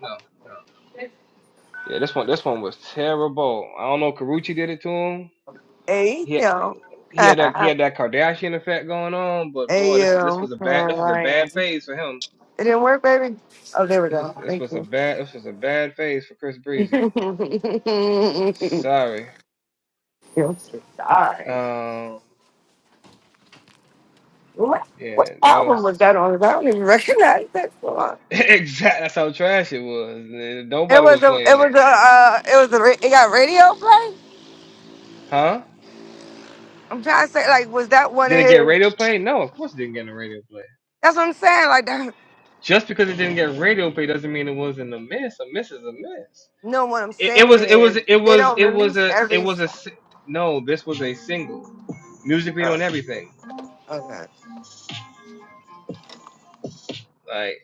No, no. Yeah, this one, this one was terrible. I don't know. if did it to him.
Hey,
He,
yo.
he had that, he had that Kardashian effect going on. But
hey,
boy, this, this
yo.
was a bad, this was a bad
Ryan.
phase for him.
It didn't work, baby. Oh, there we
This
go.
is, this
Thank
was a
you.
bad, this was a bad phase for Chris Breezy. Sorry.
You're sorry.
Um,
What, what
yeah, that
album
was
was that on? 'Cause I don't even recognize that song.
exact. That's how trash it was.
It
Nobody
was
was
a. It
playing it,
was a. Uh, it was a. ra- It got radio play.
huh?
I'm trying to say, like, was that one of
Did it get
his?
radio play? No, of course it didn't get a radio play.
That's what I'm saying. Like that.
Just because it didn't get radio play doesn't mean it wasn't a miss. A miss is a miss.
No, what I'm
It, it
saying
was. It was.
is
It
they
was.
don't
It was
release
a. It
every.
was a. si- No, this was a single. Music video
Uh,
and everything.
okay.
Like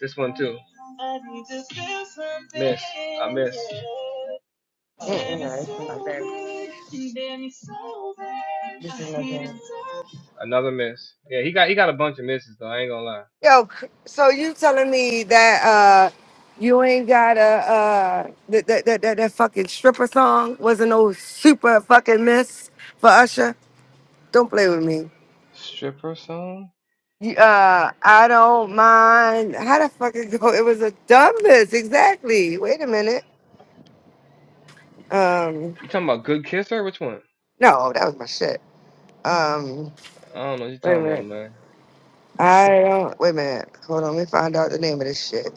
this one too.
Mm-mm, no, it's not that. This is my game.
Another miss. Yeah, he got. He got a bunch of misses though. I ain't gonna lie.
Yo, c- so you telling me that uh you ain't got a uh that that that that that fucking stripper song wasn't no super fucking miss for Usher? Don't play with me.
Stripper song.
You- Uh, I don't mind. How the fuck it go? It was a dumb miss, exactly. Wait a minute. Um,
You talking about Good Kisser? Which one?
no, that was my shit. Um,
I don't know what you
wait a
talking about,
minute.
man.
I don't. Wait a minute. Hold on. Let me find out the name of this shit.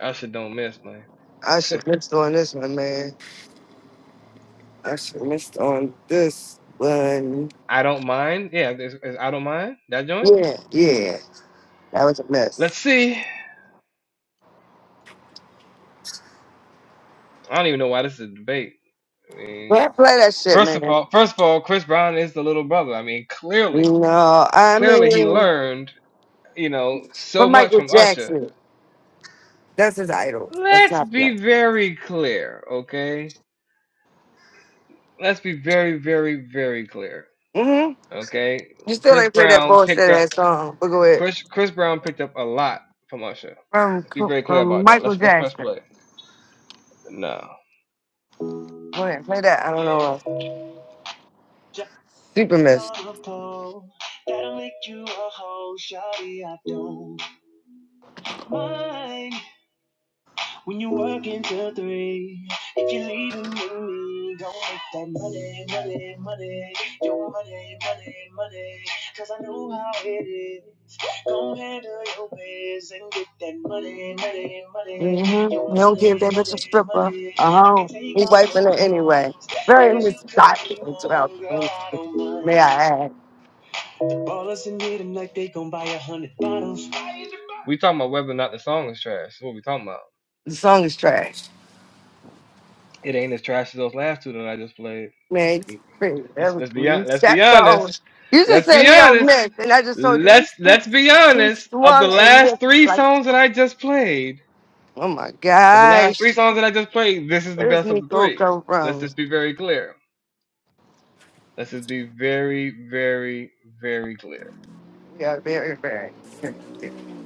That shit don't miss, man.
I should missed on this one, man. I should missed on this one.
I don't mind. Yeah, it's, it's I don't mind that joint.
Yeah, yeah. That was a mess.
Let's see. I don't even know why this is a debate. I mean,
Can't play that shit,
first of
man.
all, first of all, Chris Brown is the little brother. I mean, clearly,
No, I
clearly he
mean,
learned, you know, so
from
much
Michael
from Usher.
Jackson. That's his idol. That's
Let's
not play.
be very clear, okay? Let's be very, very, very clear,
Mm-hmm.
okay?
You still
Chris
ain't played that
Brown picked
bullshit ass
up
song. But go ahead.
Chris. Chris Brown picked up a lot from Usher.
From,
Let's be very clear
from
about that.
Michael
Let's let's press
Jackson.
play. No.
Go ahead. Play that. I don't know. Super mess. Mm-hmm. You don't give that bitch a stripper a home. He's wiping it anyway. Very misguided in 2023, may I add.
We talking about whether or not the song is trash. That's what we talking about.
The song is trash.
It ain't as trash as those last two that I just played.
Man, it's pretty. That
Let's let's be let
was-
let's be
that song.
honest.
You just
Let's
said
be
he don't
honest.
miss, and I just told you he
Let's let's
sw-
be
he
honest. Of the
swung and
last
missed.
three
Like,
songs that I just played,
oh my
of the last three
gosh,
songs that I just played, this is the
where does
best of the
Nico
three.
come
Let's
from?
just be very clear. Let's just be very, very, very clear.
Yeah, very, very.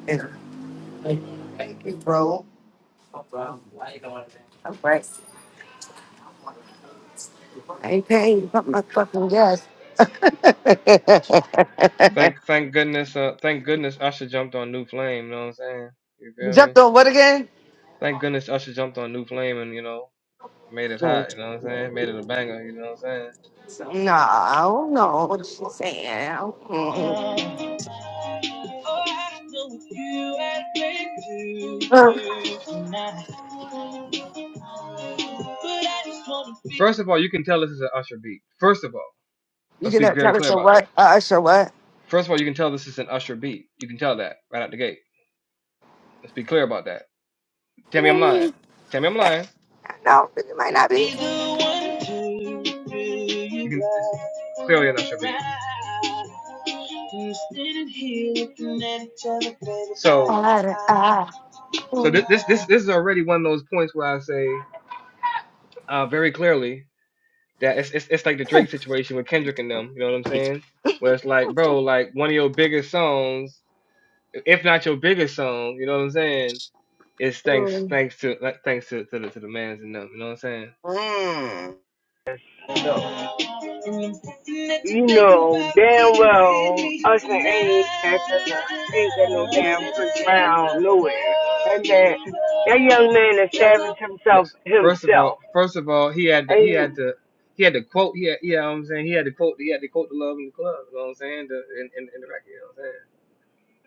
And he broke. I'm right. I ain't paying you but my fucking gas.
Thank thank goodness uh thank goodness Usher jumped on New Flame, you know what I'm saying? You feel me?
Jumped on what again?
Thank goodness Usher jumped on New Flame and you know. Made it hot,
Mm.
you know what I'm saying? Made it a banger, you know what I'm saying?
No, I don't know what she's saying. Mm-mm. Uh,
First of all, you can tell this is an Usher beat. First of all,
You
let's
get
be
that
very
tell us
clear
your
about that.
what? Uh, us what?
First of all, you can tell this is an Usher beat. You can tell that right out the gate. Let's be clear about that. Tell me I'm lying.
Maybe.
Tell me I'm lying.
No, it might not be. Uh, uh, mm,
This this this is already one of those points where I say uh, very clearly that it's, it's it's like the Drake situation with Kendrick and them. You know what I'm saying? Where it's like, bro, like one of your biggest songs, if not your biggest song, you know what I'm saying? It's thanks
mm.
thanks to like, thanks to to the, to the man's and them. You know what I'm saying?
Mm, no. You know damn well Usher ain't at the, ain't got no damn Chris Brown nowhere. And that that young man established himself
First, first of all,
himself.
first of all, he had to, he had
Ain't
to, he had to quote. He had, you know what I'm saying? He had to quote. He had to quote the love in the club. You know what I'm saying? The, in, in, in the record. You know what I'm saying?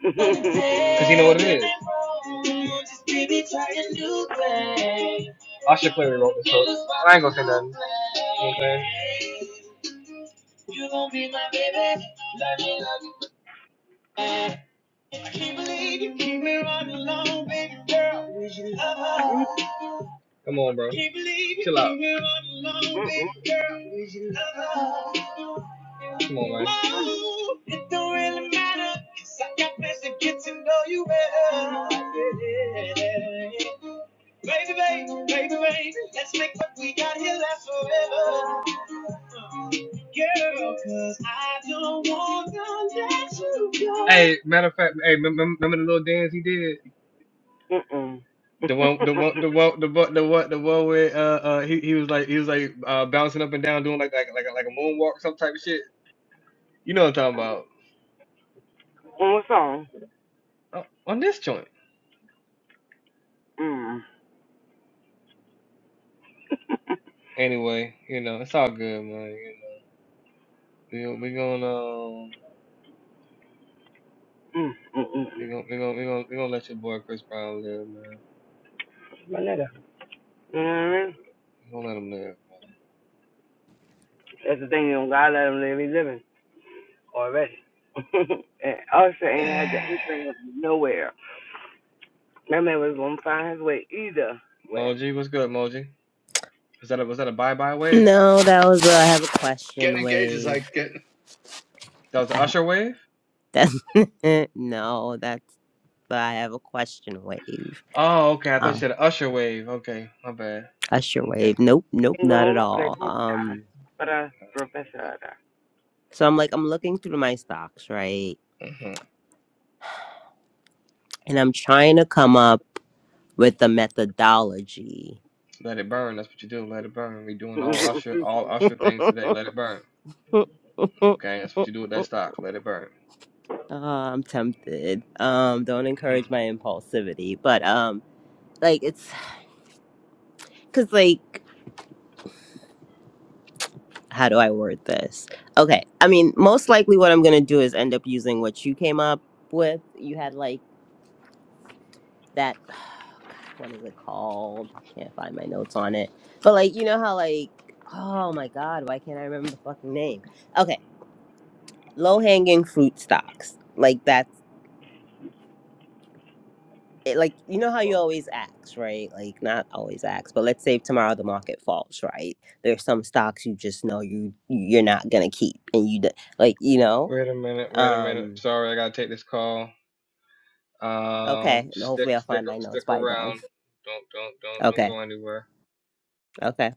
Come on, bro. Eh, Matter of fact, hey, remember, remember the little dance he did?
Mm-mm. Mm-mm.
The one, the one, the one, the one, the one, the one where uh, uh he, he was like he was like uh bouncing up and down doing like like like a, like a moonwalk or some type of shit. You know what I'm talking about?
On its song?
Uh, on this joint.
Mm.
Anyway, you know it's all good, man. You know we we gonna um,
mm, mm, mm,
we
mm.
gonna we gonna we gonna we gonna let your boy Chris Brown live, man.
My nigga. You know what I mean?
Don't let him live,
That's the thing, you know, God let him live, he's living already. and Usher ain't had the
man.
inkling of nowhere. That man was going to find his way either way.
Moji, what's good, Moji? Was that a, was that a bye bye wave?
no that was a, I have a question wave
That was the
I,
Usher wave.
that, no that's but I have a question wave
Oh, okay. I thought you
uh
said Usher wave. Okay, my bad.
usher
Okay.
wave nope nope
He Ain't
not at
going up that
all
good time,
um
but a professor.
so I'm like I'm looking through my stocks right
hmm
and I'm trying to come up. with the methodology.
Let it burn. That's what you do. Let it burn. We doing all Usher all Usher things today. Let it burn. Okay, that's what you do with that stock. Let it burn.
Oh, I'm tempted. Um, don't
hmm
encourage my impulsivity, but um, like it's because like, how do I word this? Okay, I mean, most likely what I'm gonna do is end up using what you came up with. You had like that. What is it called? I can't find my notes on it. But like, you know how like, oh my god, why can't I remember the fucking name? Okay, low hanging fruit stocks. Like that it, like you know how you always ask, right? Like not always ask, but let's say tomorrow the market falls, right? There's some stocks you just know you you're not gonna keep, and you d- like you know.
Wait a minute. Wait a minute.
Um,
Sorry, I gotta take this call. Um,
okay,
stick
hopefully I'll
stick
find my notes
stick
by then.
around. Don't don't don't don't
Okay,
go anywhere.
okay.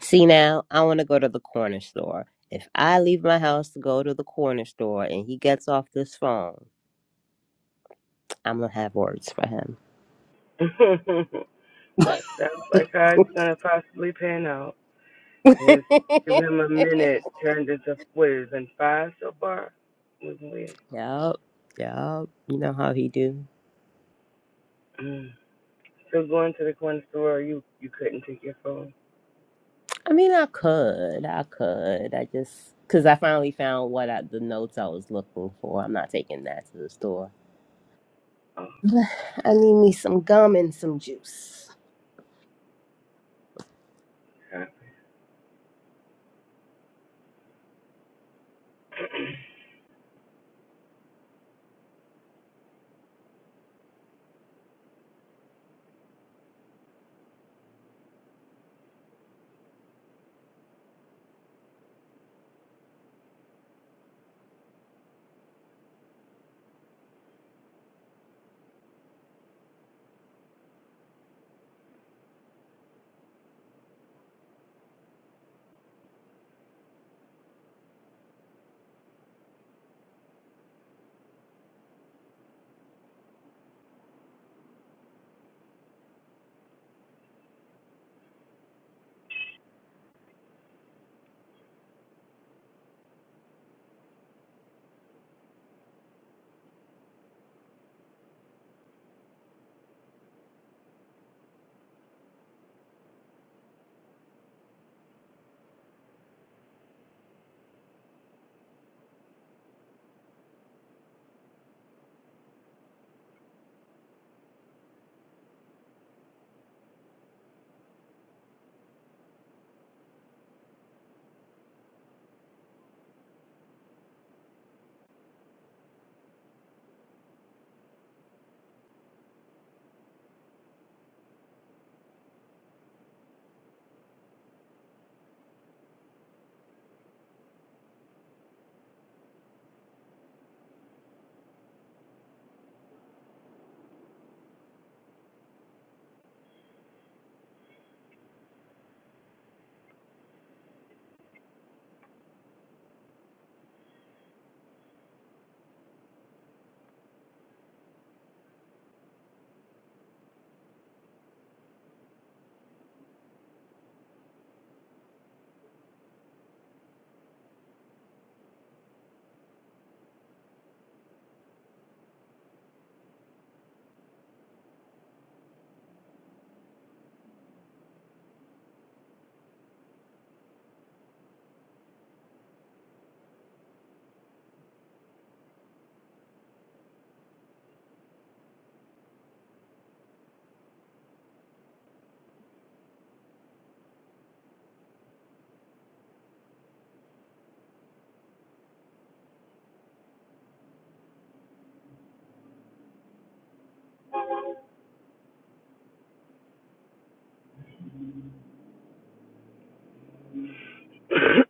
See now, I want to go to the corner store. If I leave my house to go to the corner store and he gets off this phone, I'm gonna have words for him.
that sounds like how it's going to possibly pan out. His give him a minute turned into quiz, and five so far was weird.
Yup, yup. You know how he do.
Mm. So going to the corner store, you you couldn't take your phone.
I mean, I could, I could. I just because I finally found what I, the notes I was looking for. I'm not taking that to the store.
Oh,
I need me some gum and some juice.
gotcha.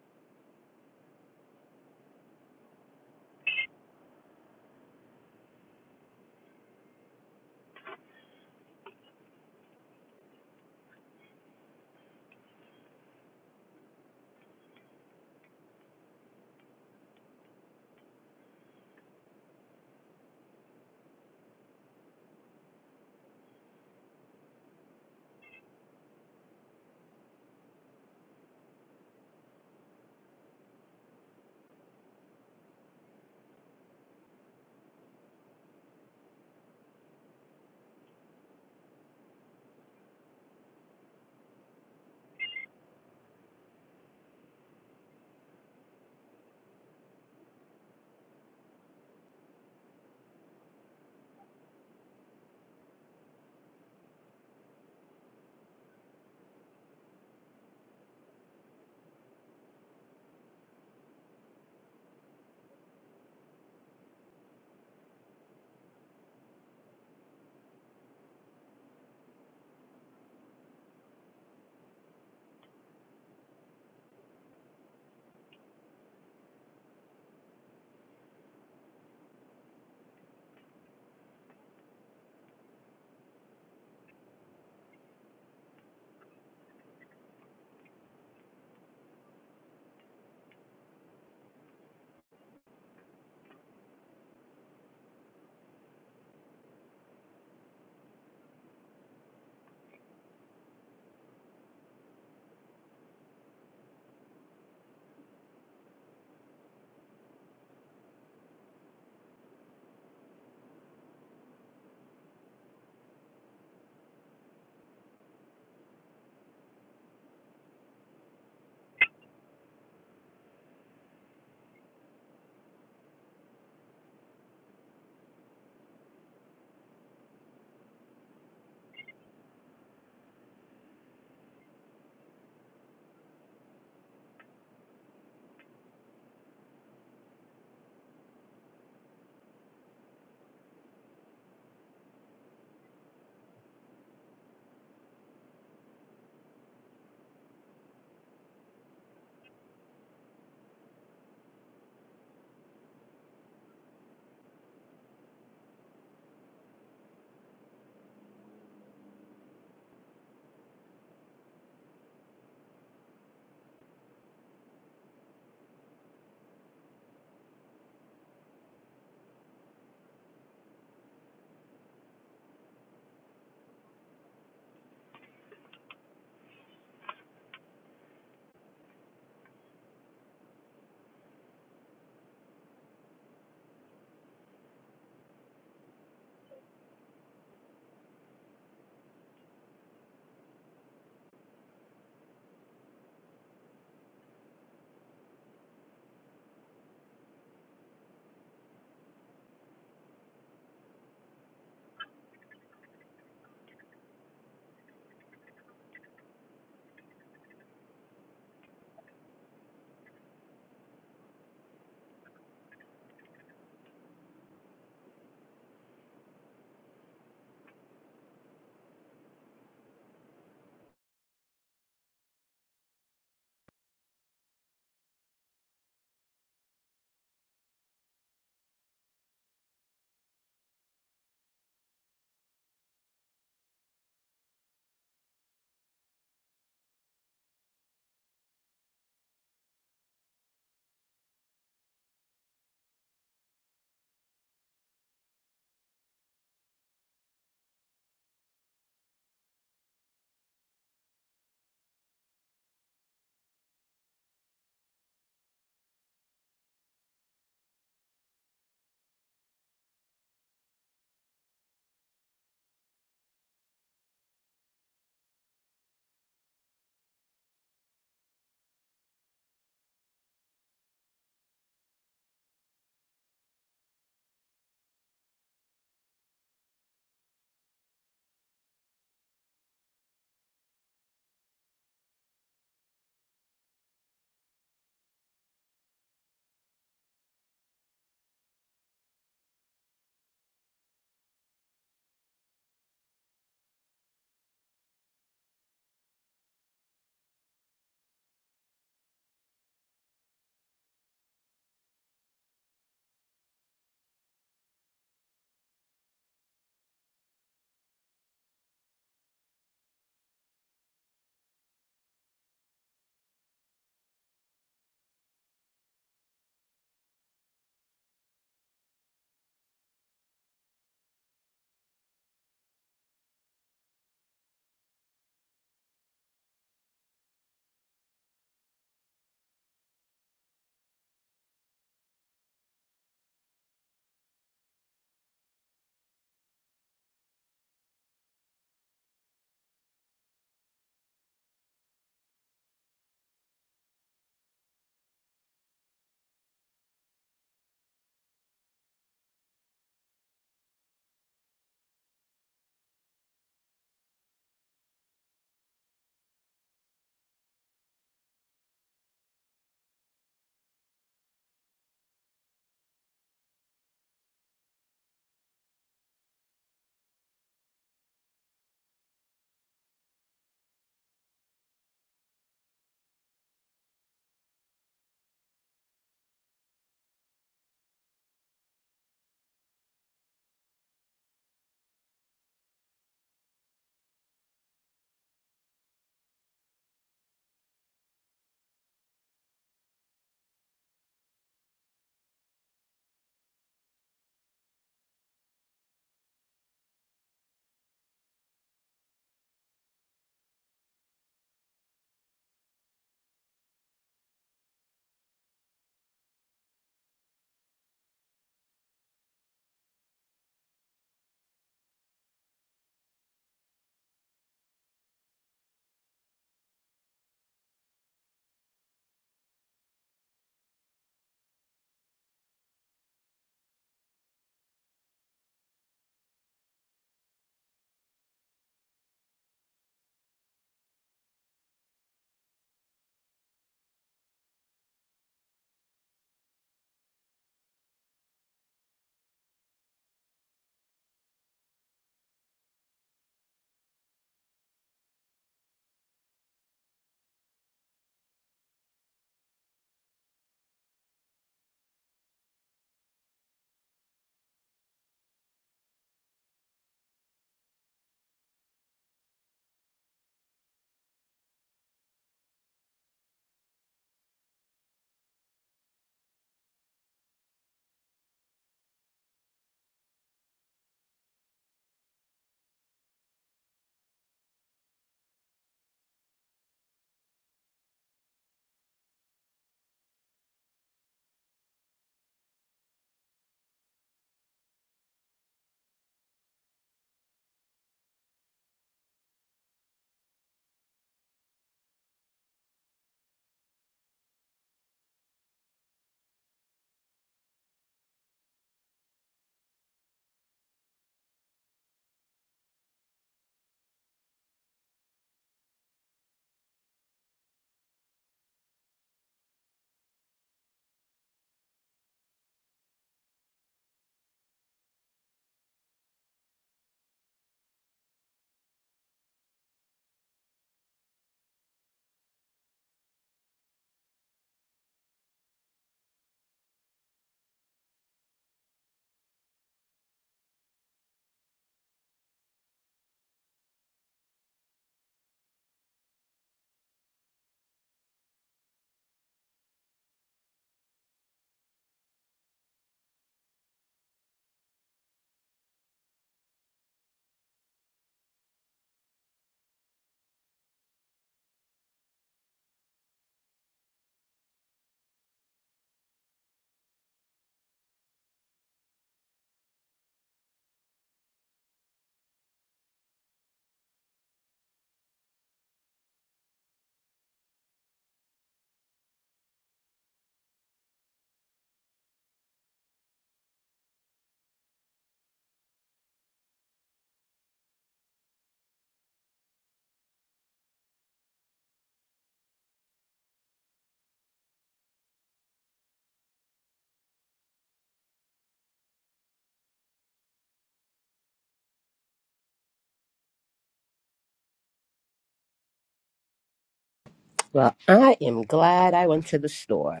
Well, I am glad I went to the store.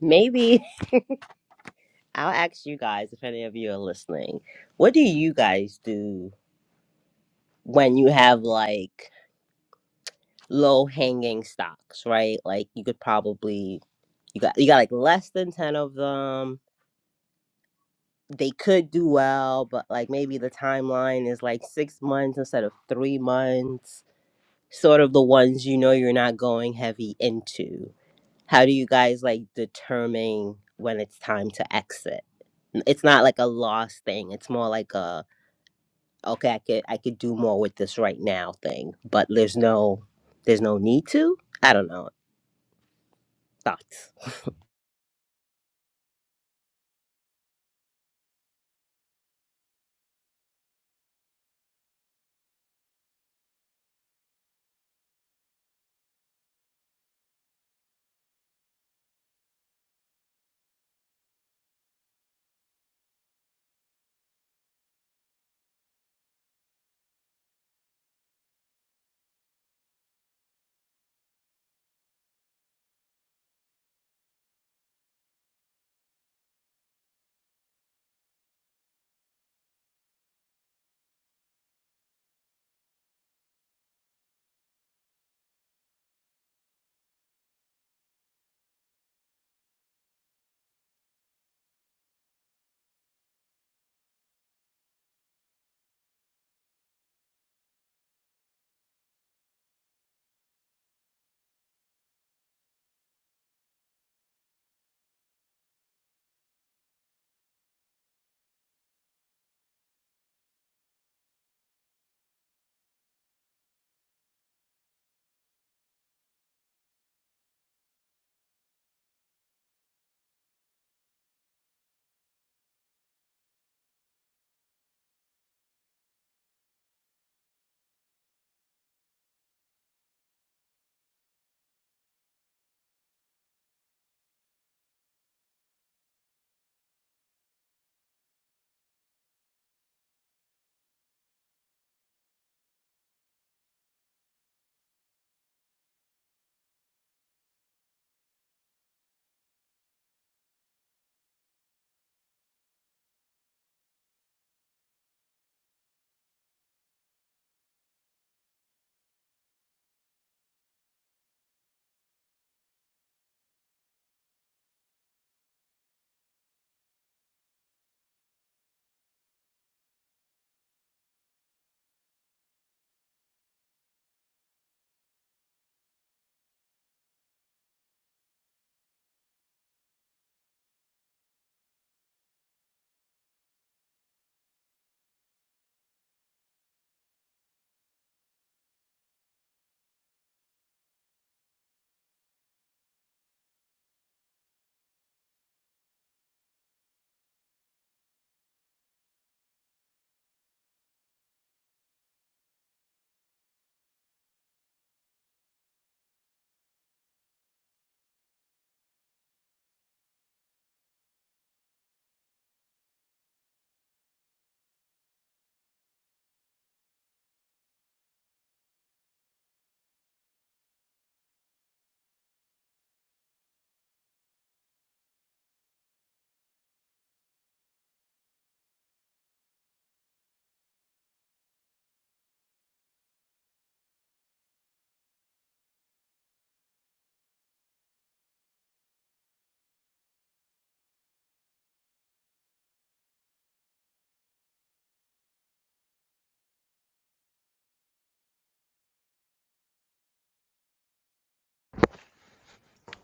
Maybe I'll ask you guys if any of you are listening. What do you guys do when you have like low hanging stocks, right? Like you could probably you got you got like less than 10 of them they could do well, but like maybe the timeline is like six months instead of three months, sort of the ones you know you're not going heavy into. How do you guys like determine when it's time to exit? It's not like a loss thing. It's more like a okay, I could I could do more with this right now thing, but there's no there's no need to. I don't know. Thoughts?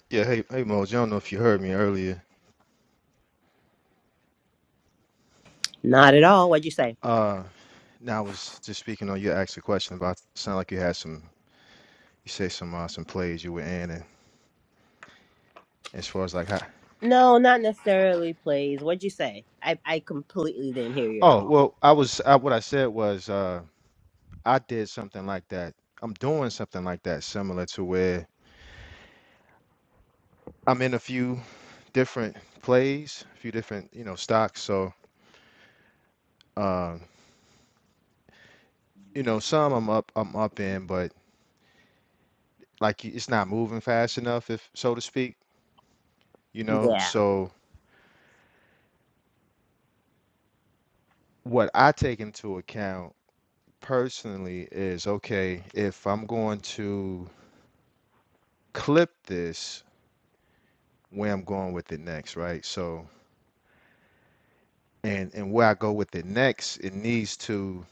Yeah, hey, hey, Moj. I don't know if you heard me earlier.
Not at all. What'd you say?
Uh, now I was just speaking on you asked a question about sound like you had some you say some uh, some plays you were in and as far as like how
No, not necessarily plays. What'd you say? I I completely didn't hear you at
oh
all.
well I was I, what I said was uh I did something like that I'm doing something like that similar to where I'm in a few different plays a few different you know stocks so um you know some I'm up I'm up in but like y- it's not moving fast enough if so to speak you know
Yeah.
so what I take into account personally is okay, if I'm going to clip this, where I'm going with it next, right? So, and and where I go with it next, it needs to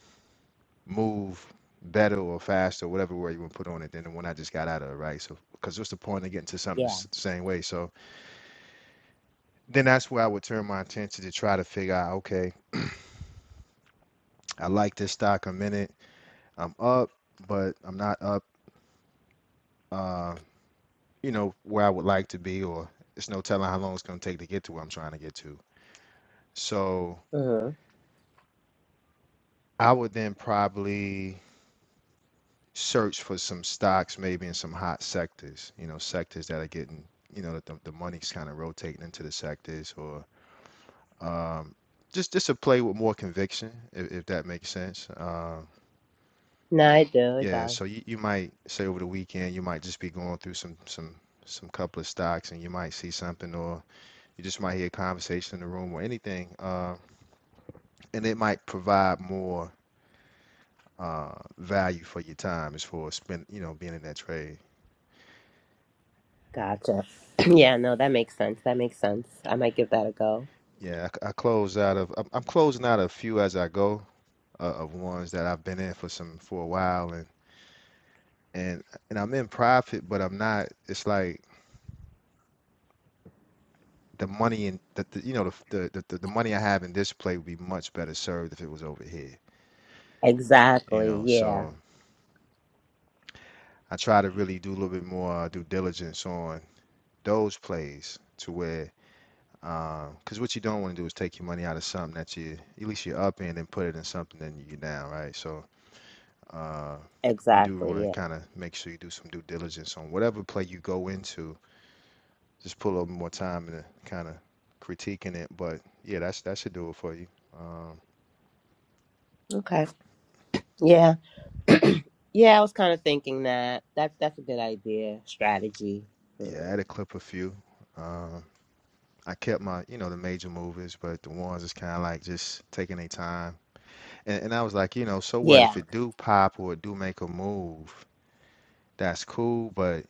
move better or faster, whatever word you want to put on it, than the one I just got out of, right? So, because what's the point of getting to something the
Yeah.
s- same way? So, then that's where I would turn my attention to try to figure out, okay, I like this stock a minute, I'm up, but I'm not up, uh, you know, where I would like to be, or it's no telling how long it's going to take to get to where I'm trying to get to. So
Mm-hmm.
I would then probably search for some stocks, maybe in some hot sectors, you know, sectors that are getting, you know, the, the money's kind of rotating into the sectors or um, just just to play with more conviction, if, if that makes sense. Uh,
No, I do. It
yeah,
does.
so you, you might say over the weekend, you might just be going through some some some couple of stocks and you might see something or you just might hear a conversation in the room or anything. Uh, and it might provide more uh, value for your time as far as spend, you know, being in that trade.
Gotcha. yeah, no, that makes sense. That makes sense. I might give that a go.
Yeah, I, I close out of I'm, I'm closing out a few as I go uh, of ones that I've been in for some for a while and and and I'm in profit, but I'm not. It's like the money in that the, you know the, the the the money I have in this play would be much better served if it was over here. You
Exactly.
know,
Yeah.
so I try to really do a little bit more uh, due diligence on those plays to where Because what you don't want to do is take your money out of something that you, at least you're up in, and put it in something that you're down, right? So uh, you do want
Exactly.
to
Yeah.
kind of make sure you do some due diligence on whatever play you go into. Just pull over more time and kind of critiquing it. But yeah, that's that should do it for you. Um,
Okay. Yeah. yeah, I was kind of thinking that. That's that's a good idea. Strategy.
yeah, I
Hmm.
had a clip a few. Um, I kept my, you know, the major movies, but the ones is kind of like just taking their time. And, and I was like, you know, so what if
Yeah.
it do pop or it do make a move? That's cool, but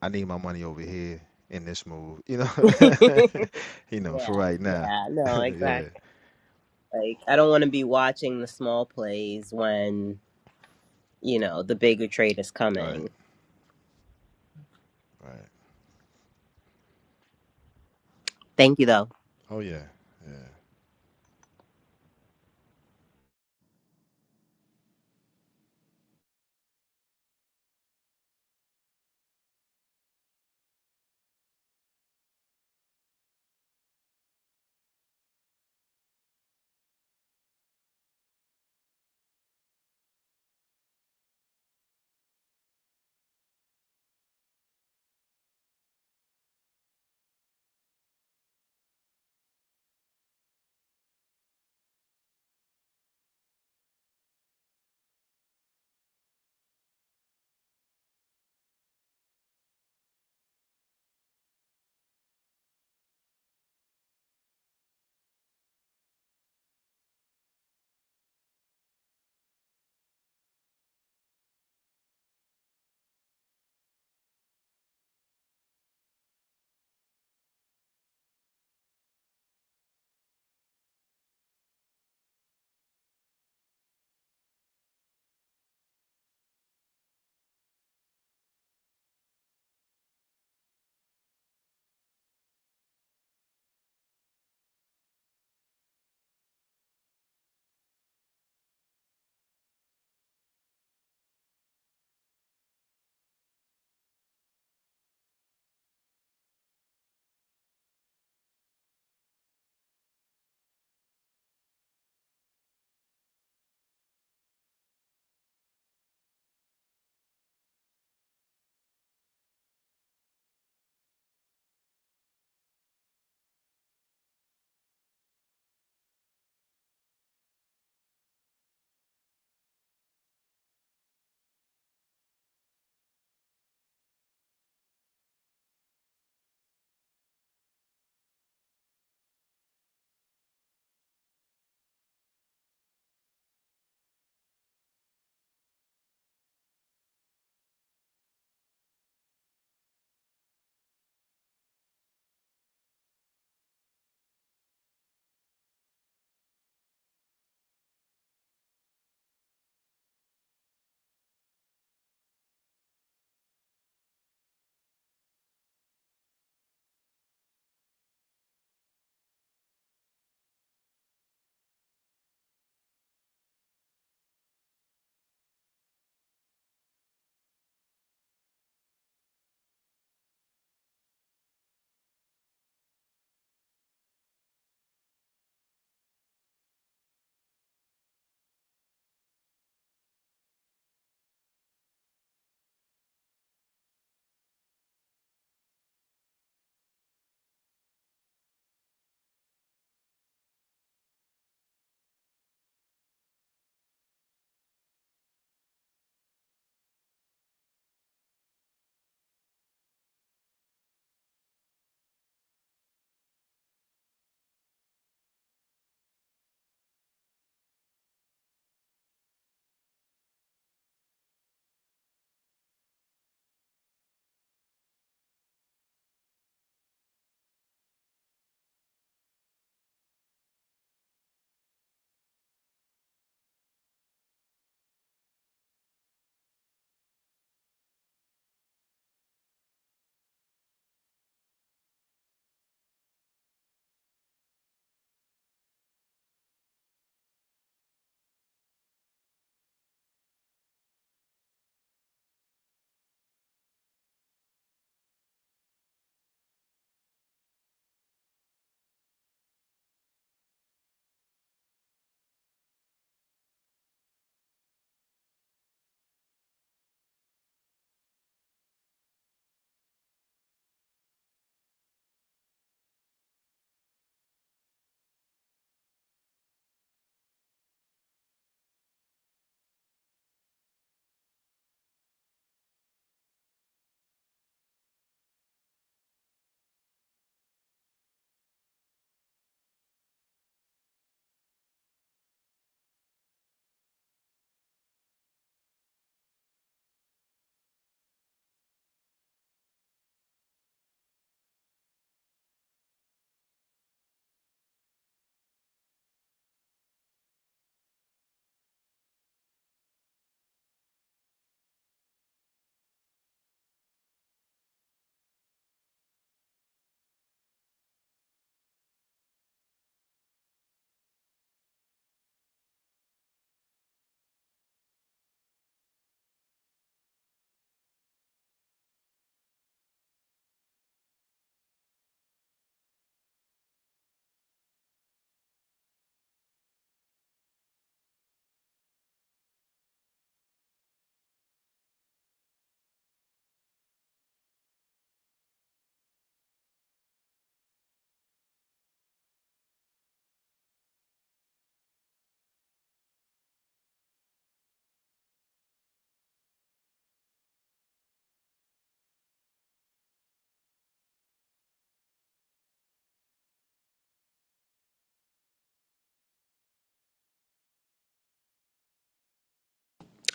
I need my money over here in this move. You know,
yeah.
you know, for right now.
Yeah. No,
yeah,
exactly. Like I don't want to be watching the small plays when, you know, the bigger trade is
right,
coming.
right.
Thank you though.
Oh yeah, yeah.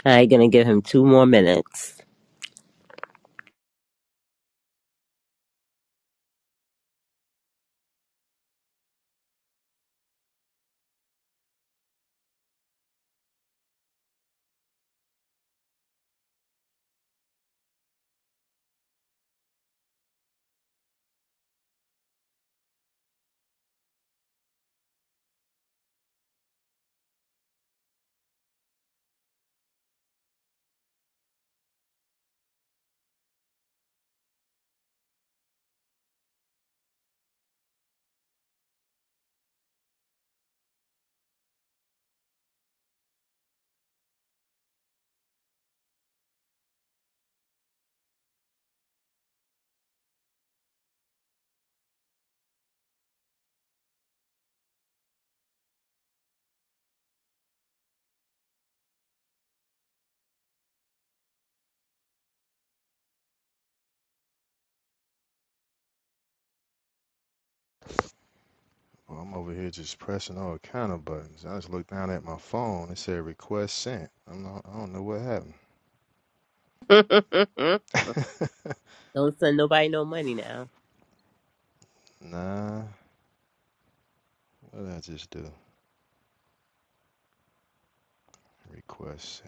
I'm gonna give him two more minutes.
Well, I'm over here just pressing all kind of buttons. I just looked down at my phone. It said request sent. I'm not. I don't know what happened.
Don't send nobody no money now.
nah. What did I just do? Request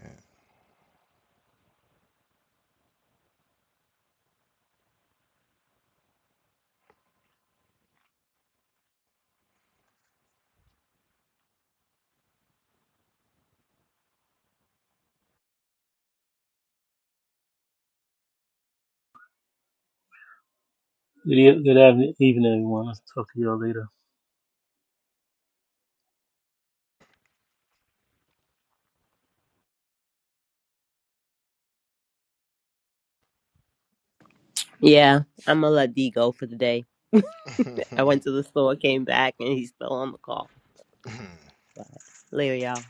Good, e- good evening, evening, everyone. I'll talk to y'all later.
Yeah, I'm gonna let D go for the day.
sent.
I went to the store, came back, and he's still on the call. But later, y'all.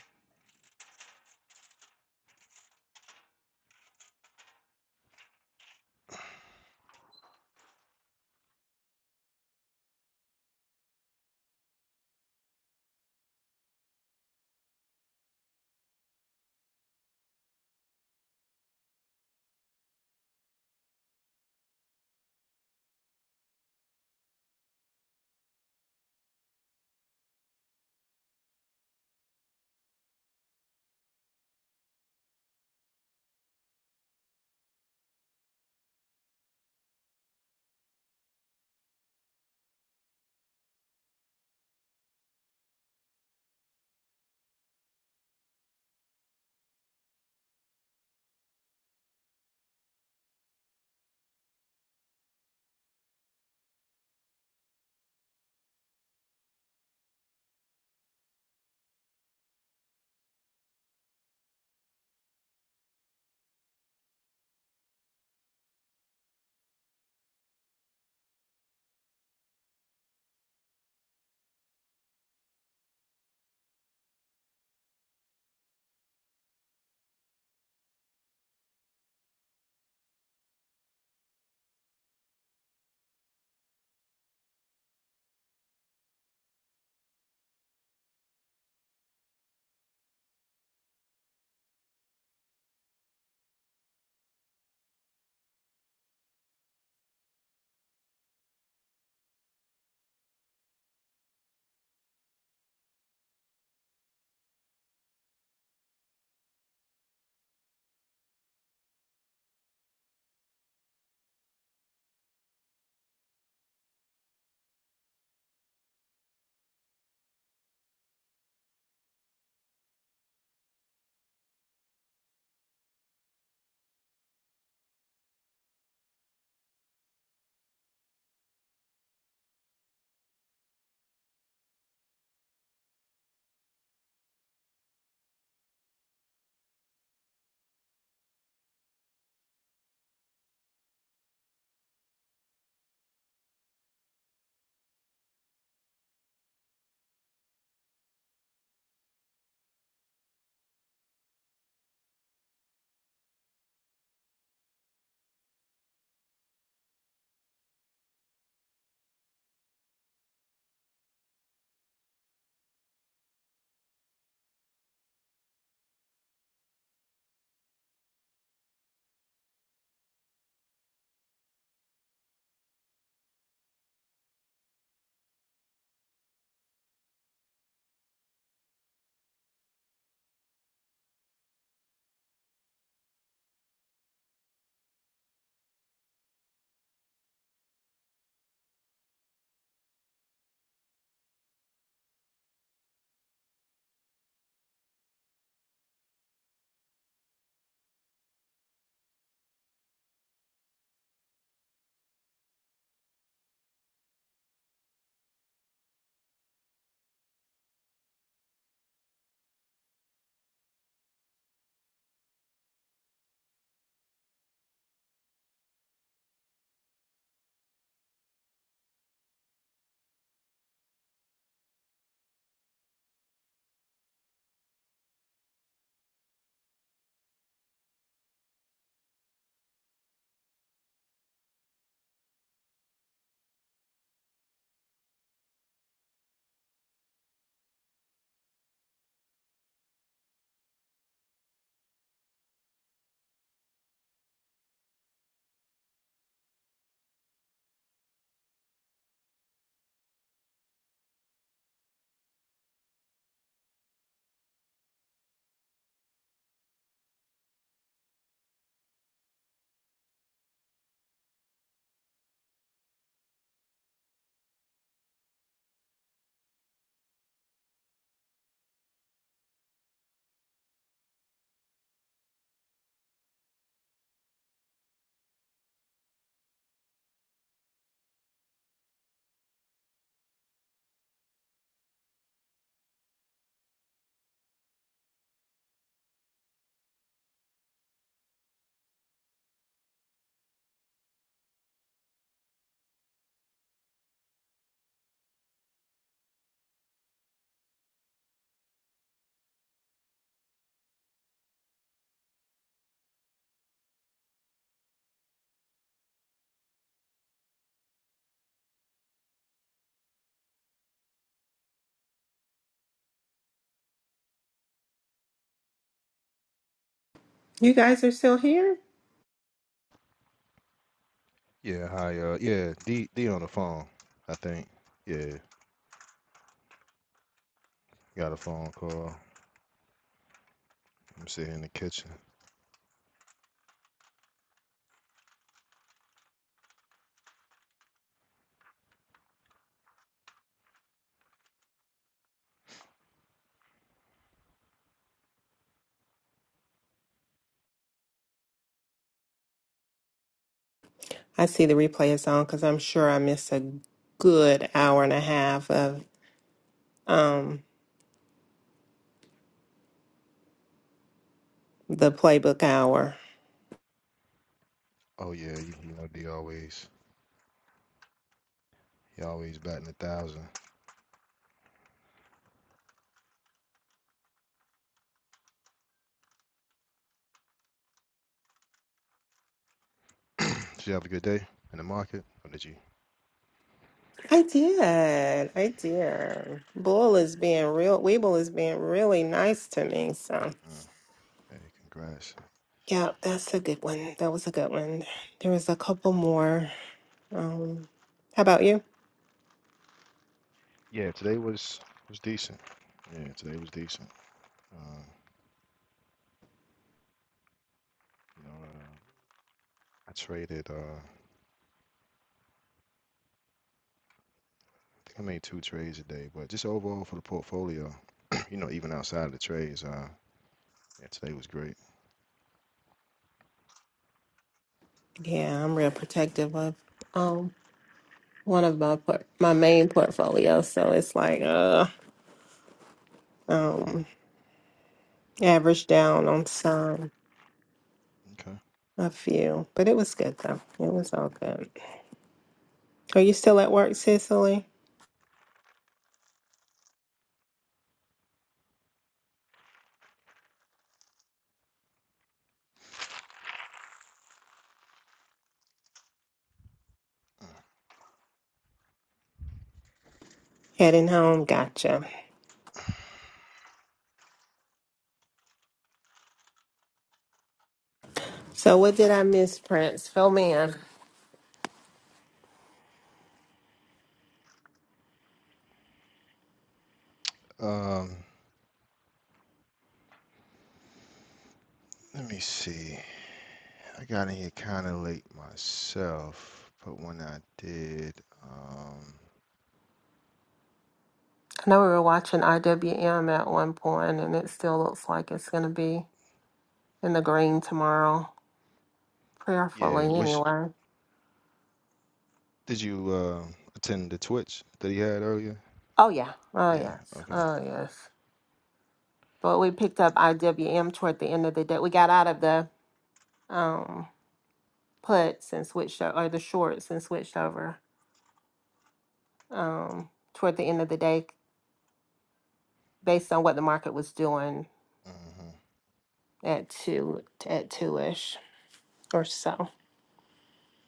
You guys are still here?
yeah. Hi. Uh. Yeah. D. D on the phone. I think. Yeah. Got a phone call. I'm sitting in the kitchen.
I see the replay is on because I'm sure I missed a good hour and a half of um the playbook hour.
Oh yeah. You, you know D always. You always batting a thousand. Did you have a good day in the market, or did you?
I did. I did. Bull is being real. Weeble is being really nice to me. So
Mm, hey, congrats.
yeah, that's a good one. That was a good one. There was a couple more. Um, how about you?
Yeah, today was was decent. Yeah, today was decent. Um, you know, uh, I traded. Uh, I think I made two trades today, but just overall for the portfolio, you know, even outside of the trades, uh, yeah, today was great.
Yeah, I'm real protective of um one of my port- my main portfolio. So it's like uh um
hmm
average down on some.
Okay.
A few, but it was good though. It was all good. Are you still at work, Cicely? Heading home. Gotcha. So, what did I miss, Prince? Fill me in.
Um, let me see. I got in here kind of late myself, but when I did, um,
I know we were watching IWM at one point, and it still looks like it's going to be in the green tomorrow.
yeah,
Prayerfully,
which
anyway.
Did you uh, attend the Twitch that he had earlier?
Oh, yeah. Oh,
Yeah.
yes.
Okay.
Oh, yes. But we picked up IWM toward the end of the day. We got out of the um, puts and switched, o- or the shorts and switched over um, toward the end of the day based on what the market was doing
hmm
at two at two ish or so.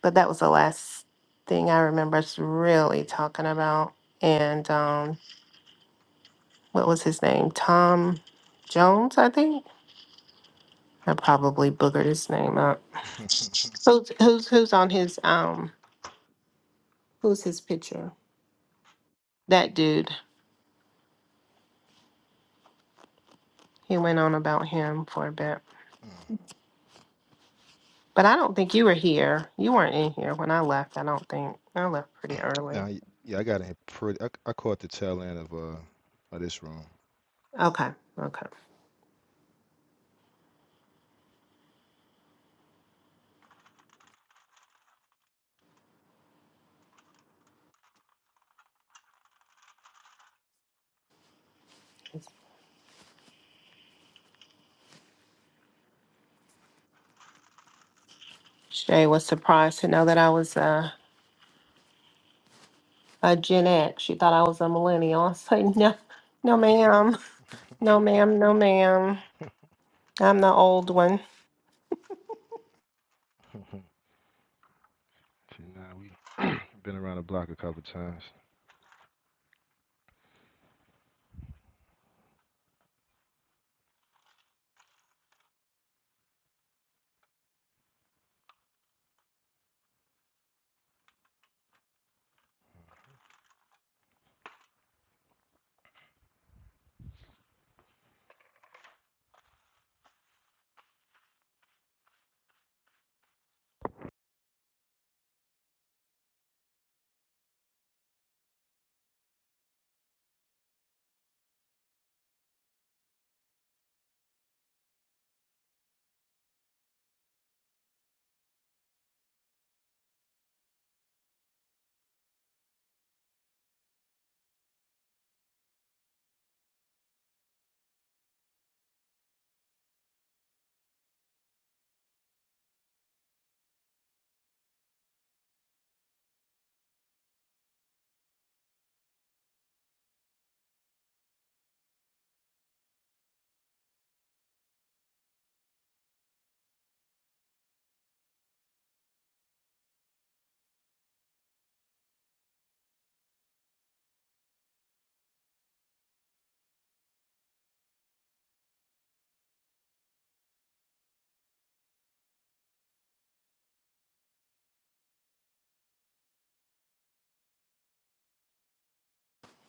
But that was the last thing I remember us really talking about. And um, what was his name? Tom Jones, I think. I probably boogered his name up. Who's who's who's on his um who's his picture? That dude. He went on about him for a bit. But I don't think you were here. You weren't in here when I left, I don't think. I left pretty early.
now, y- yeah, I got in pretty. I I caught the tail end of uh of this room.
Okay. Okay. Shay was surprised to know that I was uh, a Gen X. She thought I was a millennial. I was like, no, no, ma'am. No, ma'am. No, ma'am. I'm the old one.
See, now we been around the block a couple times.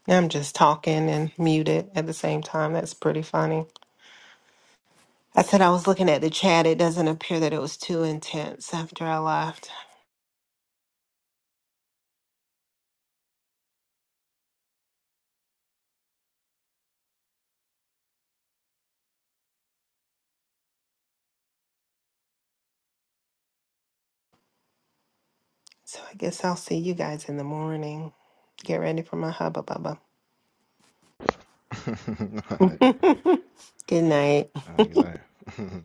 I'm just talking and muted at the same time. That's pretty funny. I said I was looking at the chat. It doesn't appear that it was too intense after I left. So I guess I'll see you guys in the morning. Get ready for my hubba bubba.
All right.
Good night.
All right. Good night.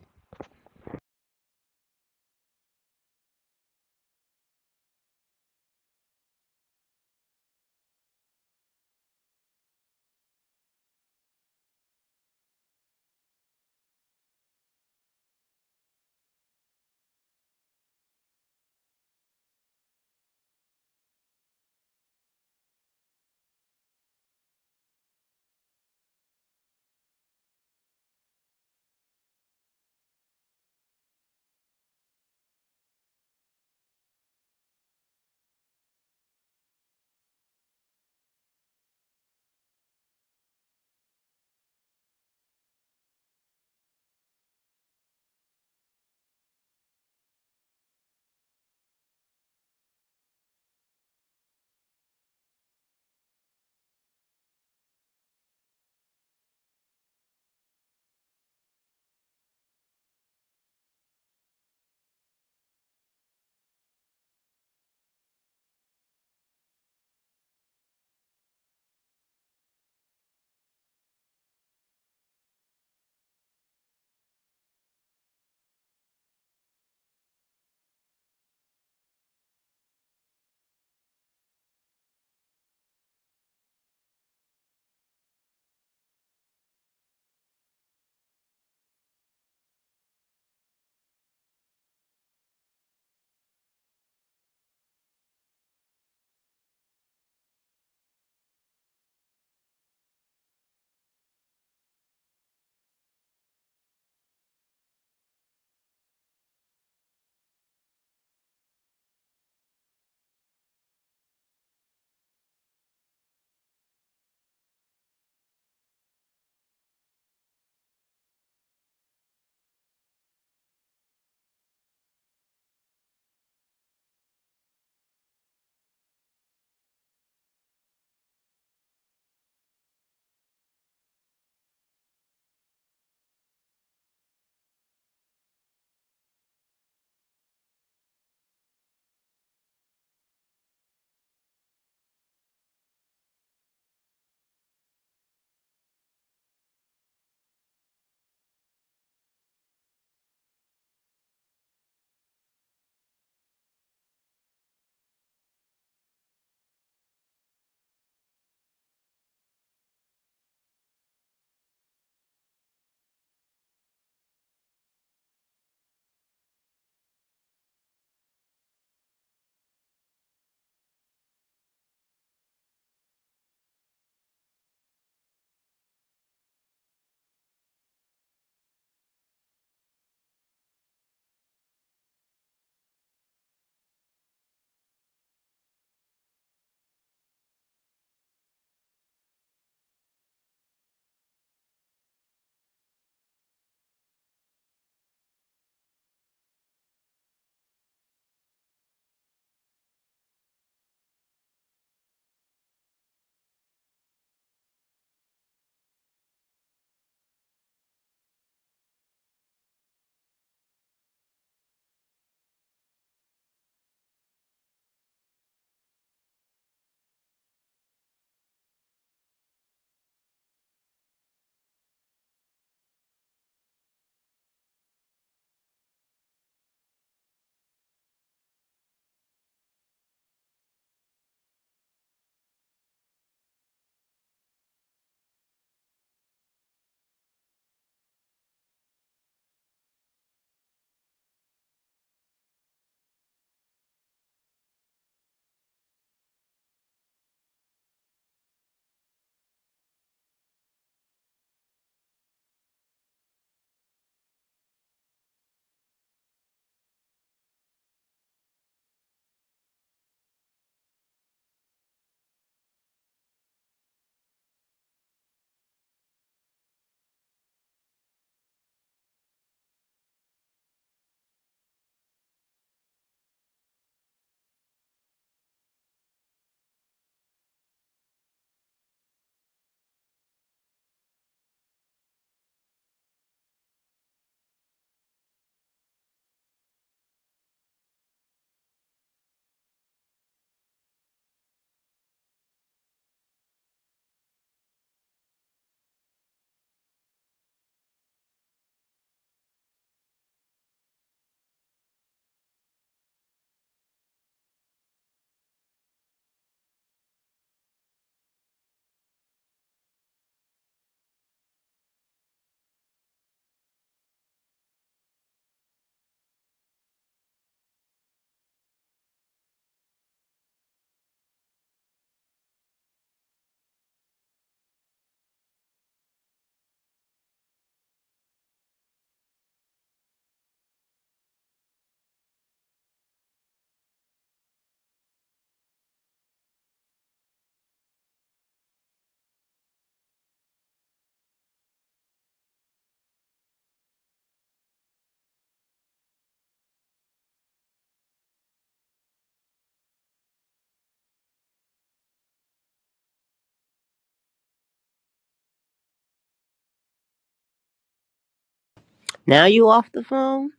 Now you off the phone?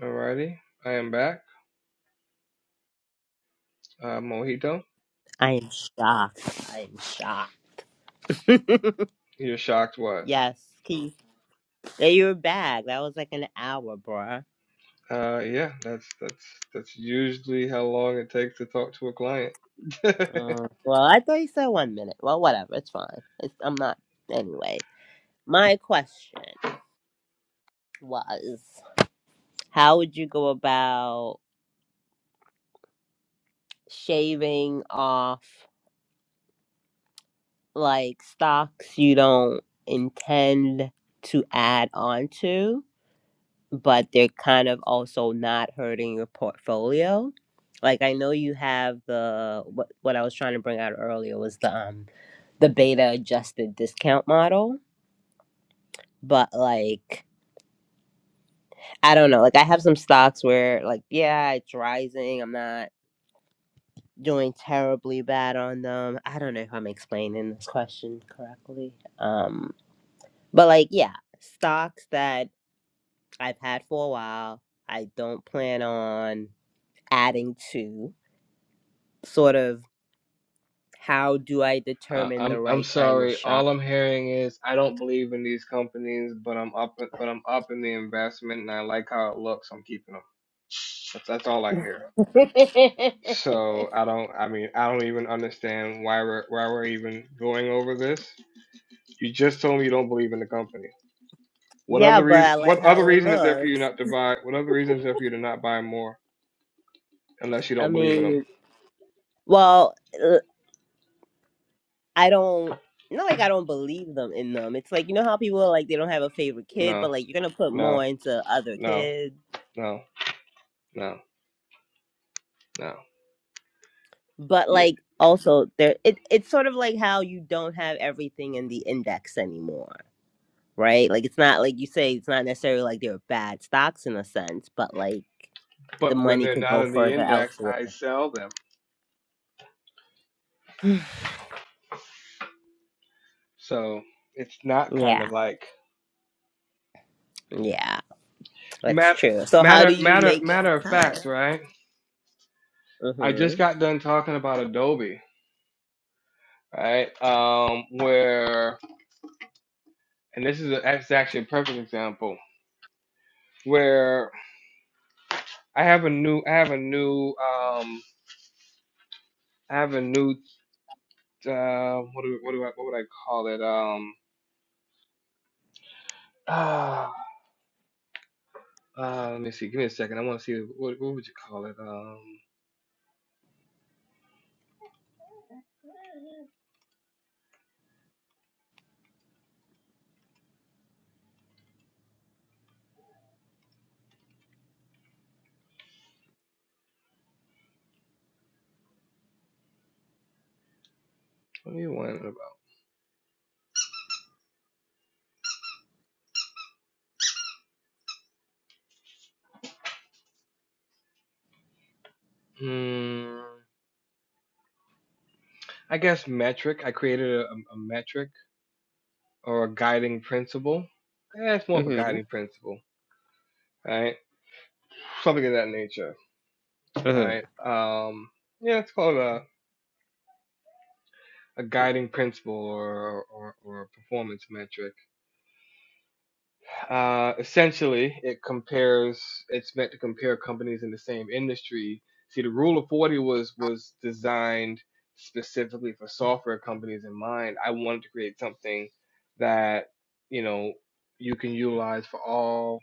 Alrighty, I am back. Uh, Mojito,
I am shocked. I am shocked.
you're shocked what?
Yes, Keith. Yeah, you were back. That was like an hour, bruh.
Uh, yeah, that's that's that's usually how long it takes to talk to a client.
Uh, well, I thought you said one minute. Well, whatever. It's fine. It's, I'm not. Anyway, my question was how would you go about shaving off? like stocks you don't intend to add on to, but they're kind of also not hurting your portfolio. Like I know you have the what what I was trying to bring out earlier was the um the beta adjusted discount model, but like I don't know, like I have some stocks where like yeah, it's rising, I'm not doing terribly bad on them. I don't know if I'm explaining this question correctly. Um. But like, yeah, stocks that I've had for a while, I don't plan on adding to. Sort of how do I
I,
determine the
I'm I'm
right time to
sorry.
shop?
All I'm hearing is I don't believe in these companies, but I'm up but I'm up in the investment and I like how it looks. I'm keeping them. That's that's all I hear. So I don't. I mean, I don't even understand why we're why we're even going over this. You just told me you don't believe in the company. What
Yeah,
other
but
reason?
I
What
like how
other
it
reason is there for you
looks.
not to buy? What other reason is there for you to not buy more unless you
I
don't believe in them?
mean, well, uh, I don't not like I don't believe them in them. It's like you know how people are like they don't have a favorite kid,
No,
but like you're gonna put more
no.
into other
no,
kids.
no, no, no.
but
Yeah.
like also there it, it's sort of like how you don't have everything in the index anymore right like it's not like you say it's not necessarily like they're bad stocks in a sense but like the
But when
money
they're
could
not
go
in the
further
index,
elsewhere
I sell them. So it's not kind
yeah
of like
yeah that's
matter,
true so how do
matter,
you
matter,
make that
matter of
cut
fact, right? I just
mhm
got done talking about Adobe, right? Um, where and this is a, this actually a perfect example where I have a new, I have a new, um, I have a new, uh, what do, what do I, what would I call it? Um, ah, Uh, let me see. Give me a second. I want to see what what would you call it? Um, what do you want it about? Hmm. I guess metric. I created a, a metric or a guiding principle. Yeah, it's more of a
mhm
guiding principle, right? Something of that nature,
mhm
right? Um, yeah, it's called a, a guiding principle or, or or a performance metric. Uh, essentially, it compares. It's meant to compare companies in the same industry. See, the Rule of Forty was was designed specifically for software companies in mind. I wanted to create something that you know you can utilize for all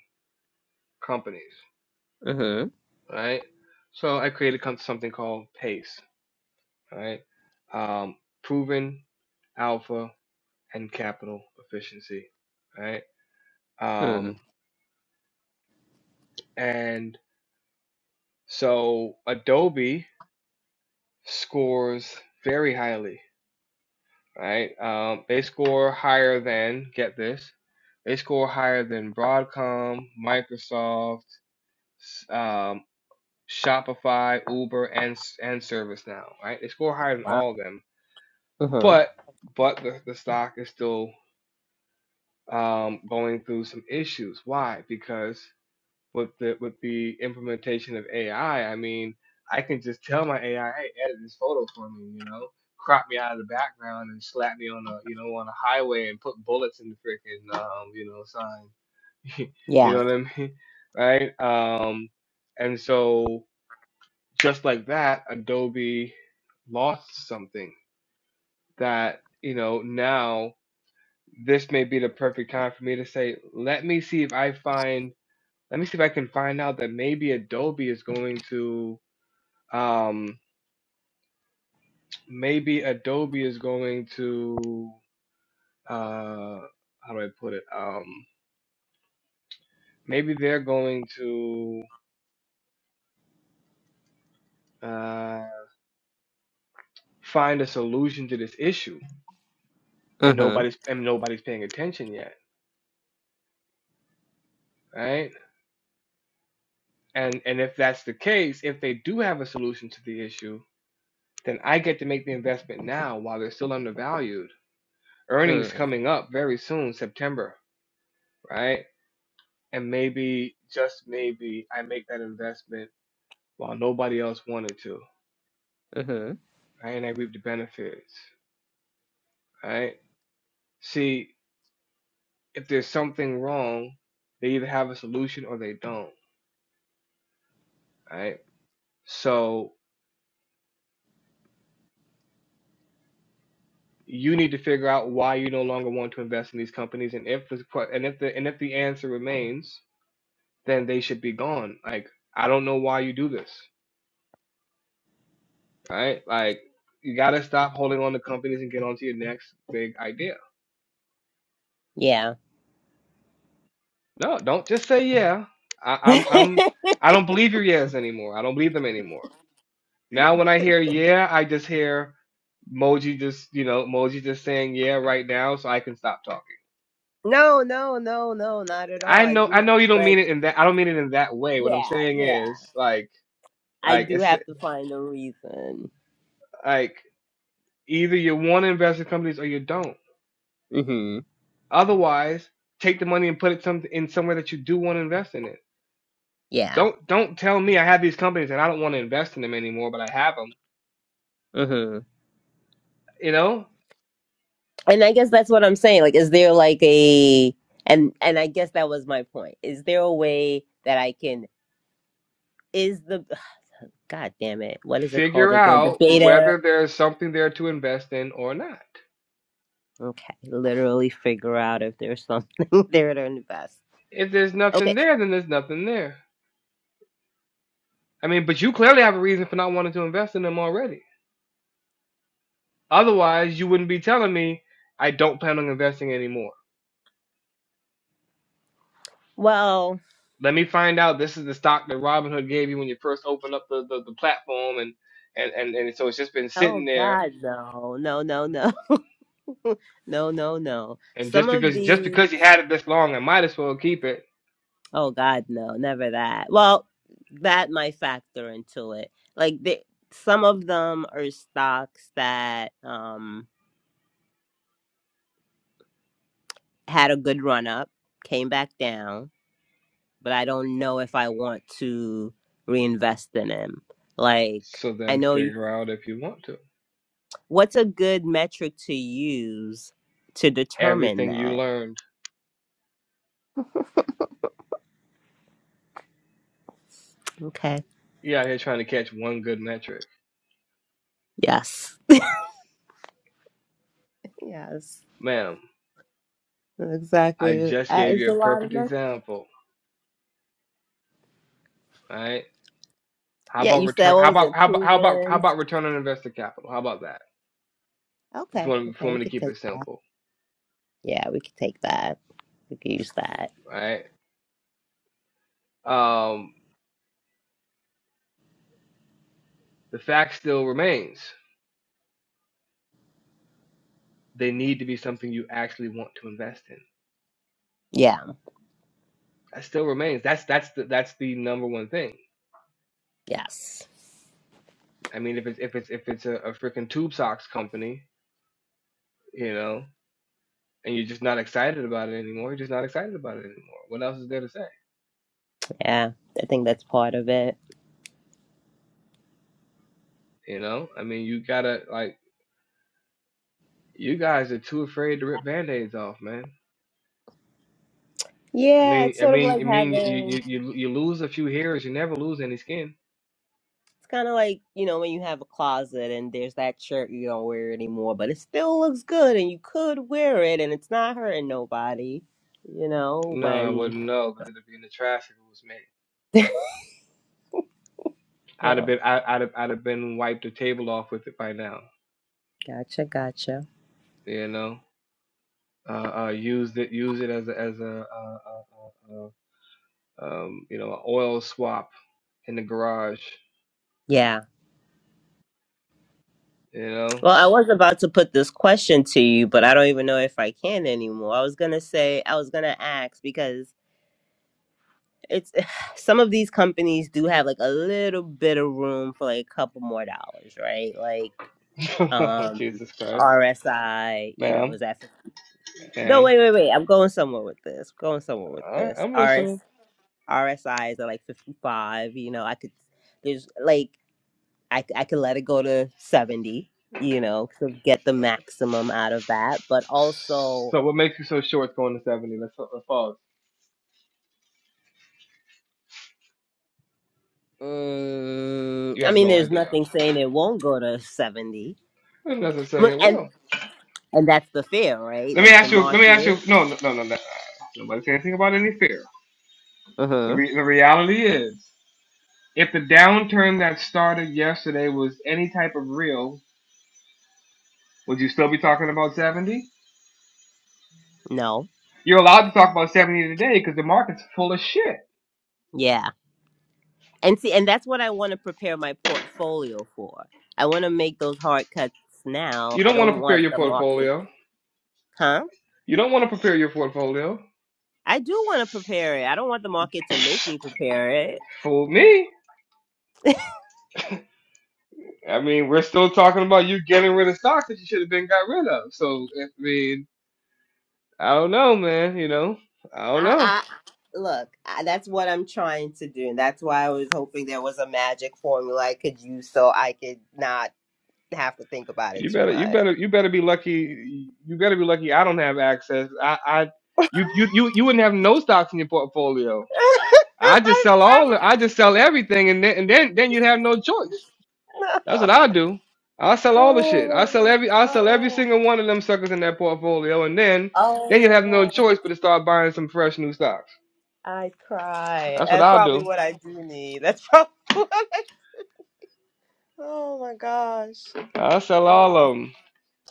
companies,
mhm
right? So I created com- something called PACE, right? Um, proven alpha and capital efficiency, right?
mhm
Um, and so Adobe scores very highly, right? Um, they score higher than, get this, they score higher than Broadcom, Microsoft, um, Shopify, Uber, and and ServiceNow, right? They score higher than
wow
all of them,
mhm
but but the, the stock is still um, going through some issues. Why? Because with the with the implementation of AI, I I mean, I can just tell my AI, hey, edit this photo for me, you know, crop me out of the background and slap me on a you know on a highway and put bullets in the freaking um you know sign, you
yeah
know what I mean, right? Um, and so just like that, Adobe lost something that you know now this may be the perfect time for me to say, let me see if I find let me see if I can find out that maybe Adobe is going to um maybe Adobe is going to uh how do I put it? Um maybe they're going to uh find a solution to this issue and
mhm
nobody's and nobody's paying attention yet, right? And and if that's the case, if they do have a solution to the issue, then I get to make the investment now while they're still undervalued. Earnings
mhm
coming up very soon, September, right? and maybe just maybe I make that investment while nobody else wanted to,
mhm
right? And I reap the benefits, right? See, if there's something wrong, they either have a solution or they don't, right? So you need to figure out why you no longer want to invest in these companies, and if the que- and if the and if the answer remains, then they should be gone. Like I don't know why you do this, right? Like you gotta stop holding on to companies and get onto your next big idea
yeah
No, don't just say yeah. I, I'm I'm I don't believe your yes anymore. I don't believe them anymore. Now when I hear yeah, I just hear Moji just you know Moji just saying yeah right now, so I can stop talking.
no no no no not at all
I
i
know I
do
know you don't
but
mean it in that I don't mean it in that way. What I'm
yeah
saying
yeah
is like
I
like
do
it's
have to find a reason.
like either you want to invest in companies or you don't.
hmm
Otherwise, take the money and put it some in somewhere that you do want to invest in it.
Yeah.
Don't don't tell me I have these companies and I don't want to invest in them anymore, but I have them.
hmm
You know,
And I guess that's what I'm saying. Like, is there like a and and I guess that was my point. Is there a way that I can is the God damn it, what is it called
Figure
again? The
out
beta.
whether there's something there to invest in or not.
Okay, literally figure out if there's something there to invest.
If there's
Okay.
nothing there, then there's nothing there. I mean, but you clearly have a reason for not wanting to invest in them already. Otherwise, you wouldn't be telling me, I don't plan on investing anymore.
Well,
Let me find out this is the stock that Robinhood gave you when you first opened up the, the, the platform and, and, and, and so it's just been sitting
oh
there
God, no, no, no, no, no, no, no.
and
Some
just
of
because just
these.
because you had it this long, I might as well keep it.
Oh God, no, never that. Well, that might factor into it. Like the, some of them are stocks that um had a good run up, came back down, but I don't know if I want to reinvest in them. Like
So
I
then
know you,
figure out if you want to.
what's a good metric to use to determine
Everything you
that.
learned.
Okay.
You are out here trying to catch one good metric.
Yes. Yes.
ma'am, I
Exactly.
just
Uh,
gave
It's
you
a
a
lot of
perfect
metrics.
example, right? How
Yeah,
about
you said
return?
what
How
was
about
it?
how about how about how
Proven.
about return on invested capital? How about that? If you
Okay,
want, if you
okay, we
want me to
could
keep
take
it
that.
simple,
Yeah, we could take that. We could use that.
right? Um, the fact still remains: they need to be something you actually want to invest in.
Yeah,
That still remains. That's that's the that's the number one thing.
yes.
I mean, if it's if it's if it's a, a freaking tube socks company, you know, and you're just not excited about it anymore, you're just not excited about it anymore. What else is there to say?
Yeah, I think that's part of it.
You know, I mean, you gotta like You guys are too afraid to rip band-aids off, man. I
Yeah,
mean,
it's
I
sort of
mean,
like
I mean, you
having,
you
it's
you you lose a few hairs, you never lose any skin.
kind of like, you know, when you have a closet and there's that shirt you don't wear anymore, but it still looks good and you could wear it and it's not hurting nobody, you know,
No, I
when,
wouldn't know because it'd be in the trash if it was me. I'd have
well,
been, I, I'd have, I'd have been wiped the table off with it by now.
gotcha, gotcha.
You know, uh, uh used it, use it as a, as a, uh, uh, uh, uh, um, you know, an oil swap in the garage.
Yeah.
You know,
Well, I was about to put this question to you, but I don't even know if I can anymore. I was gonna say, I was gonna ask because it's some of these companies do have like a little bit of room for like a couple more dollars, right? Like um
Jesus Christ,
RSI, you know,
ma'am,
is that for, no
ma'am.
wait, wait, wait. I'm going somewhere with this. going somewhere with
All right,
this.
I'm
RS
listening.
RSIs are like fifty five, you know, I could there's like I, c- I could let it go to seventy, you know, to get the maximum out of that. But also
So what makes you so sure it's going to seventy? Let's, let's pause.
mm,
You
I
have
mean
no
there's
idea.
nothing saying it won't go to seventy.
There's not saying
M-
it
And
will.
And that's the fear, right?
Let me
Like the
ask you. Let me ask
market.
you. No, no, no, no. no. Nobody say anything about any fear. The
Mm-hmm.
re- the reality is, if the downturn that started yesterday was any type of real, would you still be talking about seventy?
No.
You're allowed to talk about seventy today because the market's full of shit.
Yeah. And see, and that's what I want to prepare my portfolio for. I want to make those hard cuts now.
You
I
don't want to
don't
prepare
want
your
the market.
portfolio.
Huh?
You don't want to prepare your portfolio.
I do want to prepare it. I don't want the market to make me prepare it.
Fool me. I mean, we're still talking about you getting rid of stocks that you should have been got rid of. So I mean, I don't know, man. You know, I don't
I,
know.
I look. I, that's what I'm trying to do, and that's why I was hoping there was a magic formula I could use, so I could not have to think about it
You
too
better, you
much.
better, you better be lucky. You better be lucky. I don't have access. I, I, you, you, you, you wouldn't have no stocks in your portfolio. I just
I
sell all. I
promise.
just sell everything, and then, and then, then you'd have no choice.
No.
That's what I do. I sell all the
Oh
shit.
my
I sell
god.
every, I sell every
Oh.
single one of them suckers in that portfolio, and then,
Oh
then you'd
my
have no
god.
choice but to start buying some fresh new stocks.
I cry.
That's what
That's
I'll
probably
do.
what I do need. That's probably what I Oh my gosh.
i sell all
Oh.
of them.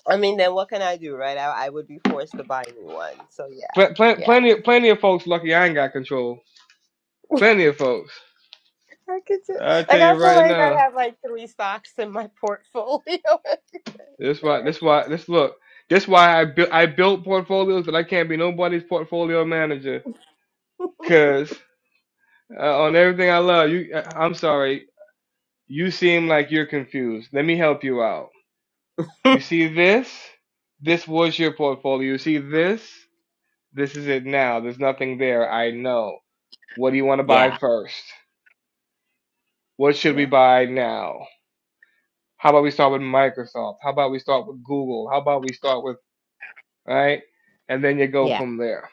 I mean then what can I do, right? I, I would be forced to buy a new one. So yeah.
Pl- pl-
Yeah.
plenty, plenty of folks lucky I ain't got control. Plenty of folks.
I could do,
I
like
tell you
I feel
right
like I
now.
have like three stocks in my portfolio.
This why. This why. This look. This why I built. I built portfolios, but I can't be nobody's portfolio manager. Cause uh, on everything I love, you. I- I'm sorry. You seem like you're confused. Let me help you out. You see this? This was your portfolio. You see this? This is it now. There's nothing there. I know. What do you want to buy
yeah.
first? What should we
Yeah.
buy now? How about we start with Microsoft? How about we start with Google? How about we start with, right? And then you go
Yeah. Yeah.
from there.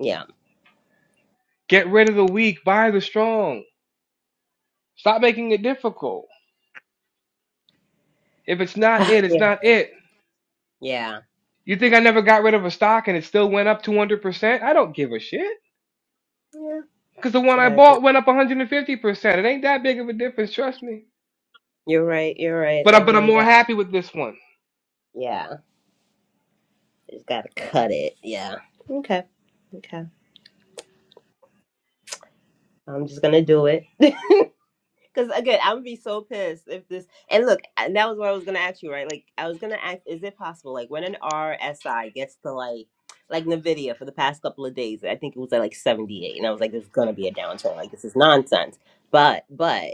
Yeah.
Get rid of the weak, buy the strong. Stop making it difficult. If it's not it, it's
Yeah.
not it.
Yeah.
You think I never got rid of a stock and it still went up 200%? I don't give a shit. Because the one
I
I
gotta take
bought went up 150%. It ain't that big of a difference, trust me.
you're right, you're right. I
But, I, but I'm
really
more
got
happy with this one.
yeah. Just gotta cut it. Yeah. Okay. Okay. I'm just gonna do it. Cause again, I'm gonna be so pissed if this and look, and that was what I was gonna ask you, right? Like I was gonna ask, is it possible, like when an RSI gets to like like Nvidia for the past couple of days, I think it was at like 78, and I was like, there's gonna be a downturn. Like this is nonsense. But, but.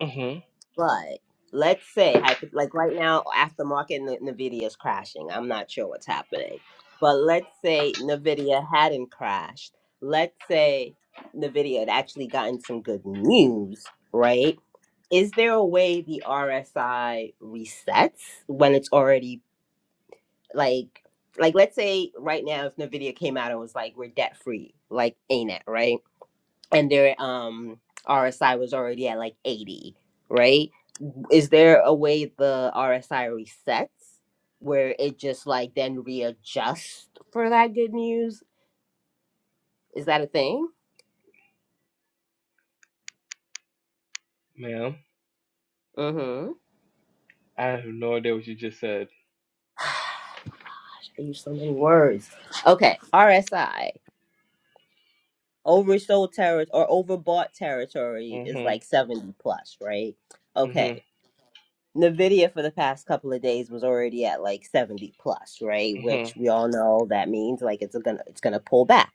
Mm hmm.
But let's say, hypo- like right now, aftermarket N- Nvidia is crashing. I'm not sure what's happening. But let's say Nvidia hadn't crashed. Let's say Nvidia had actually gotten some good news, right? Is there a way the RSI resets when it's already like, like let's say right now if Nvidia came out and was like we're debt free, like ain't it right? And their um RSI was already at like 80, right? Is there a way the RSI resets where it just like then readjusts for that good news? Is that a thing?
Ma'am,
Mm-hmm.
I have no idea what you just said.
I use so many words. Okay, RSI. Oversold territory or overbought territory is
Mm
like 70 plus, right?
hmm. Mm
Okay.
hmm.
Nvidia for the past couple of days was already at like 70 plus, right?
Mm
Which
hmm.
we all know that means like it's gonna it's gonna pull back.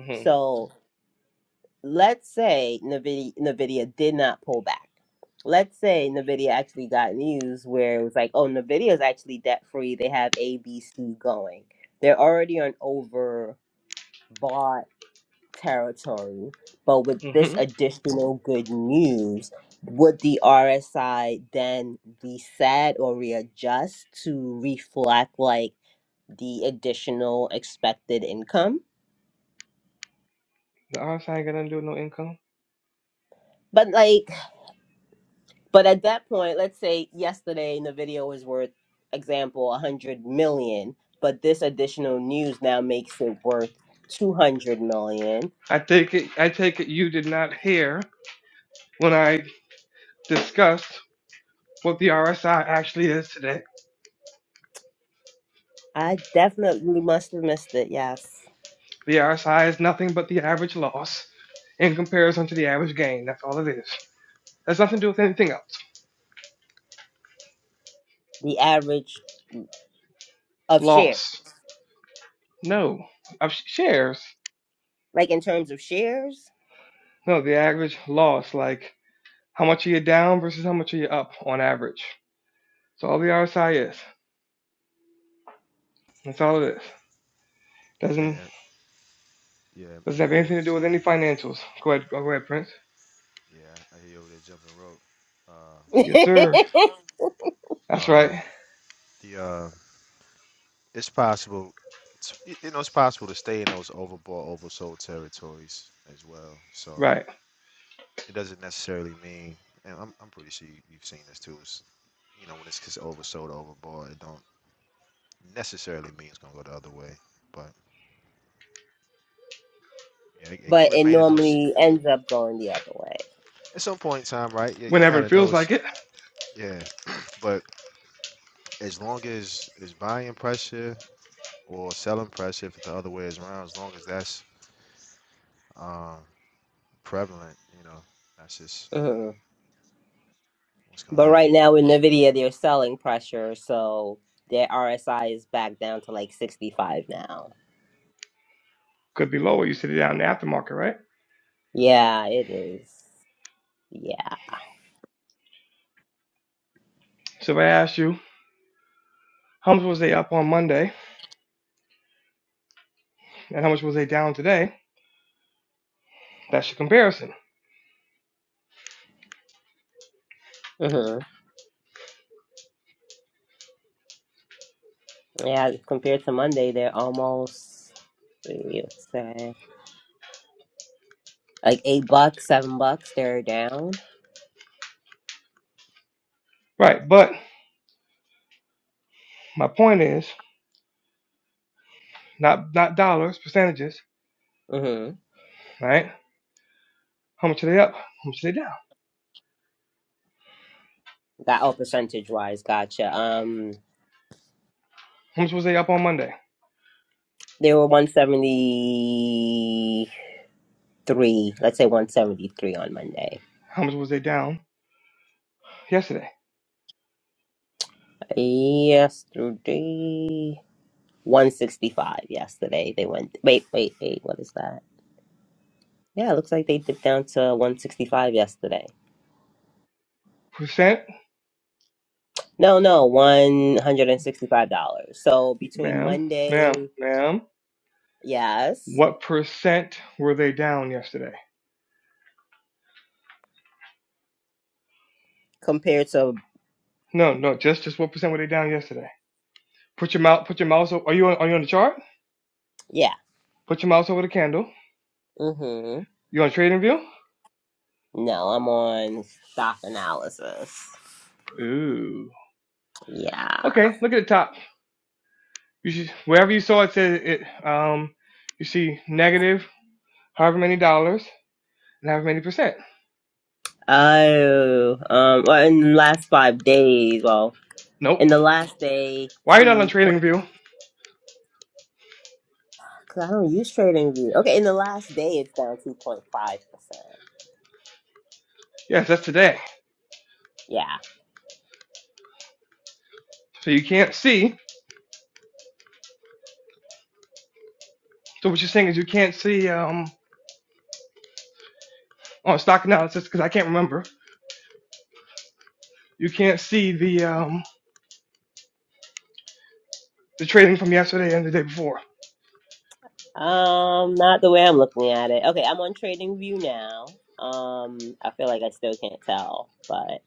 Mm hmm.
So let's say NVIDIA, NVIDIA did not pull back. Let's say NVIDIA actually got news where it was like, oh, NVIDIA is actually debt free. They have ABC going. They're already on overbought territory. But with
Mm
this
hmm.
additional good news, would the RSI then reset or readjust to reflect like the additional expected income?
The RSI ain't gonna do no income.
But like, But at that point, let's say yesterday the video was worth, example, 100 million, but this additional news now makes it worth 200 million.
I take it I take it you did not hear when I discussed what the RSI actually is today.
I definitely must have missed it. Yes.
The RSI is nothing but the average loss in comparison to the average gain. That's all it is. That's nothing to do with anything else.
The average of share,
Loss. No. Of sh- shares.
like in terms of shares.
No, the average loss, like how much are you down versus how much are you up on average. That's all the RSI is. That's all it is.
And,
Doesn't
and yeah,
doesn't have anything to do with
emoji.
any financials. Go ahead, go ahead, Prince.
Yeah, I hear you over there jumping rope.
but
Yes, sir.
Uh,
That's
um,
right.
the uh, it's possible. It's, y- you know, it's possible to stay in those overbought, oversold territories as well. So
Right.
it doesn't necessarily mean, and I'm, I'm pretty sure you, you've seen this too. Is you know, when it's just oversold, overbought, it don't necessarily mean it's gonna go the other way. But yeah, it, it could
it
remain in those
normally ends up going the other way.
at some point in time, right? Yeah, you
whenever
kind
it
of know
feels
it's
like it.
yeah. But as long as it's buying pressure or selling pressure, if the other way is around, as long as that's um, prevalent, you know, that's just
Mhm.
what's gonna
But
happen.
right now with Nvidia, they're selling pressure, so their RSI is back down to like 65 now.
Could be lower. You sit it down in the aftermarket, right?
Yeah, it is. Yeah.
So if I ask you how much was they up on Monday and how much was they down today, that's your comparison,
hmm Yeah, compared to Monday, they're almost you would say like eight bucks, seven bucks. They're down.
right? But my point is not not dollars, percentages,
hmm
right? How much are they up? How much are they down?
Got oh, percentage wise, gotcha. Um,
How much was they up on Monday?
they were one seventy three. Let's say one seventy three on Monday.
How much was they down yesterday?
Yesterday, one sixty five. Yesterday they went. Wait, wait, wait. What is that? Yeah, it looks like they dipped down to one sixty five yesterday.
Percent,
No, no, $165. So between
ma'am, ma'am,
Monday,
ma'am.
yes,
What percent were they down yesterday?
compared to,
No, no, just just what percent were they down yesterday? Put your mouse, put your mouse. o- Are you on, are you on the chart?
yeah.
Put your mouse over the candle.
Mm-hmm.
You on trading view?
No, I'm on stock analysis.
Ooh.
Yeah.
Okay, look at the top. You should, wherever you saw it says it. Um, you see negative however many dollars and however many percent.
Oh, um, well, in the last five days, well, in
Nope.
the last day,
Why are you not on
two point,
Trading View?
cause I don't use trading view. Okay, in the last day, it's down 2.5%.
Yes, that's today.
Yeah.
So you can't see. So what you're saying is you can't see um on stock analysis because I can't remember. You can't see the um the trading from yesterday and the day before.
Um, not the way I'm looking at it. Okay, I'm on Trading View now. Um, I feel like I still can't tell, but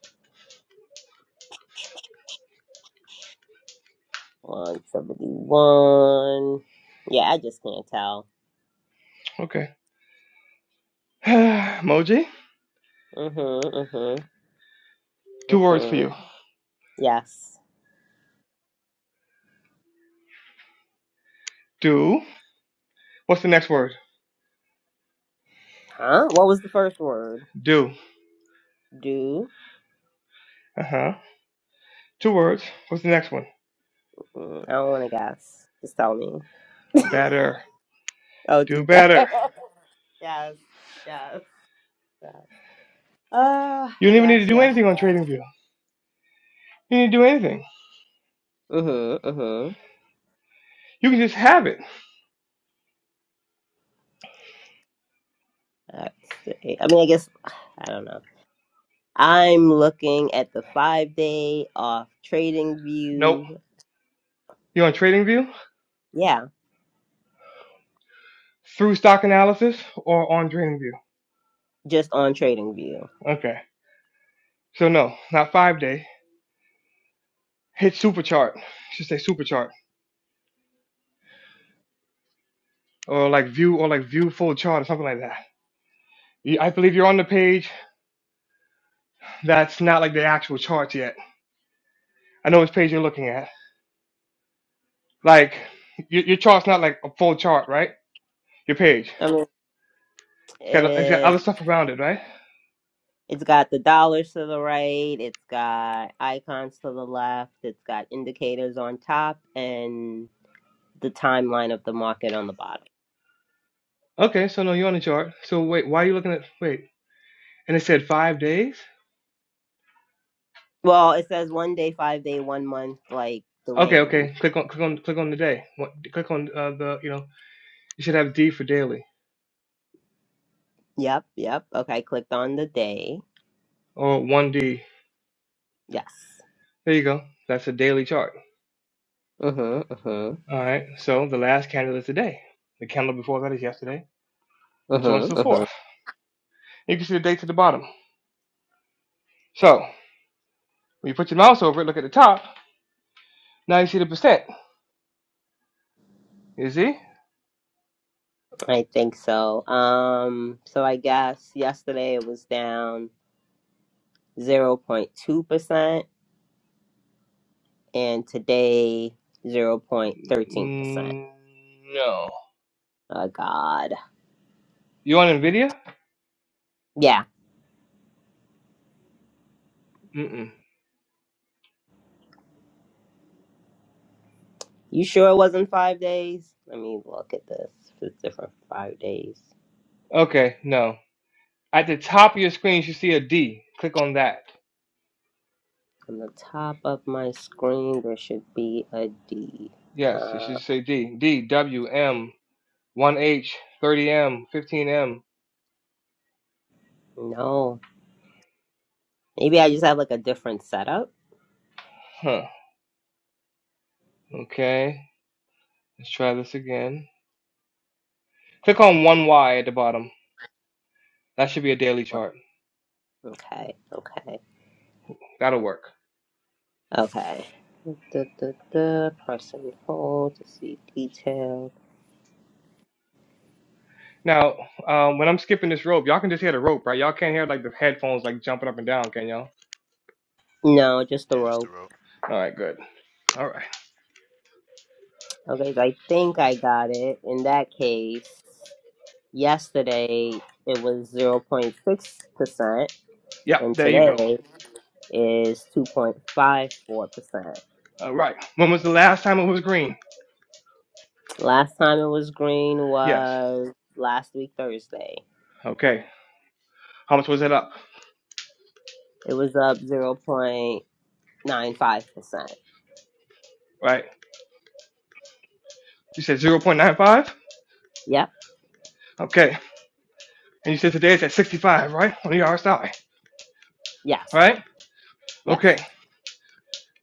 one seventy one. Yeah, I just can't tell.
Okay. Moji.
Mhm, mhm,
Two words for
mhm.
you.
Yes.
Do. What's the next word?
Huh? What was the first word?
Do.
Do?
Uh huh. Two words. What's the next one?
Mm, I don't want to guess. Just tell me.
Better.
Oh,
Do
do better.
better.
yes, yes, yes. Uh,
You don't even need
yes,
to do
yes,
anything on
yes.
TradingView. You need to do anything.
Mhm, mhm.
You can just have it.
That's. I mean, I guess. I don't know. I'm looking at the five day off trading
Nope.
view.
You're on TradingView
Yeah,
through stock analysis or on TradingView.
just on trading view.
Okay. So no, not five day. Hit super chart. Should say super chart or like view or like view full chart or something like that. I believe you're on the page that's not like the actual charts yet. I know which page you're looking at. Like your, your chart's not like a full chart, right? Your page.
I mean,
It's got it's got other
it,
stuff around it, right?
it's got the dollars to the right, it's got icons to the left, it's got indicators on top, and the timeline of the market on the bottom.
Okay. So no, you're on the chart. So wait, why are you looking at? Wait. And it said five days.
Well, it says one day, five day, one month, like the
Okay,
range.
okay. Click on click on click on the day. What, click on uh, the you know you should have D for daily
Yep, yep. Okay, clicked on the day.
or one D.
Yes.
There you go. That's a daily chart.
Mm-hmm, mm-hmm,
All right. So the last candle is today. The candle before that is yesterday, and so on and so
mm-hmm, mm-hmm.
forth. You can see the dates at the bottom. So when you put your mouse over it, look at the top. Now you see the percent. You see?
I think so. Um, so I guess yesterday it was down 0.2%, and today 0.13%.
Mm, no.
Oh, God.
You on Nvidia?
Yeah.
Mm-mm.
You sure it wasn't five days? Let me look at this. It's different five days.
Okay. No. At the top of your screen, you should see a D. Click on that.
On the top of my screen, there should be a D.
Yes, it
Uh,
should say D. D, W, M, 1H, 30M, 15M.
no. Maybe I just have like a different setup.
Huh. Okay. Let's try this again. Click on 1Y at the bottom. That should be a daily chart.
Okay. Okay.
That'll work.
Okay. The the the pressing hold to see details.
Now, um, when I'm skipping this rope, y'all can just hear the rope, right? Y'all can't hear like the headphones like jumping up and down, can y'all?
No, just the
Yeah, just the
rope.
rope.
All right, good. All right.
Okay, so I think I got it. In that case, yesterday it was zero point six percent,
Yep,
and
there you go.
today is two point five four percent.
All right. When was the last time it was green?
Last time it was green
Yes.
was last week Thursday.
Okay. How much was it up?
It was up zero point nine five percent.
Right. You said 0.95?
Yep.
Okay. And you said today it's at 65, right? On the RSI.
Yes.
right? Okay,
Yes.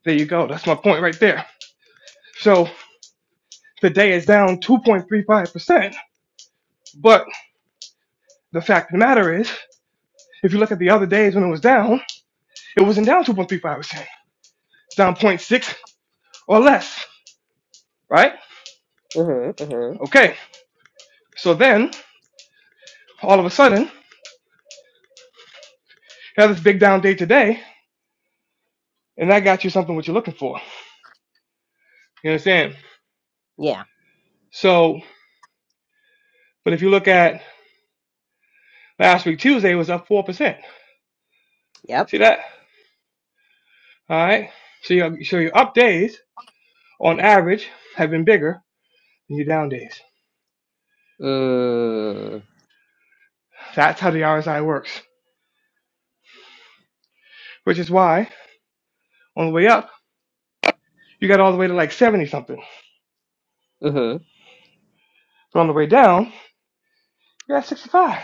there you go. That's my point right there. So the day is down 2.35%, but the fact of the matter is, if you look at the other days when it was down, it wasn't down 2.35%. It's down zero point 0.6 or less, right?
Mhm. Mhm.
Okay, so then all of a sudden, you have this big down day today, and that got you something what you're looking for. You understand?
Yeah.
So, but if you look at last week, Tuesday it was up 4%.
Yep.
See that? All right. So your, so your up days on average have been bigger than your down days.
Mm.
That's how the RSI works, which is why on the way up, you got all the way to like 70 something.
Mm-hmm.
But on the way down, you're at 65.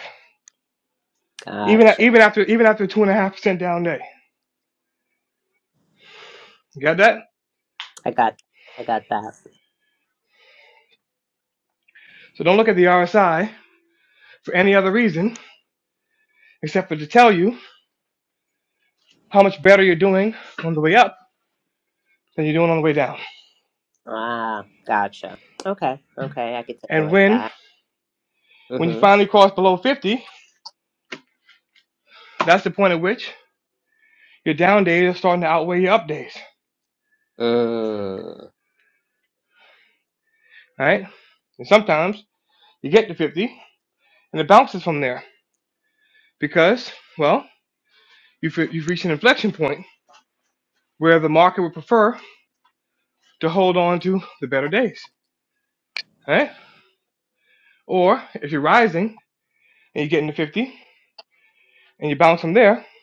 Even, at,
Gotcha.
even after even after a 2.5% down day. You got that?
I got I got that.
So don't look at the RSI for any other reason except for to tell you how much better you're doing on the way up than you're doing on the way down.
Ah, gotcha. Okay. Okay, I could take it
And
like
when
that.
when you
Mm-hmm.
finally cross below 50, that's the point at which your down days are starting to outweigh your up days,
Mm.
right? And sometimes you get to 50 and it bounces from there because, well, You've, you've reached an inflection point where the market would prefer to hold on to the better days, right? Or if you're rising and you get into 50 and you bounce from there, it's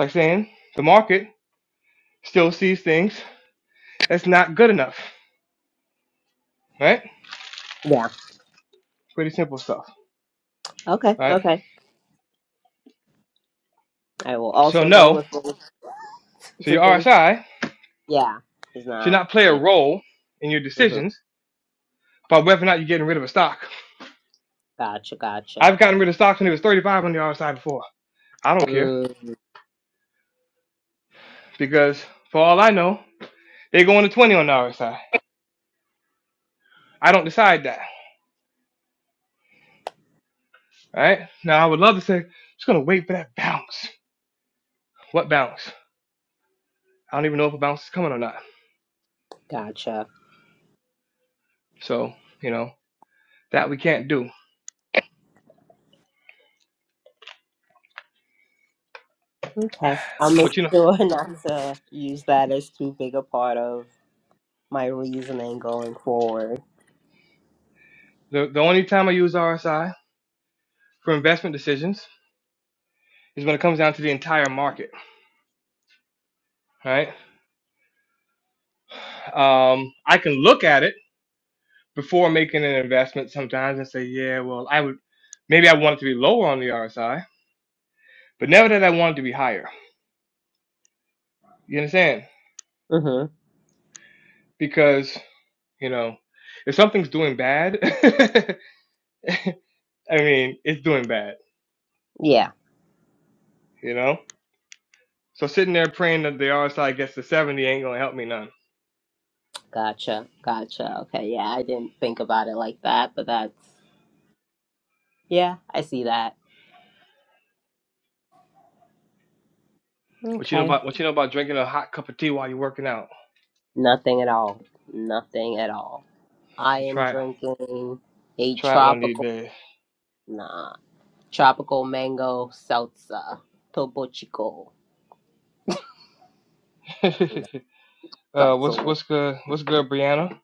like saying the market still sees things that's not good enough, right?
Yeah.
Pretty simple stuff,
Okay.
right?
Okay. I will
So
also go
no,
listen
so
to
your
this.
RSI
Yeah. It's
should
not
not play a
just
role in your
Mm-hmm.
decisions about whether or not you're getting rid of a stock.
gotcha, gotcha,
I've gotten rid of stocks when it was 35 on the RSI before. I don't care
Mm.
because for all I know, they go into 20 on the RSI. I I don't decide that. right? Now I would love to say just gonna wait for that bounce. What bounce? I don't even know if a bounce is coming or not.
gotcha.
So you know that we can't do.
Okay. I'll make
But you know
sure not to use that as too big a part of my reasoning going forward.
the the only time I use RSI for investment decisions is when it comes down to the entire market, right? Um, I can look at it before making an investment sometimes and say, yeah, well, I would maybe I want it to be lower on the RSI, but never that I want it to be higher. You understand?
Mm-hmm.
Because you know if something's doing bad, I mean it's doing bad
Yeah.
you know. So sitting there praying that the RSI gets to 70 ain't gonna help me none.
Gotcha. Gotcha. Okay. Yeah, I didn't think about it like that, but that's, yeah, I see that.
What you know
Okay.
about what you know about drinking a hot cup of tea while you're working out?
Nothing at all. Nothing at all. I
You
am
try it,
drinking a
try it one of these
tropical,
days.
nah, tropical mango salsa, Topo
uh,
Salsa.
what's
water.
what's good? What's good, Brianna?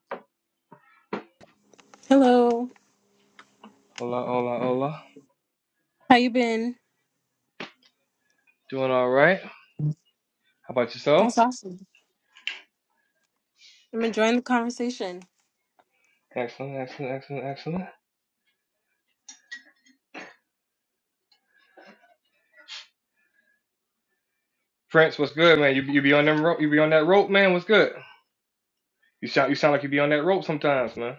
Hello.
Hola, hola, hola.
How you been?
Doing all right? How about yourself?
That's awesome. I'm enjoying the conversation.
Excellent, excellent, excellent, excellent. Prince, what's good, man? You you be on them rope? You be on that rope, man? What's good? You sound you sound like you be on that rope sometimes, man.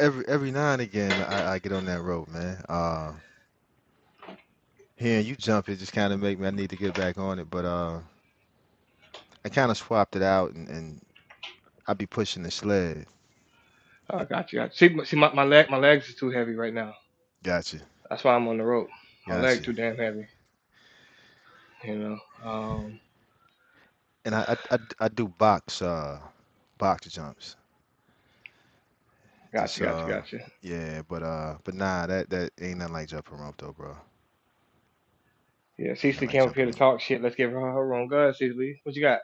every every now and again, man, I, I get on that rope, man. Uh, hearing you jump, it just kind of make me. I need to get back on it, but uh, I kind of swapped it out, and, and I be pushing the sled.
Oh, got you. Got you. See, see, my, my leg my legs is too heavy right now.
Gotcha,
That's why I'm on the rope. My leg
gotcha.
too damn heavy. You know. Um,
And I I, I, I do box uh box jumps.
Gotcha,
Just
gotcha,
uh
gotcha.
yeah, but uh but nah, that that ain't nothing like jumping rope though, bro.
Yeah,
Ain't nothing
Cecily
like
came up here
jumping
to
rope.
talk shit. Let's give her her room. Go ahead, Cecily. What you got?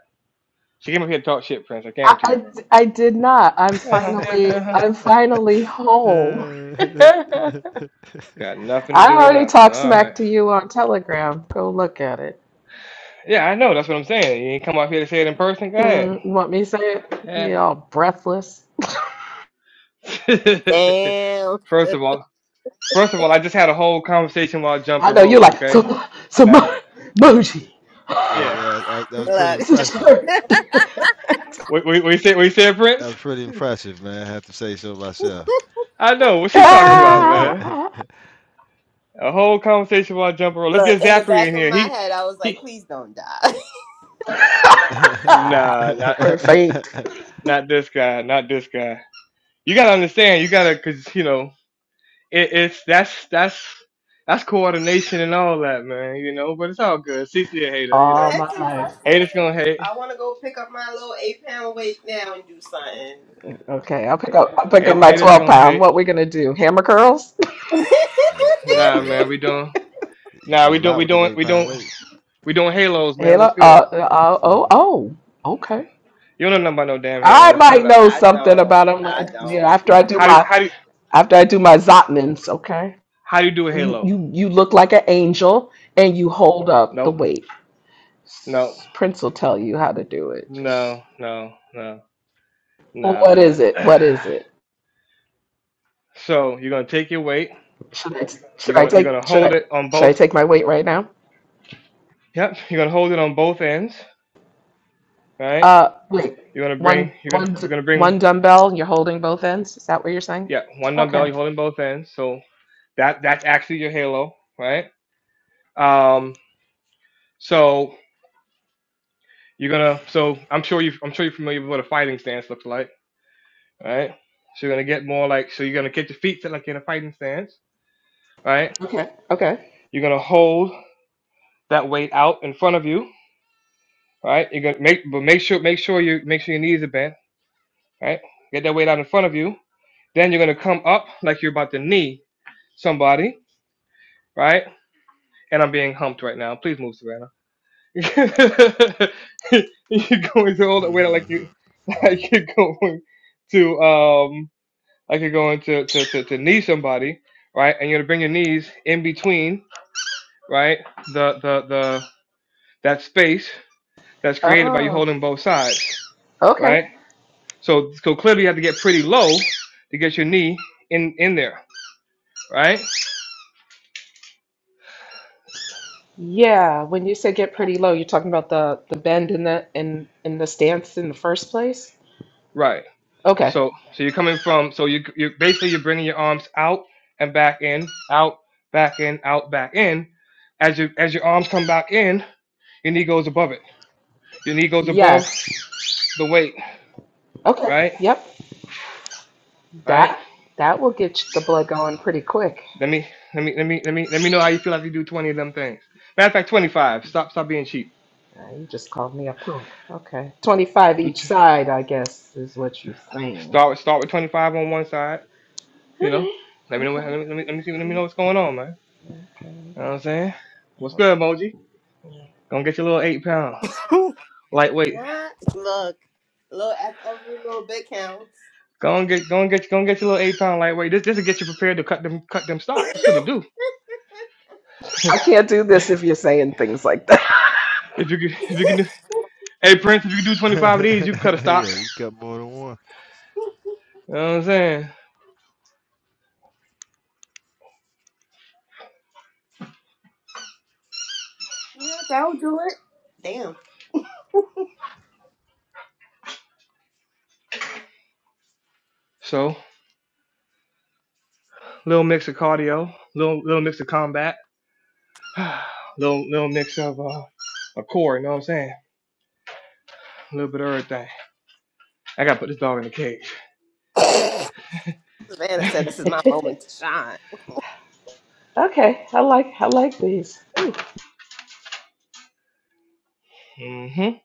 She came up here to talk shit, Prince. I
I,
guarantee you,
I,
bro.
I did not. I'm
Uh huh. Yeah. Uh
finally
huh.
I'm finally home. I
Got nothing to do with
already
nothing.
talked
All
smack
right.
to you on Telegram. Go look at it.
Yeah, I know. That's what I'm saying. You ain't come up here to say it in person. Go
Mm,
ahead.
you want me to say it? you
Yeah.
all breathless.
Damn.
first of all, first of all, I just had a whole conversation while
I
jumping
know you're
rope.
like
Okay.
some some
Now,
emoji.
Yeah,
yeah.
yeah, that, was- that was pretty
Look,
It's a
impressive.
shirt.
We we we said we said
That
Prince.
was pretty impressive, man. I have to say so myself.
I know. What she talking about, man?
Ah!
A whole conversation while jumping rope. Let's
look,
get
in the
Zachary
back
in
of
here.
my
He
head, I was like,
he.
please don't die.
Nah, nah.
Perfect.
not this guy, not this guy. You gotta understand. You gotta, cause you know, it, it's that's that's that's coordination and all that, man. You know, but it's all good. Cecily a hater, you
nah,
All
know.
my
it's
life.
Haters
impressive.
gonna hate.
I want to go pick up my little eight pound weight now and do something.
Okay, I'll pick up. I'll pick up
hate
my
haters
twelve
gonna
pound.
hate.
What we gonna do? Hammer curls?
Hey, hey,
Nah,
hey.
man, we don't.
You can
Nah,
do a
we don't.
lot
We
with them
don't.
eight
We
pound
don't.
weights.
We doing halos, man. What's
Halo.
good?
Uh, uh. Oh. Oh. Okay.
You don't know nothing about no damn
I
halos. Cut
might
it out.
know
I
something
don't.
about them.
I
like, You know,
don't.
after I do
How do
my
how do
after I do my Zotmans, okay?
how do you do a halo?
You you look like an angel and you hold up the
Nope.
weights.
Nope.
Prince will tell you how to do it. Just
No. No. No.
well,
Nah,
what
man.
is it? What is it?
so you're gonna take your weight.
Should I should
You're
I
gonna you're
take
gonna
should
hold
I
it on
should I
both.
take my weight right now?
Yep, you're gonna hold it on both ends, right?
Uh, wait.
You're gonna
One
bring you're gonna
one d-
you're gonna bring
one dumbbell. You're holding both ends. Is that what you're saying?
yeah, one dumbbell,
Okay.
you're holding both ends. So that that's actually your halo, right? Um so you're gonna so I'm sure you I'm sure you're familiar with what a fighting stance looks like, right? So you're gonna get more like so you're gonna get your feet to like in a fighting stance, right?
Okay. Okay.
You're gonna hold that weight out in front of you, right? You're gonna make but make sure make sure you make sure your knees are bent, right? Get that weight out in front of you. Then you're gonna come up like you're about to knee, somebody, right? And I'm being humped right now. Please move, Savannah. you're going to hold it wait like you like
Yeah,
you're going to um like you're going to to, to, to knee somebody, right? And you're gonna bring your knees in between, right? The the the that space that's created by you
Oh.
holding both sides,
Okay.
right? So so clearly you have to get pretty low to get your knee in in there, right?
Yeah, when you say get pretty low, you're talking about the the bend in the in in the stance in the first place?
Right.
Okay.
So so you're coming from so you you basically you're bringing your arms out and back in, out, back in, out, back in. As you as your arms come back in, your knee goes above it. Your knee goes above
Yes.
the weight,
Okay.
right?
Yep.
Right?
That that will get you the blood going pretty quick.
Let me let me let me let me let me know how you feel after you do 20 of them things. Matter of fact, 25. Stop stop being cheap.
Uh, you just called me a punk. Okay. 25
Do
each
t-
side, I guess, is what you're saying.
Start with start with 25 on one side,
All
you know.
right.
Let me know what- let me let me, let me see let me know what's going on, man.
Okay.
You know what I'm saying? What's good, Moji? Gonna get your little eight pound
Who?
lightweight
What? Look. Look, every little bit counts.
Go and get, go and get, go and get your little eight pound lightweight. This, this will get you prepared to cut them, cut them stock. That's what it'll do.
I can't do this if you're saying things like that.
if you can, if you can do, hey Prince, if you can do twenty five of these, you can cut a stock.
you got more than one.
You know what I'm saying?
Yeah, that'll do it. Damn.
So, little mix of cardio, little, little mix of combat, little, little mix of uh, a core. You know what I'm saying? A little bit of everything. I gotta put this dog in the cage.
Savannah said this is my moment to shine.
okay. I like I like these. Ooh.
hmm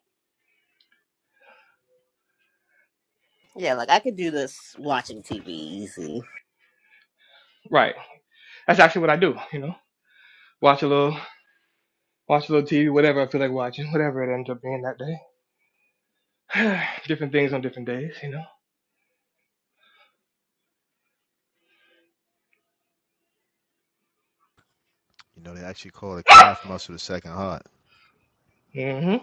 Yeah, like I could do this watching TV easy.
Right. That's actually what I do. You know, watch a little, watch a little TV, whatever I feel like watching, whatever it ends up being that day. different things on different days. You know.
You know, they actually call the calf muscle the second heart.
Mhm.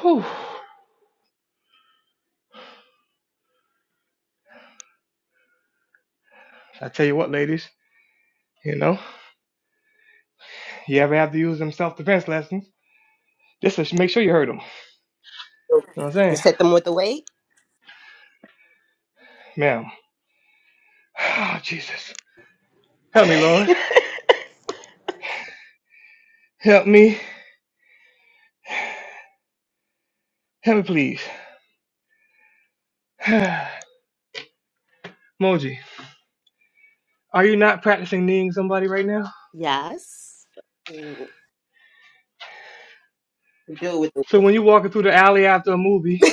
Whew. I tell you what, ladies, you know, you ever have to use them self defense lessons, Just will make sure you heard them. You know what I'm saying?
Just hit them with the weight.
Ma'am. Oh, Jesus. Help me, Lord. Help me. Help me, please. Moji, are you not practicing kneeing somebody right now?
Yes. Mm, Do it with the
So when you're walking through the alley after a movie,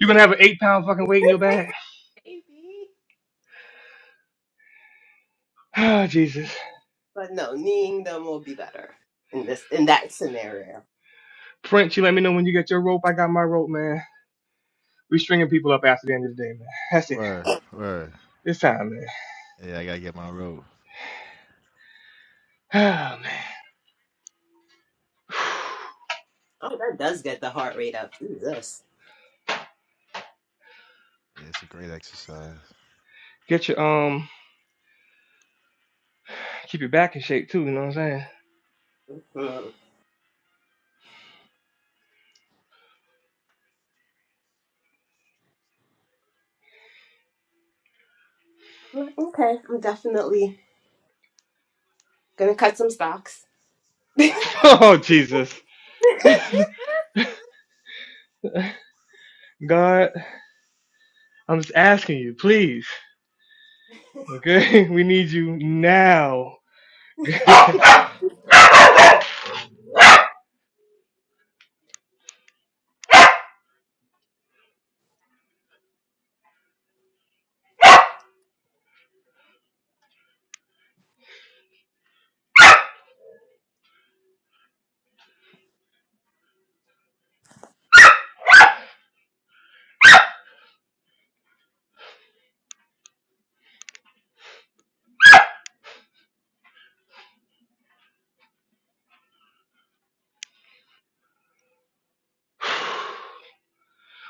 you're going to have an eight pound fucking weight in your bag.
Maybe.
Oh, Jesus.
But no, kneeing them will be better in this in that scenario.
Prince, you let me know when you get your rope. I got my rope, man. We stringing people up after the end of the day, man. That's it.
Word, word.
It's time, man.
Yeah, I gotta get my robe.
Oh, man.
Oh, that does get the heart rate up. Jesus.
Yeah, it's a great exercise.
Get your um keep your back in shape too. You know what I'm saying?
Hmm. I'm like, okay, I'm definitely gonna cut some stocks. That's
oh Jesus, God, I'm just asking you, please. Okay, we need you now.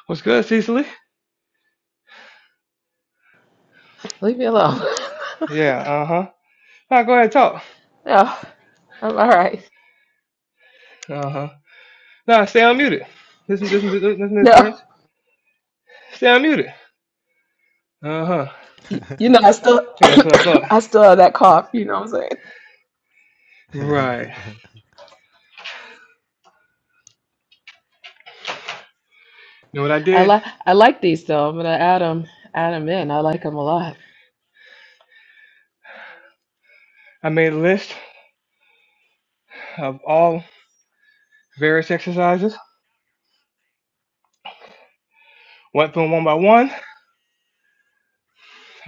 What's good, Cecily?
Leave me alone.
Yeah, uh huh. Now go ahead and talk.
No, I'm all right.
Uh huh. Nah, stay unmuted. Listen, listen, listen to this,
No,
Prince. Stay unmuted. Uh huh.
you you know, I still,
Yeah, that's what I thought.
I still have that cough. You know what I'm saying?
Right. You know what I
I
did?
like, I like these though. I'm gonna add them, add 'em in. I like them a lot.
I made a list of all various exercises. Went through them one by one.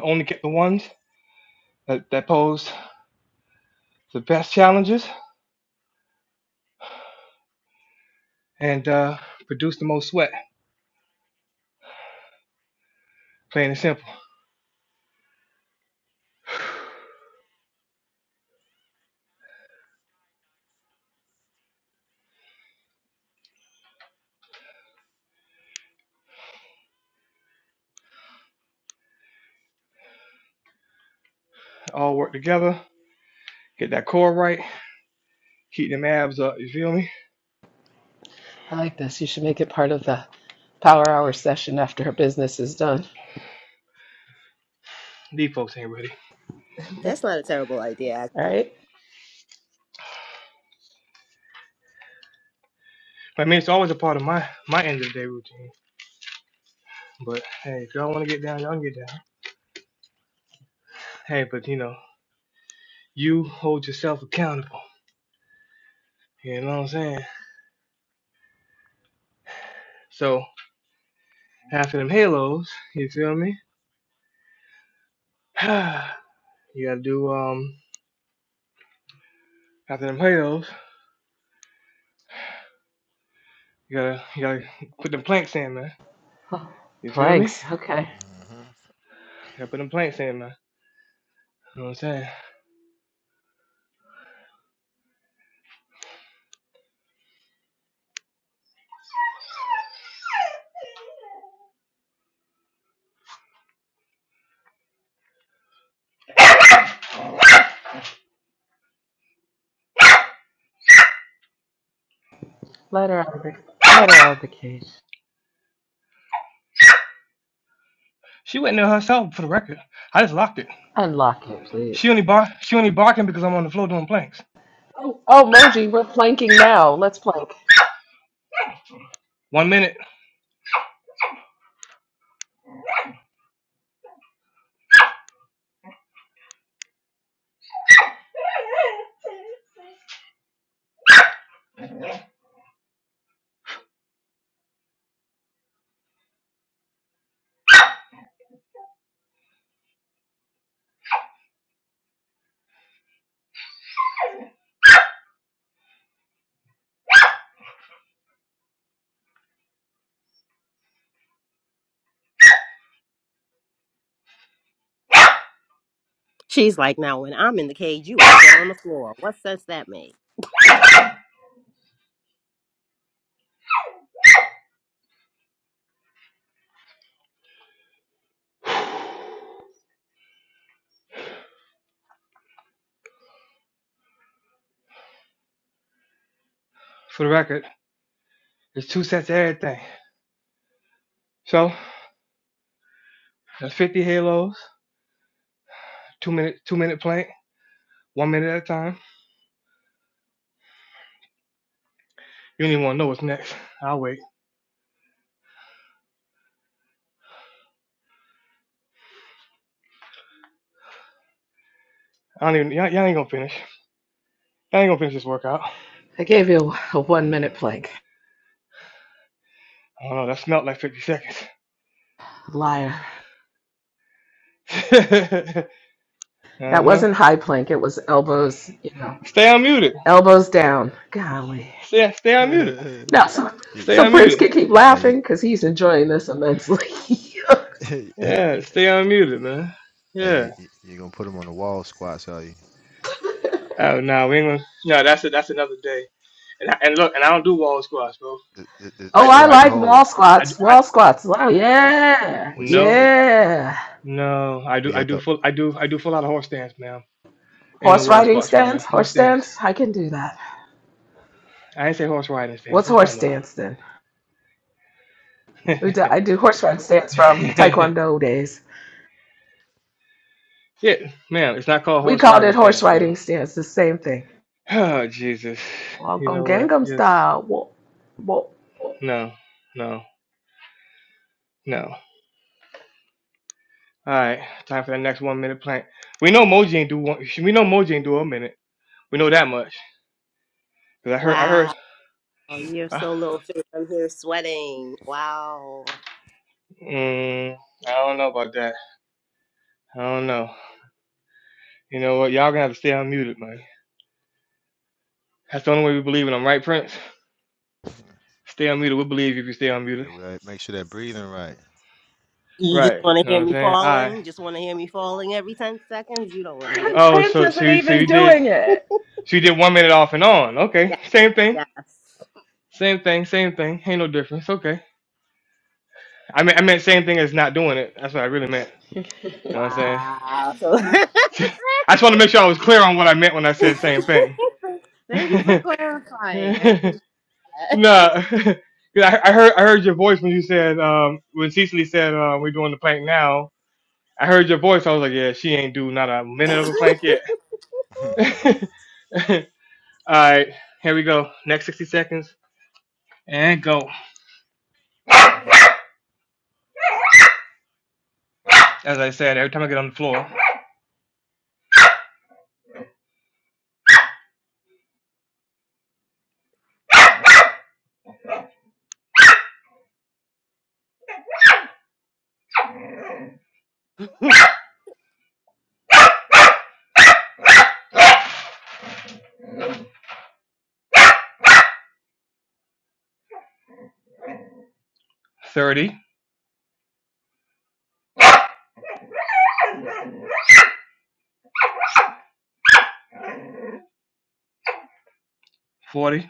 Only kept the ones that, that pose the best challenges and uh, produce the most sweat. Plain and simple. All work together. Get that core right. Keep them abs up. You feel me?
I like this. You should make it part of the power hour session after her business is done.
These folks ain't ready.
not a terrible idea,
All
actually.
right.
But I mean, it's always a part of my my end of the day routine. But hey, if y'all want to get down, y'all can get down. Hey, but you know, you hold yourself accountable. You know what I'm saying? So after them halos, you feel me? you gotta do um after them halos, you gotta you gotta put them planks in, man.
Oh,
You feel me?
planks. Okay.
Gotta put them planks in, man. You know what I'm saying?
Let her out of the, let her out of the cage.
She went in there herself for the record. I just locked it.
Unlock it, please.
She only bar she only barking because I'm on the floor doing planks.
Oh, oh, Moji, we're planking now. Let's plank.
One minute
She's like, now when I'm in the cage, you want to get on the floor. What sense that make?
for the record. It's two sets of everything. So that's fifty halos, two minute two minute plank, one minute at a time. You don't even wanna know what's next. I'll wait. I don't even y'all, y'all ain't gonna finish. Y'all ain't gonna finish this workout.
I gave you a one minute plank.
I don't know, that smelled like fifty seconds.
Liar.
uh-huh.
That wasn't high plank. It was elbows, you know.
Stay unmuted.
Elbows down. Golly.
Stay stay unmuted.
Mhm.
No, so,
Stay
You-
so
you-
Prince
unmuted.
can keep
you-
laughing because he's enjoying this immensely.
hey, you-
Yeah, stay unmuted, man.
Hey,
Yeah.
you, you you're gonna put them on the wall squats, are you?
Oh no, we ain't gonna. No, that's it. That's another day. And I, and look, and I don't do wall squats, bro.
The, the, the, the
I
oh,
do,
I
I
squat and
do,
like wall
hold.
I do.
squats.
I
Wall squats. Wow,
We
yeah.
we sit
no,
we
Yeah.
no. I do,
we
I
have
do
to
full, I do, I do full out of horse stance, ma'am. Ain't no
Horse
wall
riding
squats around
stance.
here.
Horse
Horse stance.
stance. I can do that.
I ain't say horse riding stance.
What's
What you
horse
talking about?
stance then? We do, I do horse riding stance from Taekwondo days.
yeah, ma'am. It's not called
We
horse
called it
riding
horse
stance, ma'am.
riding stance. The same thing.
Oh Jesus. You
Welcome
know what?
Gangnam
Just
style. Whoa, whoa, whoa.
no, no, no. All right, time for that next one minute plank. We know Moji ain't do one. We know Moji ain't do a minute. We know that much. Cause I heard, I heard.
Wow, you're
I
so little thing. I'm here sweating. Wow.
Mm, I don't know about that. I don't know. You know what? Y'all gonna have to stay unmuted, man. That's the only way we believe in them, right, Prince? Stay unmuted. We'll believe you if you stay
yeah
unmuted.
we gotta make sure that breathing right.
You just
Right.
want to
You know
hear
what I'm
me
saying? All right.
falling? Just want to hear me falling every 10 seconds? You don't want to hear.
Oh,
Prince
so so
isn't
you so
even
you did
doing it.
so you did one minute off and on. Okay.
Yeah,
Same thing.
yes.
Same thing. Same thing. Ain't no difference. Okay. I mean I meant same thing as not doing it. That's what I really meant. You know what I'm saying?
Wow. So
I just want to make sure I was clear on what I meant when I said same
thank you for
thing.
clarifying. I appreciate
No, 'Cause I, I heard I heard your voice when you said um when Cecily said uh, we're doing the plank now. I heard your voice. I was like, yeah, she ain't do not a minute of a plank
that.
yet. All right, here we go. Next 60 seconds and go. As I said, every time I get on the floor, thirty, forty,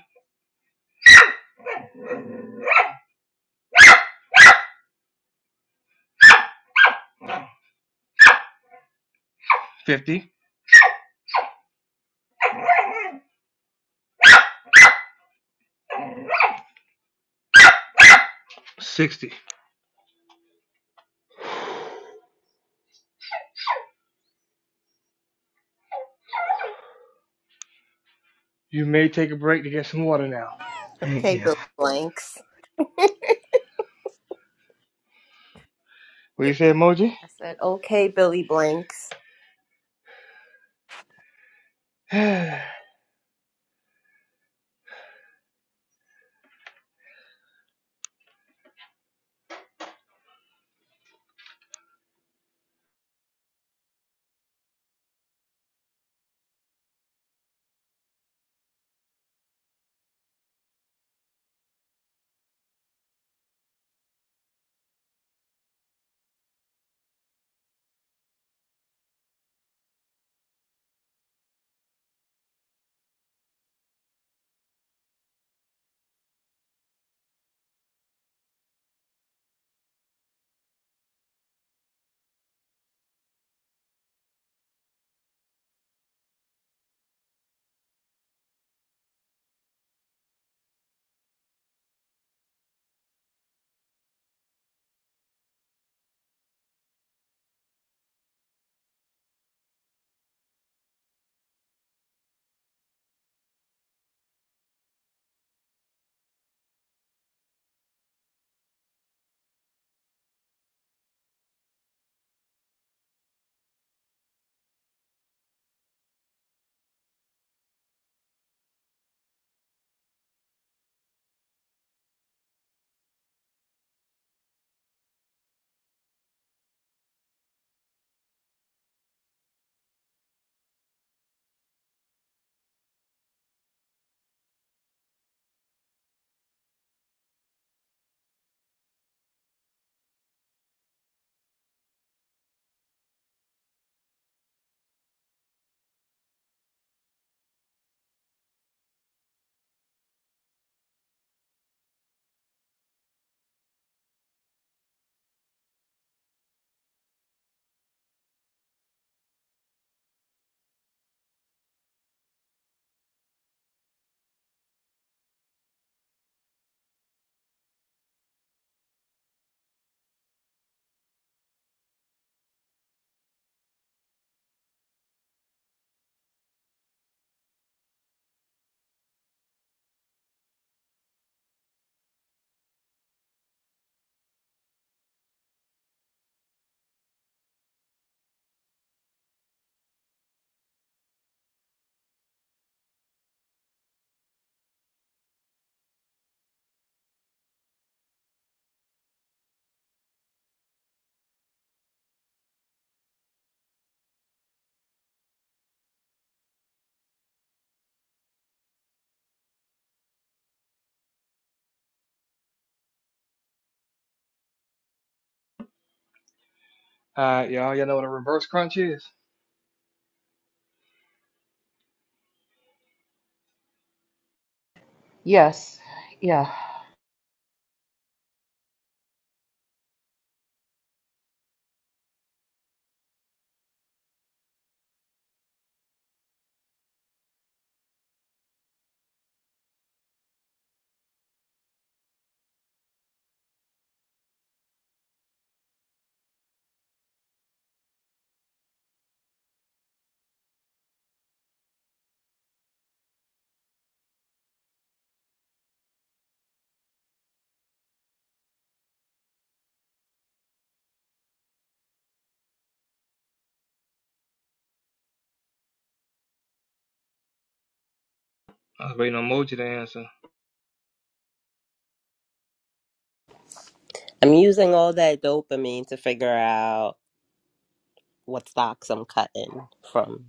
fifty, sixty. You may take a break to get some water now.
Thank
Okay,
you.
Billy Blanks.
What you say, Emoji?
I said, okay, Billy Blanks.
All right, y'all. Y'all know what a reverse crunch is.
Yes. Yeah.
I was waiting on Moji to answer.
I'm using all that dopamine to figure out what stocks I'm cutting from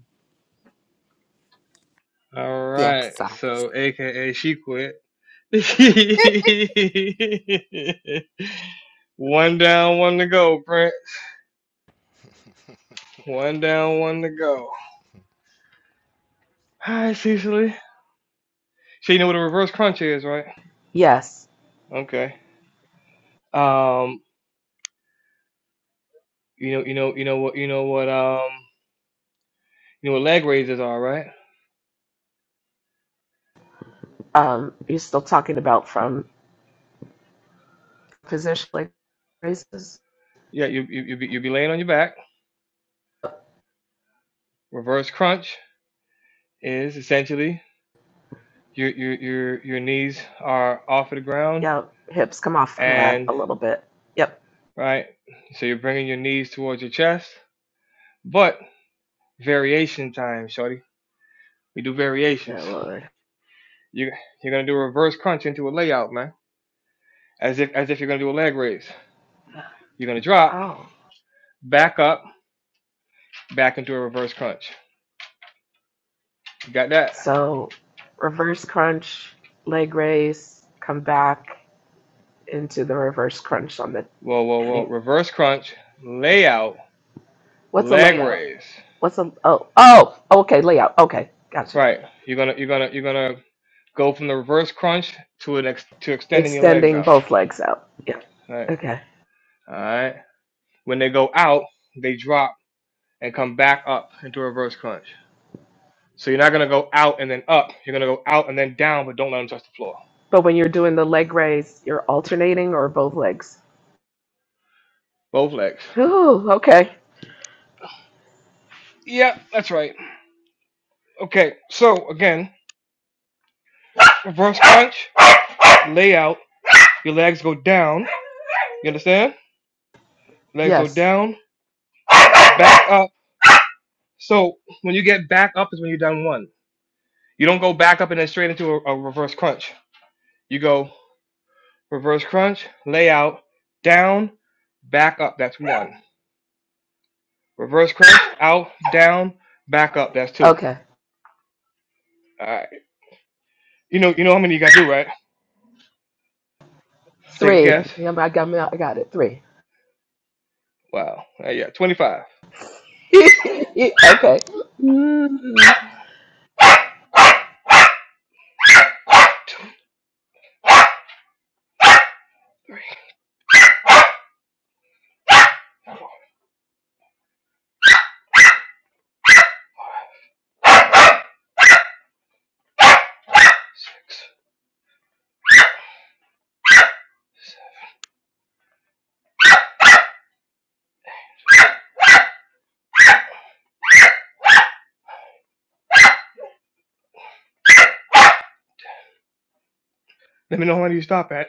All
the
right,
exercise.
so AKA she quit. one down, one to go, Brent. One down, one to go. Hi, Cecily. So you know what a reverse crunch is, right?
Yes.
Okay. Um, you know, you know, you know what, you know what, um, you know what leg raises are, right?
Um, you're still talking about from position like raises.
Yeah, you you you be, you be laying on your back. Reverse crunch is essentially your your your your knees are off of the ground,
Yeah, hips come off of that
and
a little bit. Yep.
right, so you're bringing your knees towards your chest, but variation time, shorty. We do variations.
Yeah, Lord.
You you're gonna do a reverse crunch into a layout, man. As if as if you're gonna do a leg raise. You're gonna drop,
Oh.
back up, back into a reverse crunch. You got that?
So reverse crunch, leg raise, come back into the reverse crunch on the
Whoa, whoa, whoa.
heading.
Reverse crunch, layout,
What's a
leg
layout?
raise.
What's a oh oh okay layout. Okay, gotcha.
Right. You're gonna you're gonna you're gonna go from the reverse crunch to an ex- to extending your legs
Extending
out.
both legs out. Yeah.
All Right.
Okay.
All right. When they go out, they drop and come back up into a reverse crunch. So you're not gonna go out and then up. You're gonna go out and then down, but don't let them touch the floor.
But when you're doing the leg raise, you're alternating or both legs.
Both legs.
Ooh, okay.
Yeah, that's right. Okay, so again, reverse punch, layout. Your legs go down. You understand? Legs go
Yes.
down, back up. So when you get back up is when you're done one. You don't go back up and then straight into a, a reverse crunch. You go reverse crunch, layout, down, back up. That's one. Reverse crunch, out, down, back up. That's two.
Okay.
All right. You know, you know how many you got to do, right? Take a
Three.
guess.
Yeah, I got me. I got it. Three.
Wow. Uh, yeah, 25.
okay. Mm,
Two, six. Let me know how many you stop at.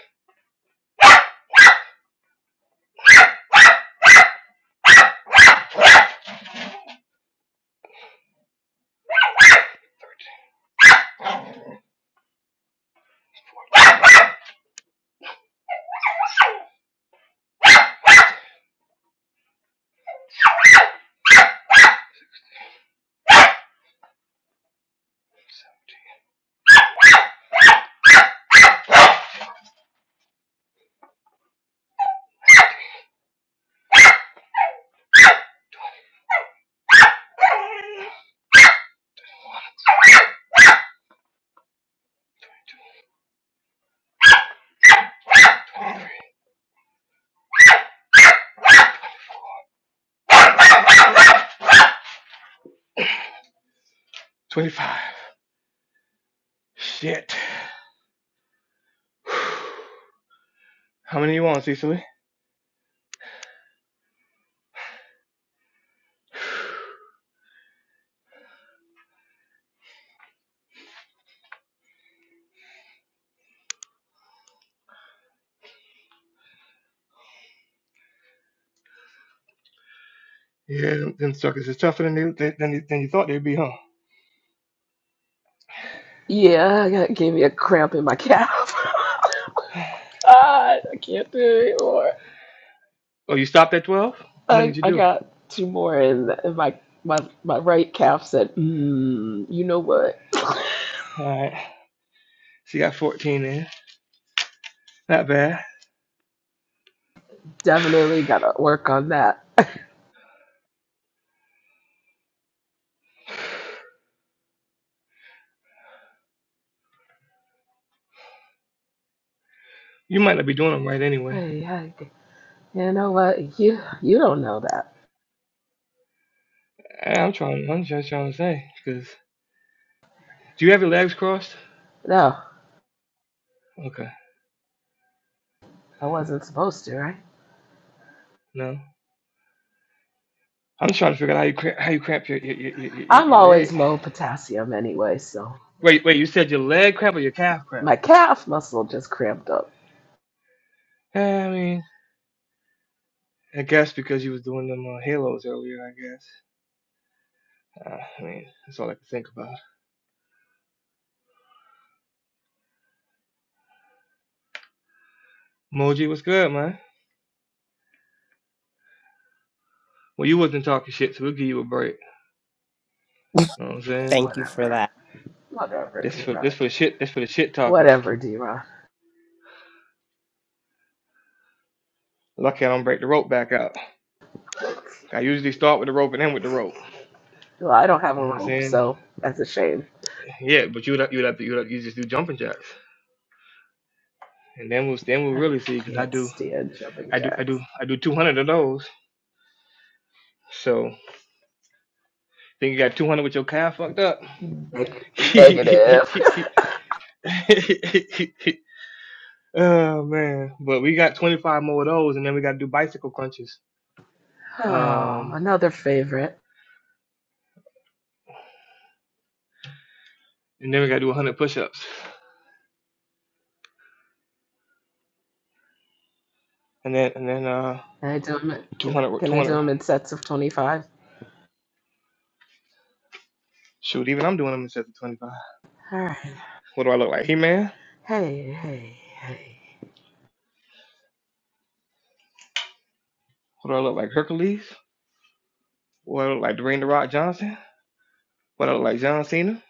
25. Shit. How many you want, Cecily? Yeah, them them suckers is tougher than, they, than, than you than you thought they'd be, huh?
yeah, that gave me a cramp in my calf. God, I can't do it anymore.
Oh, you stopped at 12? How many
I,
did you
I
do?
got two more, and, and my my my right calf said, mm, "You know what?
Alright. So you got 14 in. Not bad.
Definitely gotta work on that."
You might not be doing them right anyway.
hey, hey, you know what? You you don't know that.
Eh, I'm trying, I'm just trying to say. Cause, do you have your legs crossed?
No,
Okay.
I wasn't supposed to, right?
No? I'm just trying to figure out how you cramp, how you cramp your, your, your, your, your
I'm
your
always
leg.
low potassium anyway, so.
Wait, wait, you said your leg cramp or your calf cramp?
My calf muscle just cramped up.
Eh, I mean, I guess because you was doing them uh, halos earlier, I guess. Uh, I mean, that's all I can think about. Moji, what's good, man? Well, you wasn't talking shit, so we'll give you a break. You know what I'm saying?
Thank you for
Whatever.
that.
Whatever,
This
D
for
Rod.
this for the shit. This for the shit talkers.
Whatever, D Rod.
Lucky I don't break the rope back out. I usually start with the rope and end with the rope.
Well, I don't have
You
a
know what I'm
rope,
saying?
so that's a shame.
Yeah, but you'd have- you'd have to you'd have, you just do jumping jacks, and then we'll then we'll
I
really see because I
can't
do
stand jumping
I do I
jacks.
do I do 200 of those. So think you got 200 with your calf fucked up?
Neg- negative.
Oh man, but we got 25 more of those, and then we got to do bicycle crunches.
oh,
Um,
another favorite.
and then we got to do 100 push-ups, and then and then uh
Can I do them? In, can,
200
can I do 'em in sets of twenty-five?
Shoot, even I'm doing them instead of 25.
All right.
What do I look like, He-Man?
Hey, hey, hey.
What do I look like, Hercules? What do I look like, Dwayne the Rock Johnson? What do I look like, John Cena?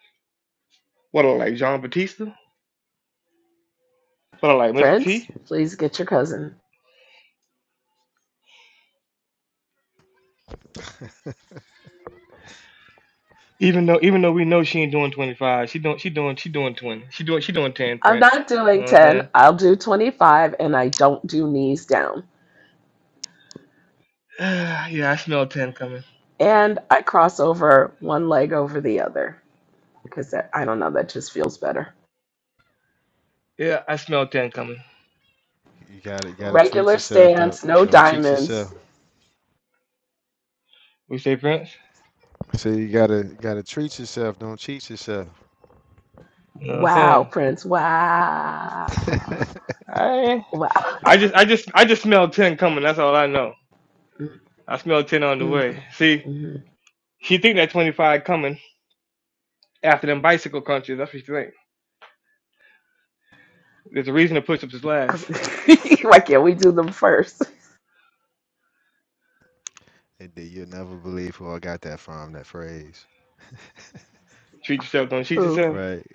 What do I look like, John Batista? What do I look like, Mr.
Friends,
T?
please get your cousin.
Even though even though we know she ain't doing 25, she doing she doing she doing 20. She doing she doing 10,
I'm
Prince.
not
You
doing
know what I'm
ten.
saying?
I'll do twenty-five, and I don't do knees down.
yeah, I smell 10 coming.
and I cross over one leg over the other because that, I don't know, that just feels better.
Yeah, I smell 10 coming.
you gotta you gotta treat
Regular
yourself. Don't
stance, no
don't cheat yourself.
diamonds.
We say Prince.
See, you gotta you gotta treat yourself. Don't cheat yourself.
You know what I'm
Wow,
saying?
Prince. Wow.
and
I
Wow.
I just I just I just smell ten coming. That's all I know. I smell ten on the
Mm,
way. See,
mm.
she think that twenty five coming after them bicycle crunches. That's what she think. There's a reason to push ups is last.
Why can't we do them first?
then you'll never believe who I got that from. That phrase,
Treat yourself. Don't cheat
Ooh.
yourself.
right?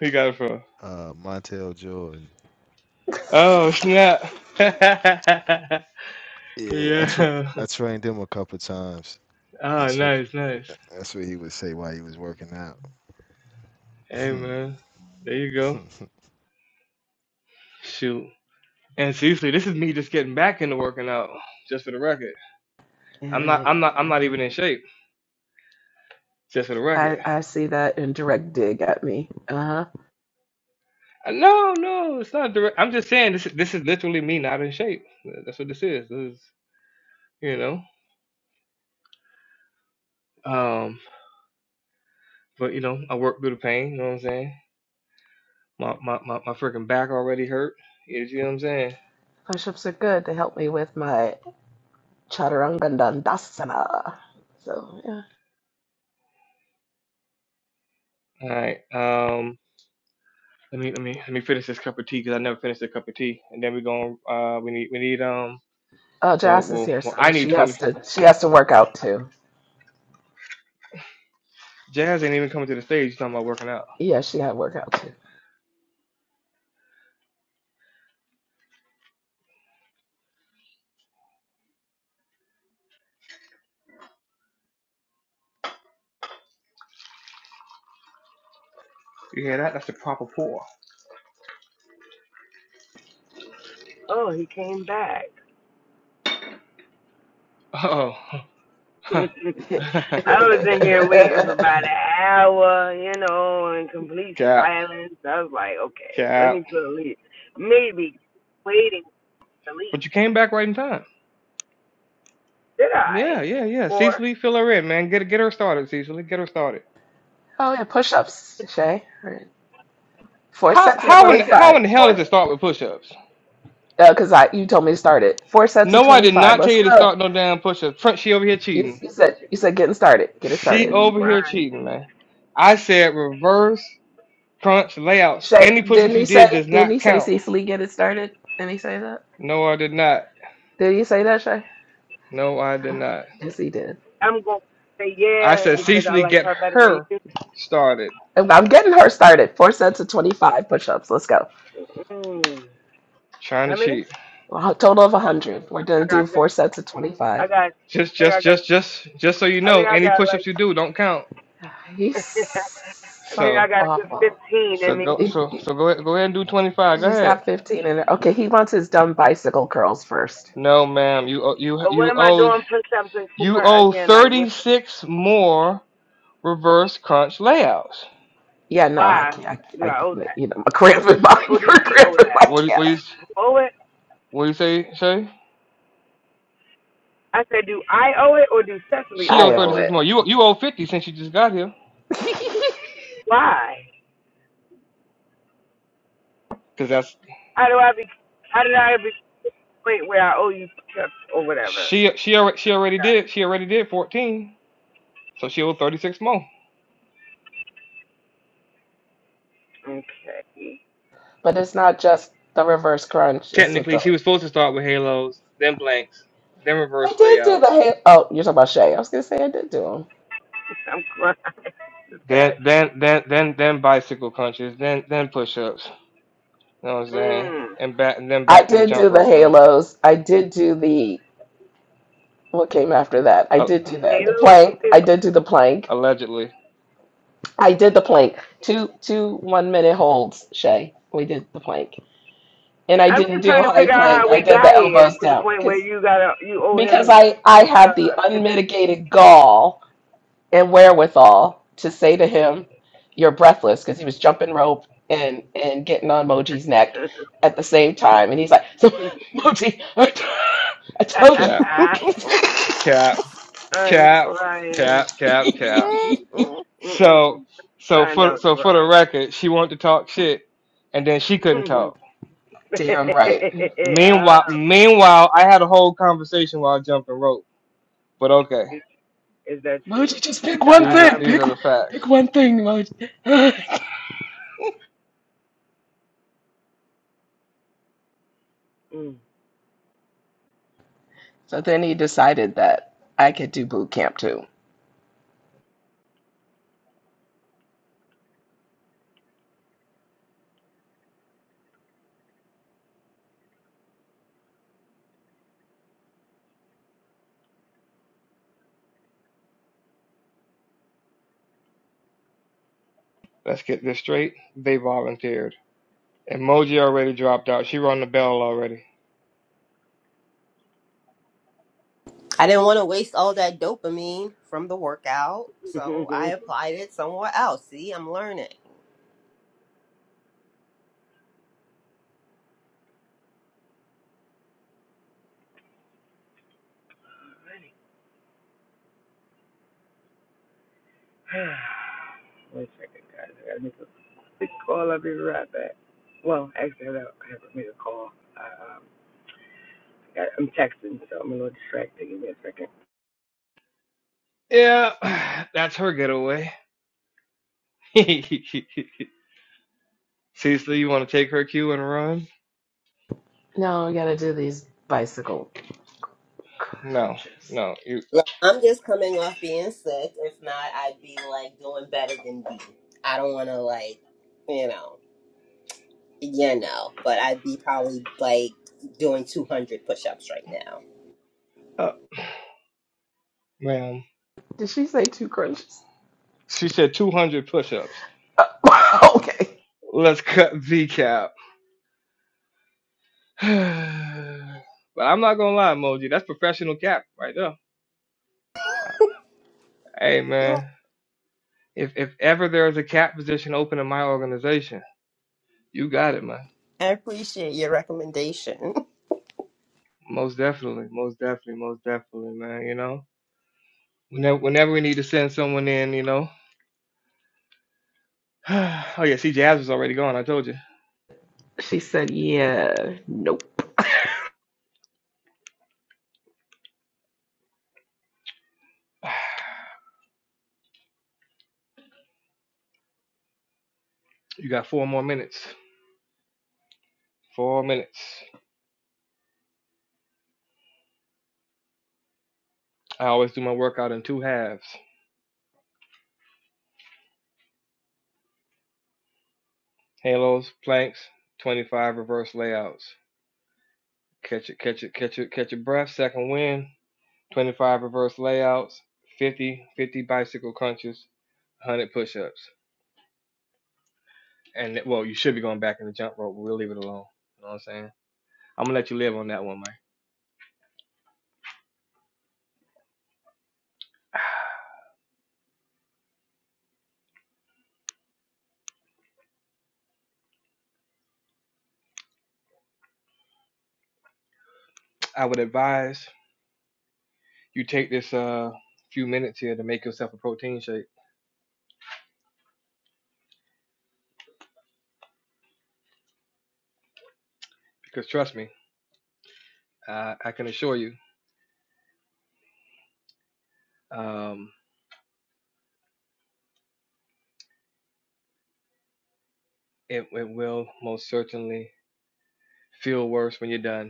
Who you got it from?
Uh, Montel Jordan.
Oh snap! yeah.
Yeah, I tra- I trained him a couple times.
Oh
That's what
nice, nice.
that's what he would say while he was working out.
Hey man, there you go. Shoot. And seriously, this is me just getting back into working out. Just for the record,
Yeah,
I'm not
yeah,
I'm not I'm
yeah.
not even in shape. Just for the
I,
record.
I see that indirect dig at me. Uh huh.
Uh, No, no, it's not direct. I'm just saying this. This is literally me not in shape. That's what this is. This is you know. Um, but you know, I work through the pain. You know what I'm saying? My my my, my freaking back already hurt. You see what I'm saying?
Push ups are good. They help me with my chaturangandandasana. So yeah.
All right. Um, let me let me let me finish this cup of tea because I never finished a cup of tea. And then we going. Uh, we need we need um.
Oh,
Well,
Jazz is
well,
here,
well,
so
I need
she
20.
has to she has to work out too.
Jazz ain't even coming to the stage. She's talking about working out.
Yeah, she got to work
You hear that? That's the proper pour.
Oh, he came back.
Oh,
I
too.
was in here waiting for about an hour, you know, in complete
cap,
silence. I was like, okay, let
cap.
me go to leave. Maybe waiting to leave.
But you came back right in time.
Did
Yeah,
I?
yeah, yeah.
For
Cecily, fill her in, man. Get get her started, Cecily. Get her started.
Oh, yeah, push ups, Shay. All Right. Four
How
sets of
said
how in
push up.
how
25.
in the hell does
Four,
it start with push-ups?
because I you told me to start it. Four sets of
No, I did
25.
not tell
Let's
you to start
go.
no damn push-ups. Front, she over here
You,
cheating.
you said you said getting started. Get it
You
She
started.
know,
over here
Brian.
cheating, man. I said reverse crunch layouts.
Shay,
Any push-ups
didn't
you
he
did
say,
does
didn't
not
he say
count.
Cecily get it started? Didn't he say that?
No, I did not.
Did he say that, Shay?
No, I did not.
Yes, he did.
I'm gonna say
I
yeah
said
Uh-huh.
because I
Cecily,
like
get
her better than
her
you.
started.
And I'm getting her started. Four sets of 25 push ups. Let's go.
Mm.
Trying
How
to
many?
cheat.
A total of 100. We're
I
going to do
got
four sets of 25.
I got.
Just
I think
just
I got.
just just just so you
I
know,
think I
any
got like.
push-ups you do don't count.
He's
I think
so
So.
I got a good
awful.
15
So
in me.
go,
He-
so
he-
so go ahead, go ahead and do twenty five. Go
she's
ahead.
got 15 in her. Okay, he wants his dumb bicycle curls first.
No, ma'am. You owe- you
But what
you
am I
owe
doing push-ups and for
you owe
again? Like,
thirty
what's the
six more reverse crunch layouts.
Yeah, no, I
why
can't. I, can't-
do
I
I owe
can't-
that?
you know, my cramp in my,
Or do
you're
she owe
cramping
that?
my
What do- what do you
calf.
owe it?
what do you say? Say
I said, do I owe it or do Cecily
she
owe
owe
I
it?
thirty
owe
six
it.
more. You you owe fifty since you just got here.
Why?
Cause that's
How do I be? How did I be wait where I owe you push-ups or whatever?
she she already she already
God,
did she already did fourteen. So she owed thirty six more.
Okay,
but it's not just the reverse crunch. It's with
Technically, she
the.
was supposed to start with halos, then blanks, then
I
reverse
did do the
layouts,
halo. Oh, you're talking about Shay. I was gonna say I did do them.
I'm crying. this guy.
then then then then then bicycle crunches, then then push ups. You know what I'm saying?
Mm.
And back and then
I
back to the
did
jump
do the
rope, man.
halos. I did do the. What came after that? I
A-
did do that. The plank.
Halo.
I did do the plank.
allegedly.
I did the plank. Two two one minute holds, Shay. We did the plank. And I
I'm
didn't
just
do
trying to
high
figure out how
plank. I
we
did the
got here
elbows
to the
down
point where
because
you gotta you owe
because
him
I I
uh
had the
conditional
unmitigated gall and wherewithal to say to him, "You're breathless," because he was jumping rope and and getting on Moji's neck at the same time, and he's like, "So, Moji, I t- I told you."
Cap. Cap.
I'm
Cap.
crying.
Cap. Cap. Cap.
Mm-mm.
So so
Find
for
out the
so for the
right.
record, she wanted to talk shit and then she couldn't talk.
Damn right,
Meanwhile
oh,
meanwhile I had a whole conversation while jumping rope. But okay.
is, is that true?
Moji. Just pick
That
one
These
I,
are
thing.
I'm.
these
Pick
are the facts.
pick one thing, Moji.
Mm.
So then he decided that I could do boot camp too.
Let's get this straight. They volunteered. Emoji already dropped out. She rung the bell already.
I didn't want to waste all that dopamine from the workout, so I applied it somewhere else. See, I'm learning.
Wait a second, guys. I gotta make a quick call. I'll be right back. Well, actually, I haven't made a call. I, um, I, I'm texting, so I'm a little distracted. Give me a
Yeah, that's her getaway. Cecily, you want to take her cue and run?
No, we gotta do these bicycle
No,
crunches.
no, you
Look, I'm just coming off being sick. If not, I'd be like doing better than B. I don't want to like, you know. Yeah, no, but I'd be probably like doing 200 push ups right now.
up, ma'am.
Did she say two crunches?
She said 200 push-ups.
okay.
Let's cut V cap. but I'm not gonna lie, Moji, that's professional cap right there. Hey,
You're welcome.
man, if if ever there is a cap position open in my organization, you got it, man.
I appreciate your recommendation.
Most definitely, most definitely, most definitely, man. You know, whenever whenever we need to send someone in, you know. oh yeah, see, Jazz was already gone. I told you.
She said, yeah, nope.
You got four more minutes. Four minutes. I always do my workout in two halves. Halos, planks, 25 reverse layouts. Catch it, catch it, catch it, catch your breath. Second wind, 25 reverse layouts, 50, 50 bicycle crunches, 100 push-ups. And well, you should be going back in the jump rope. We'll leave it alone. You know what I'm saying? I'm gonna let you live on that one, Mike. I would advise you take this uh few minutes here to make yourself a protein shake because trust me, I, I can assure you, um, it, it will most certainly feel worse when you're done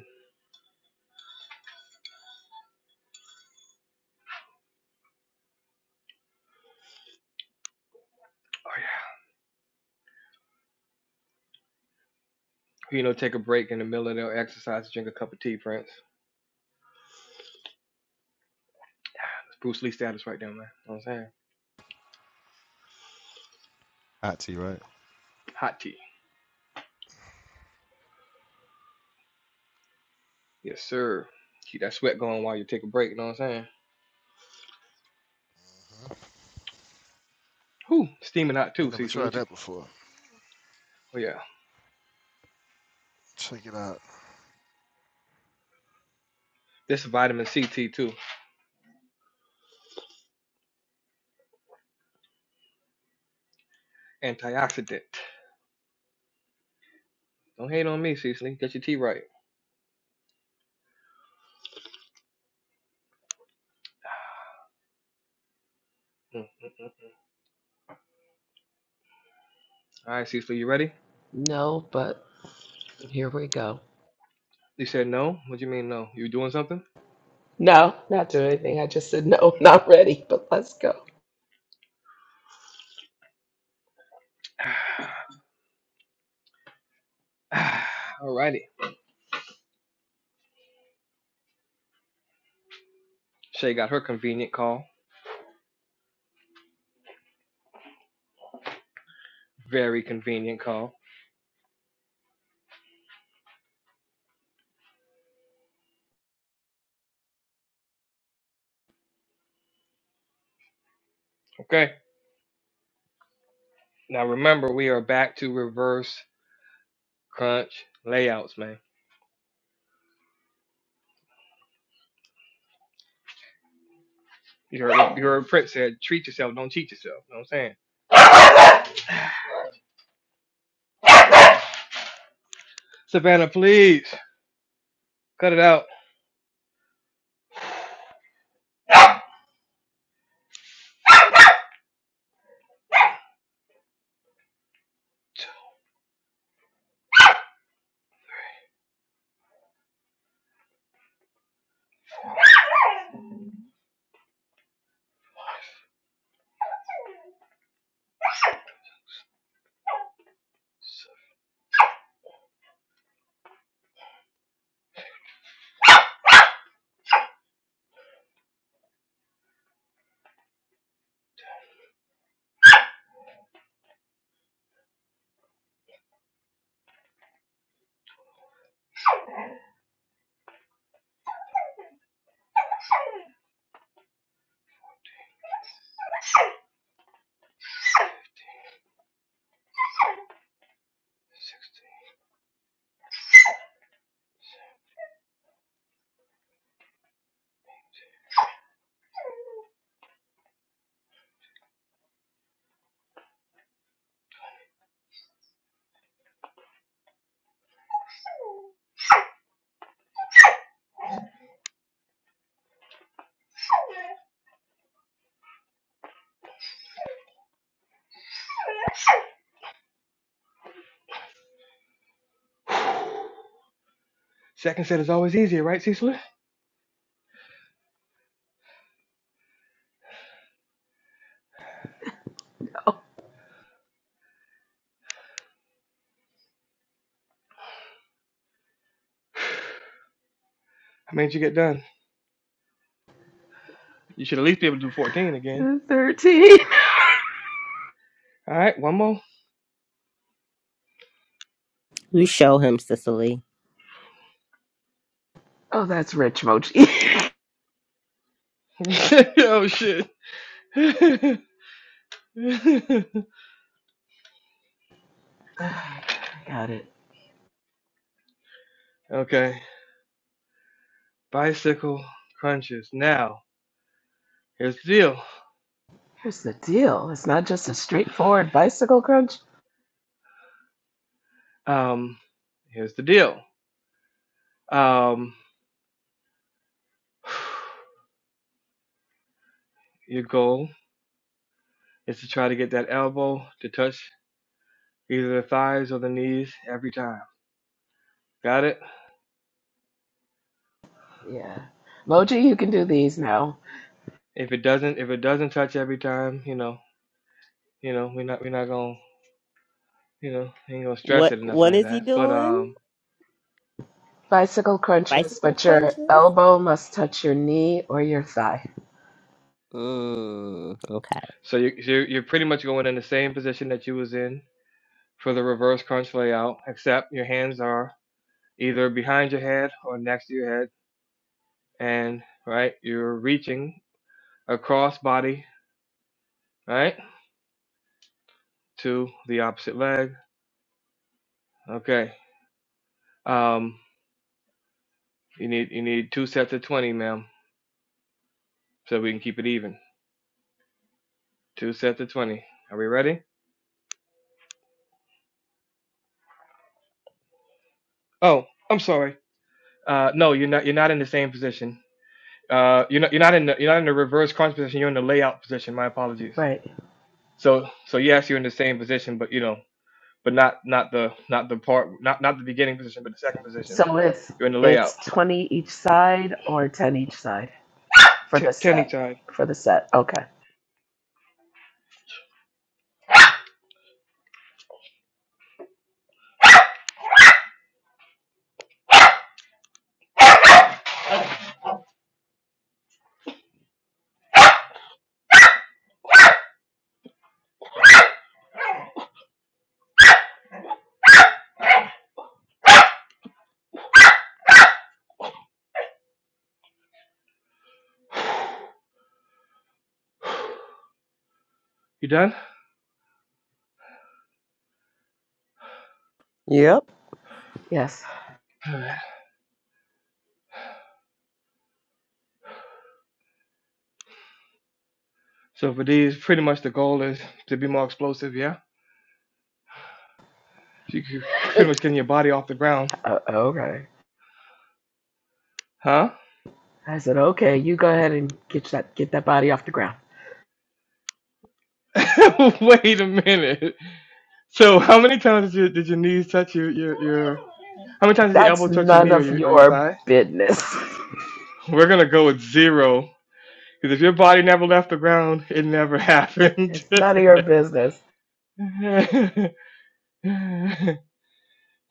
Oh yeah. You know, take a break in the middle of their exercise, drink a cup of tea, friends. That's Bruce Lee status right there, man. You know what I'm saying?
Actually, right?
Hot tea. Yes, sir. Keep that sweat going while you take a break, you know what I'm saying? Whew, steaming hot
I ain't
too,
never
Cecily.
tried
What you
that before.
oh yeah.
Check it out.
This is vitamin C tea too. Antioxidant. Don't hate on me, Cecily. Get your tea right. Mm, mm, mm. mm. All right, Cecily, you ready?
No, but here we go.
You said no? What do you mean no? You doing something?
No, not doing anything. I just said, no, not ready, but let's go.
All righty. Shay got her convenient call. Very convenient call. Okay. Now remember, we are back to reverse crunch layouts, man. You heard what you heard what Prince said, treat yourself, don't cheat yourself. You know what I'm saying? Savannah, please cut it out. Second set is always easier, right, Cecily? I made you get done. You should at least be able to do 14 again.
13.
All right, one more.
You show him, Cicely.
Oh, that's rich mochi.
oh shit.
I got it.
okay. Bicycle crunches. Now, here's the deal.
Here's the deal it's not just a straightforward bicycle crunch.
Um, here's the deal. Um, your goal is to try to get that elbow to touch either the thighs or the knees every time. Got it?
Yeah. Moji, you can do these now.
If it doesn't, if it doesn't touch every time, you know, you know, we're not, we're not gonna, you know, ain't gonna stress
What
it or nothing
What
like
is he
that. But
doing?
um,
Bicycle crunches,
Bicycle
but your
crunches?
elbow must touch your knee or your thigh.
Mm, okay.
so you, so you're you're pretty much going in the same position that you was in for the reverse crunch layout, except your hands are either behind your head or next to your head, and right, you're reaching across body, right, to the opposite leg. Okay. Um, you need you need two sets of twenty, ma'am, so we can keep it even. Two sets of twenty. Are we ready? Oh, I'm sorry. Uh, no, you're not. You're not in the same position. Uh, you're not. You're not in the. You're not in the reverse crunch position. You're in the layout position. My apologies.
Right.
So, so yes, you're in the same position, but you know, but not not the not the part not not the beginning position, but the second position.
So it's
You're in the layout.
it's 20 each side or 10 each side for
T-
the
Tenny
set.
time.
For the set. Okay.
You done?
Yep.
Yes.
So for these, pretty much the goal is to be more explosive. Yeah. So you c- pretty much getting your body off the ground.
Uh, okay.
Huh?
I said, okay, you go ahead and get that get that body off the ground.
Wait a minute. So how many times did your, did your knees touch your, your, your how many times did your
That's
elbow touch your
none
knee or
of
your, or your
your
thigh?
business.
We're gonna go with zero because if your body never left the ground, it never happened.
it's none of your business.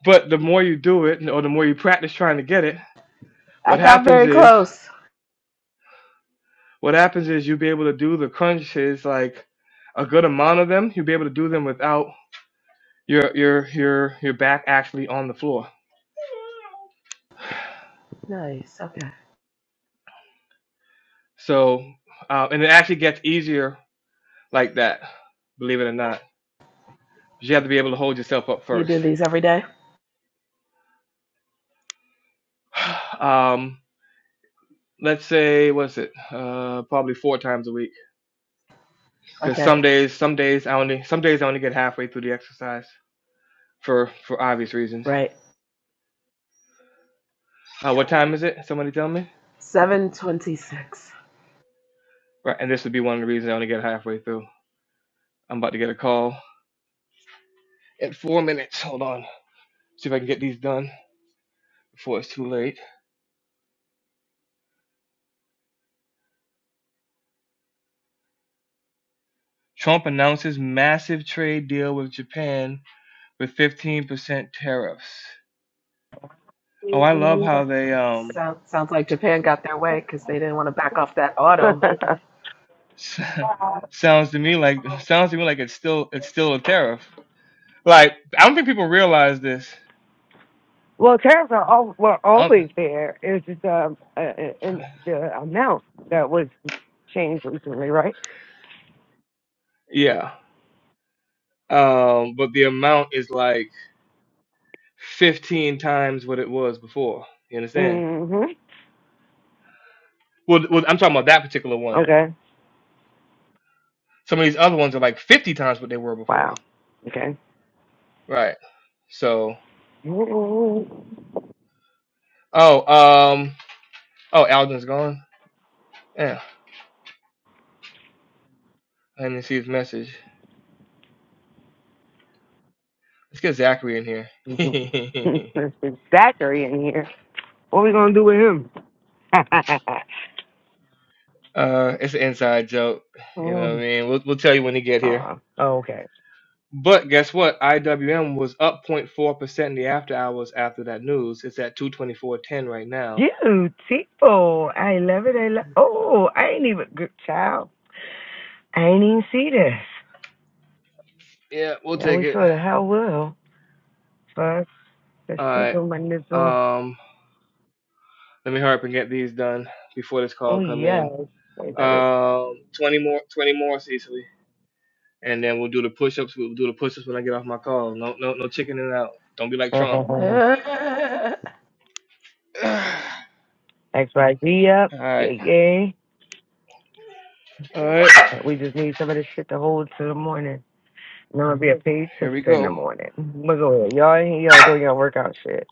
but the more you do it, or the more you practice trying to get it,
I
what
got
happens
very
is
close.
what happens is you'll be able to do the crunches like a good amount of them. You'll be able to do them without your your your your back actually on the floor.
Nice. Okay.
So uh, and it actually gets easier like that, believe it or not you have to be able to hold yourself up
You do
first.
these every day?
Um, let's say what's it? Uh, probably four times a week. Because
Okay.
some days, some days I only, some days I only get halfway through the exercise for for obvious reasons.
Right.
Uh, what time is it? Somebody tell me.
726.
Right, and this would be one of the reasons I only get halfway through. I'm about to get a call in four minutes. Hold on, see if I can get these done before it's too late. Trump announces massive trade deal with Japan with 15% tariffs. Oh, I love how they um
Sound, sounds like Japan got their way because they didn't want to back off that auto.
second.
sounds to me like sounds to me like it's still it's still a tariff. Like I don't think people realize this.
Well, tariffs are all, were
I don't-
always there. It's just um, uh, uh, and the amount that was changed recently, right?
yeah, um, but the amount is like fifteen times what it was before. You understand?
hmm
Well, well, I'm talking about that particular one.
Okay.
Some of these other ones are like fifty times what they were before.
Wow. Okay.
Right. So,
Ooh.
oh, um, oh, Alden's gone. Yeah, I didn't see his message. Let's get Zachary in here.
it's Zachary in here. What are we gonna do with him?
uh, it's an inside joke. You know what
oh,
I mean? We'll we'll tell you when he get here.
uh, okay.
But guess what? IWM was up 0.4% in the after hours after that news. It's at 224.10 right now.
Beautiful. I love it. I love. Oh, I ain't even good child. I ain't even see this.
Yeah, we'll
Yeah,
take
we
it.
sure the hell will. First, the
All
shit
right.
on my nizzle.
Um, let me hurry up and get these done before this call
Oh
come
yes,
in.
there's others.
Um, 20 more, 20 more, Cecily, and then we'll do the push-ups. We'll do the push-ups when I get off my call. No, no, no chickening out. Don't be like Trump.
my,
All
X Y Z. Yep.
right.
Yay yay.
All right.
We just need some of this shit to hold to the morning. And I'm gonna be a paid
Here we
sister in the
go.
morning. But go ahead, y'all. in here, Y'all doing y'all workout shit.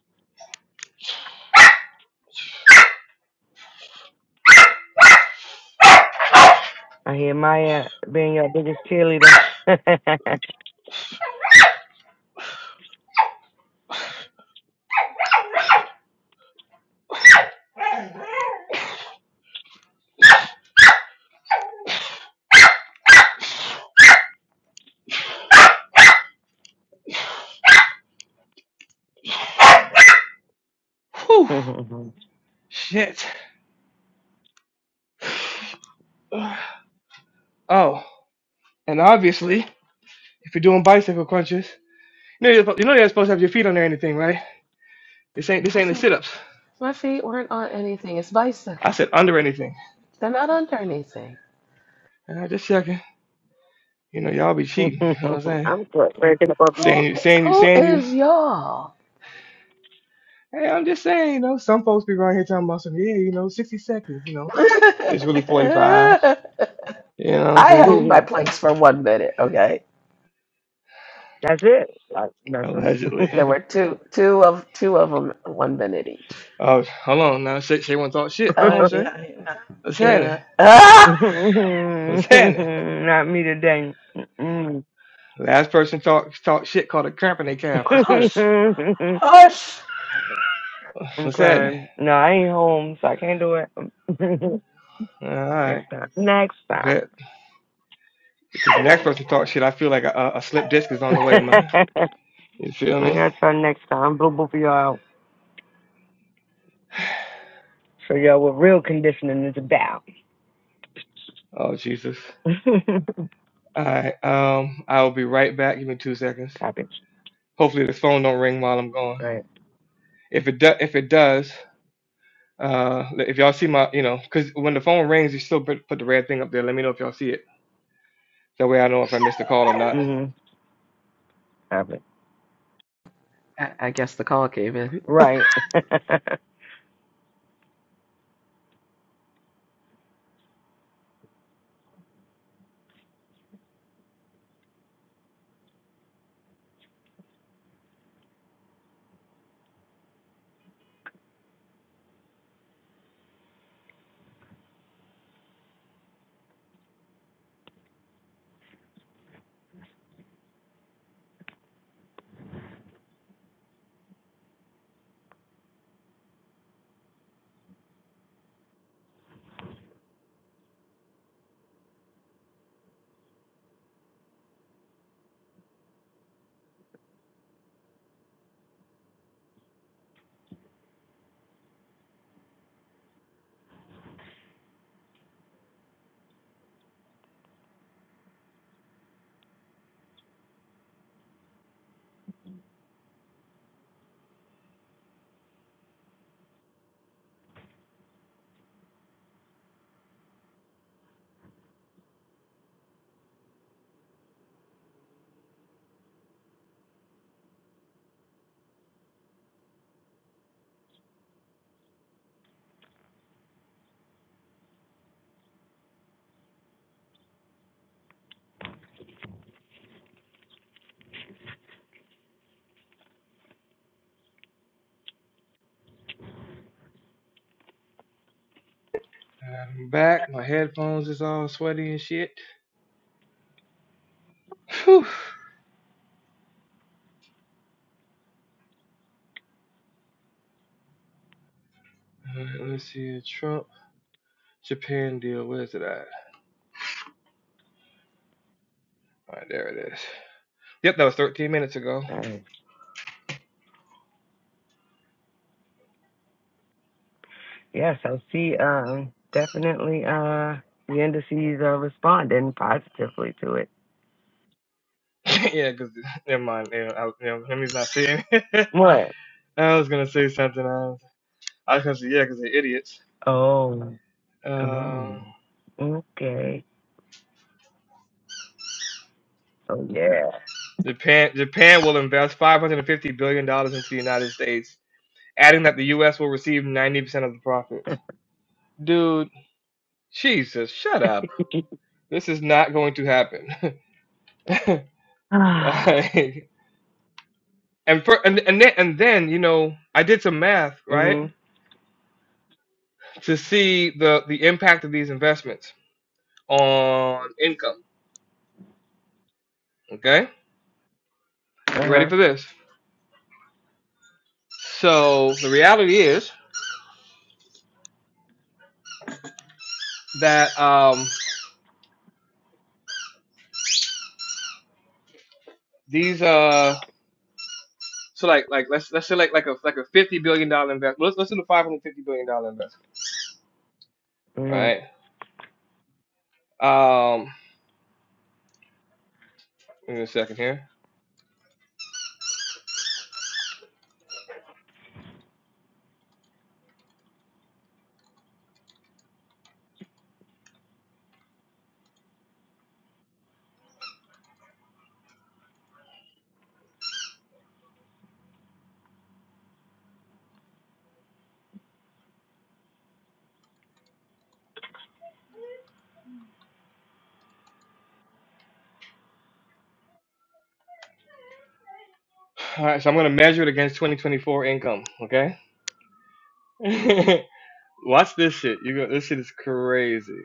I hear Maya being your biggest cheerleader. I'm
Whew. Shit. Oh, and obviously, if you're doing bicycle crunches. You know, you're, supposed- you know you're supposed to have your feet under anything, right? This ain't this ain't the
feet,
sit-ups.
my feet weren't on anything. It's
I
bicycle.
said under anything.
They're not under anything.
And I just checking. You know, y'all be
good.
cheating. You know what I'm saying?
Where's the puppy.
Who,
Saying you, saying you,
who
saying you.
is y'all?
Hey, I'm just saying. You know, some folks be right here talking about some. Yeah, you know, 60 seconds. You know, it's really 45.
I
You know what I'm saying?
held my planks for one minute. Okay,
That's it. Like nothing.
Allegedly.
there were two, two of two of them, one minute each.
Oh, hold on now. Shay, Shay one talk shit. Come
Uh,
on, Shay.
yeah, in a,
What's
in
happening?
a- ah,
What's happening?
Not me today. Mm-mm.
Last person talk talk shit called a cramp in their calf. What's good?
hush, hush.
I'm
What's happening?
crying. No, I ain't home, so I can't do it.
All right.
next time. Next time.
Bet. She's the next person to talk shit. I feel like a, a slip disc is on the way, man. You feel
I
me?
gotta try next time. Blow both of y'all out. So y'all what real conditioning is about.
Oh Jesus. All right. Um, I will be right back. Give me two seconds.
Copy.
Hopefully this phone don't ring while I'm gone.
Right.
If it does, if it does, uh, if y'all see my, you know, because when the phone rings, you still put, put the red thing up there. Let me know if y'all see it. That way I know if I missed the call or not.
Mhm. Copy.
I, I guess the call came in.
Right.
I'm back. My headphones is all sweaty and shit. Whew. All right. Let's see. Trump Japan deal. Where's it at? All right. There it is. Yep, that was 13 minutes ago.
Nice. yeah, so she um definitely uh the indices are responding positively to it.
yeah, because never mind. Yeah, I, you know, him, he's not seeing. it.
What?
I was gonna say something else. I was gonna say yeah, because they're idiots.
Oh. Oh.
Um,
Okay. So yeah.
Japan Japan will invest 550 billion dollars into the United States, adding that the U.S. will receive 90 percent of the profits. Dude, Jesus, shut up. This is not going to happen. Like, and for and and then, and then you know I did some math right
Mhm.
to see the the impact of these investments on income. Okay,
Uh
you ready
huh.
for this? So the reality is that um these uh so like like let's let's say like like a like a fifty billion dollar investment. Let's let's do the five hundred fifty billion dollar investment,
Mhm.
right? Um, give me a second here. All right, so I'm gonna measure it against 2024 income. Okay, watch this shit. You go. This shit is crazy.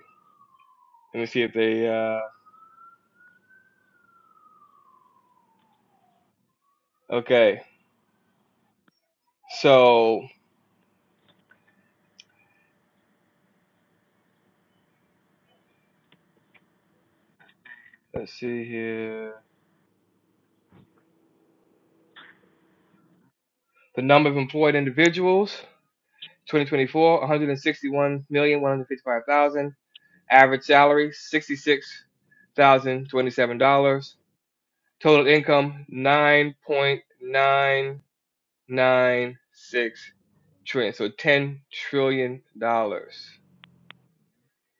Let me see if they. Uh, okay, so let's see here. The number of employed individuals, 2024, 161,155,000. Average salary, $66,027. Total income, 9.996 trillion. So $10 trillion. dollars.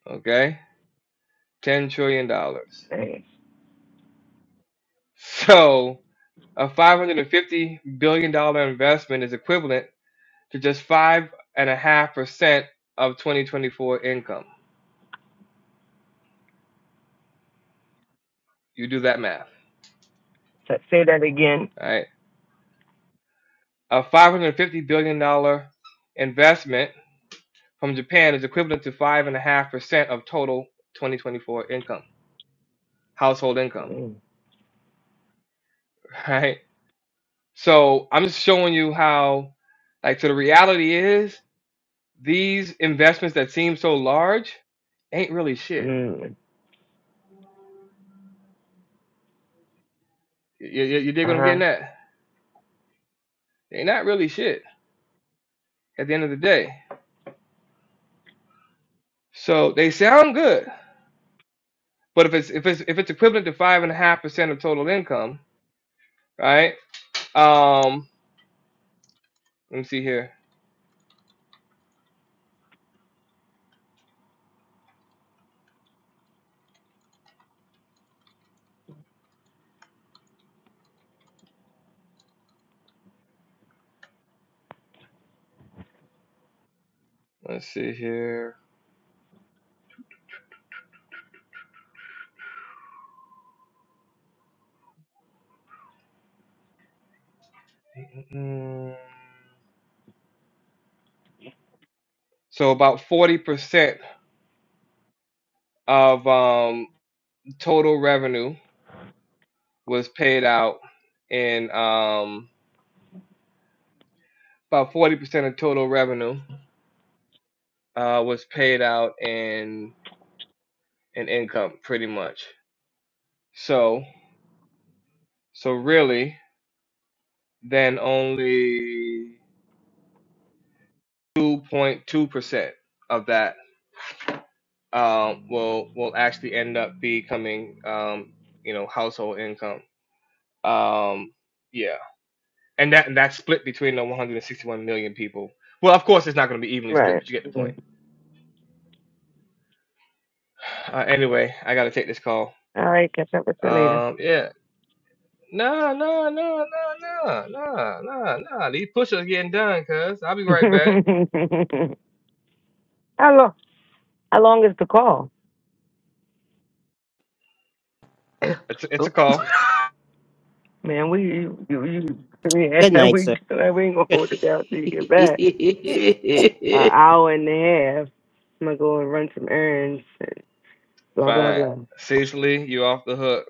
Okay? $10 trillion. dollars.
Hey,
So a $550 billion dollars investment is equivalent to just five and a half percent of 2024 income. You do that math,
so- Say that again.
right? A 550 billion dollar investment from Japan is equivalent to five and a half percent of total 2024 income, household income,
Mm.
right? So I'm just showing you how, like, so the reality is these investments that seem so large ain't really shit.
Mm.
You, you, you dig
Uh
what I'm
huh.
getting at? They're not really shit at the end of the day. So they sound good, But if it's if it's if it's equivalent to five and a half percent of total income, right? Um, let me see here. Let's see here. Mm, So about forty percent of um total revenue was paid out in um about forty percent of total revenue uh was paid out in in income pretty much. So so really then only two point two percent of that uh, will will actually end up becoming um, you know household income. Um, yeah, and that and that's split between the 161 million people. Well, of course, it's not going to be evenly split,
Right.
but you get the point.
Mhm.
Uh, anyway, I got to take this call.
All right. Catch up with you later.
Um, yeah. Nah, nah, nah, nah, nah, nah, nah, nah. These push-ups getting done, cuz. I'll be right back.
how long? How long is the call?
It's a, it's a call.
Man, we you, you, you
Good
yeah
night,
we
sir.
we ain't gonna
Good
hold it down till you get back. An hour and a half. I'm gonna go and run some errands. And blah blah
Fine.
blah.
Cecily, you off the hook.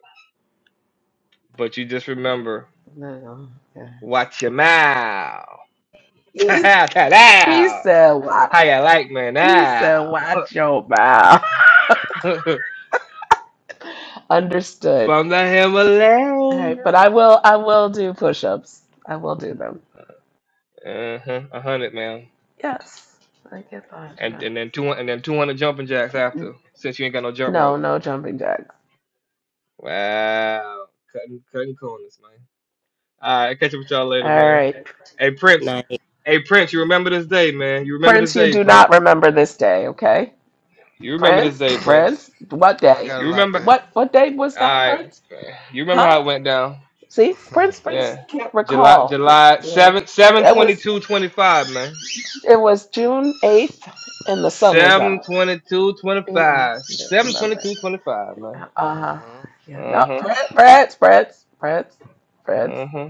But you just remember,
No, yes.
watch your mouth.
he he
Ta-ta-ta-ta.
said, "What?"
How you like me
He
now?
said, "Watch your mouth." Understood.
From the
All right,
Himalaya.
but I will. I will do push-ups. I will do them.
Uh huh. A hundred, man.
Yes, I get behind
And
that.
and then two and then two hundred jumping jacks after, since you ain't got no jump
No,
rope.
no jumping jacks.
Wow. Cutting cutting corners, man. All right, catch up with y'all later,
All
man.
right,
Hey Prince.
night.
Hey Prince, you remember this day, man. You remember this
Prince. You
day,
do not
Prince.
remember this day, okay?
You remember this
Prince,
day,
I
Prince.
Prince. What day?
got it
You
locked
remember
What
in.
what day was
all
that,
right.
Prince?
You remember how
Huh?
it went down.
See, Prince Prince
Yeah.
can't
July
recall. th-
July
today.
seven seven
It
twenty
was
two twenty five, man.
it was June eighth, and the sun was
Seven
out.
twenty-two
You know,
twenty-five.
you don't
Seven
remember it.
twenty-two twenty-five, man.
Uh huh. Yeah.
Uh
No,
huh.
Prince, Prince, Prince, Prince, Prince.
Uh huh.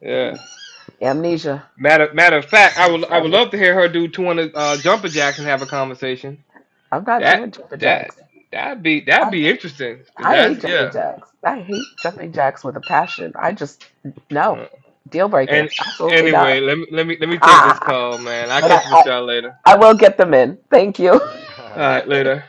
Yeah.
Amnesia.
Matter matter of fact,
Uh
I would
huh.
I would
Amne-
love to hear her do twenty uh, jumper jacks and have a conversation.
I'm not
That
doing jumping
that
jacks.
that'd be that'd
I
be interesting. Cause
I
that's
hate jumping
yeah.
jacks. I hate jumping jacks with a passion. I just no
Uh,
deal
and
breaker. Absolutely
anyway,
not.
let me let me let me take this call, man. I'll
but
catch
I,
up with
I
y'all later.
I will get them in. Thank you.
All
right.
right, later.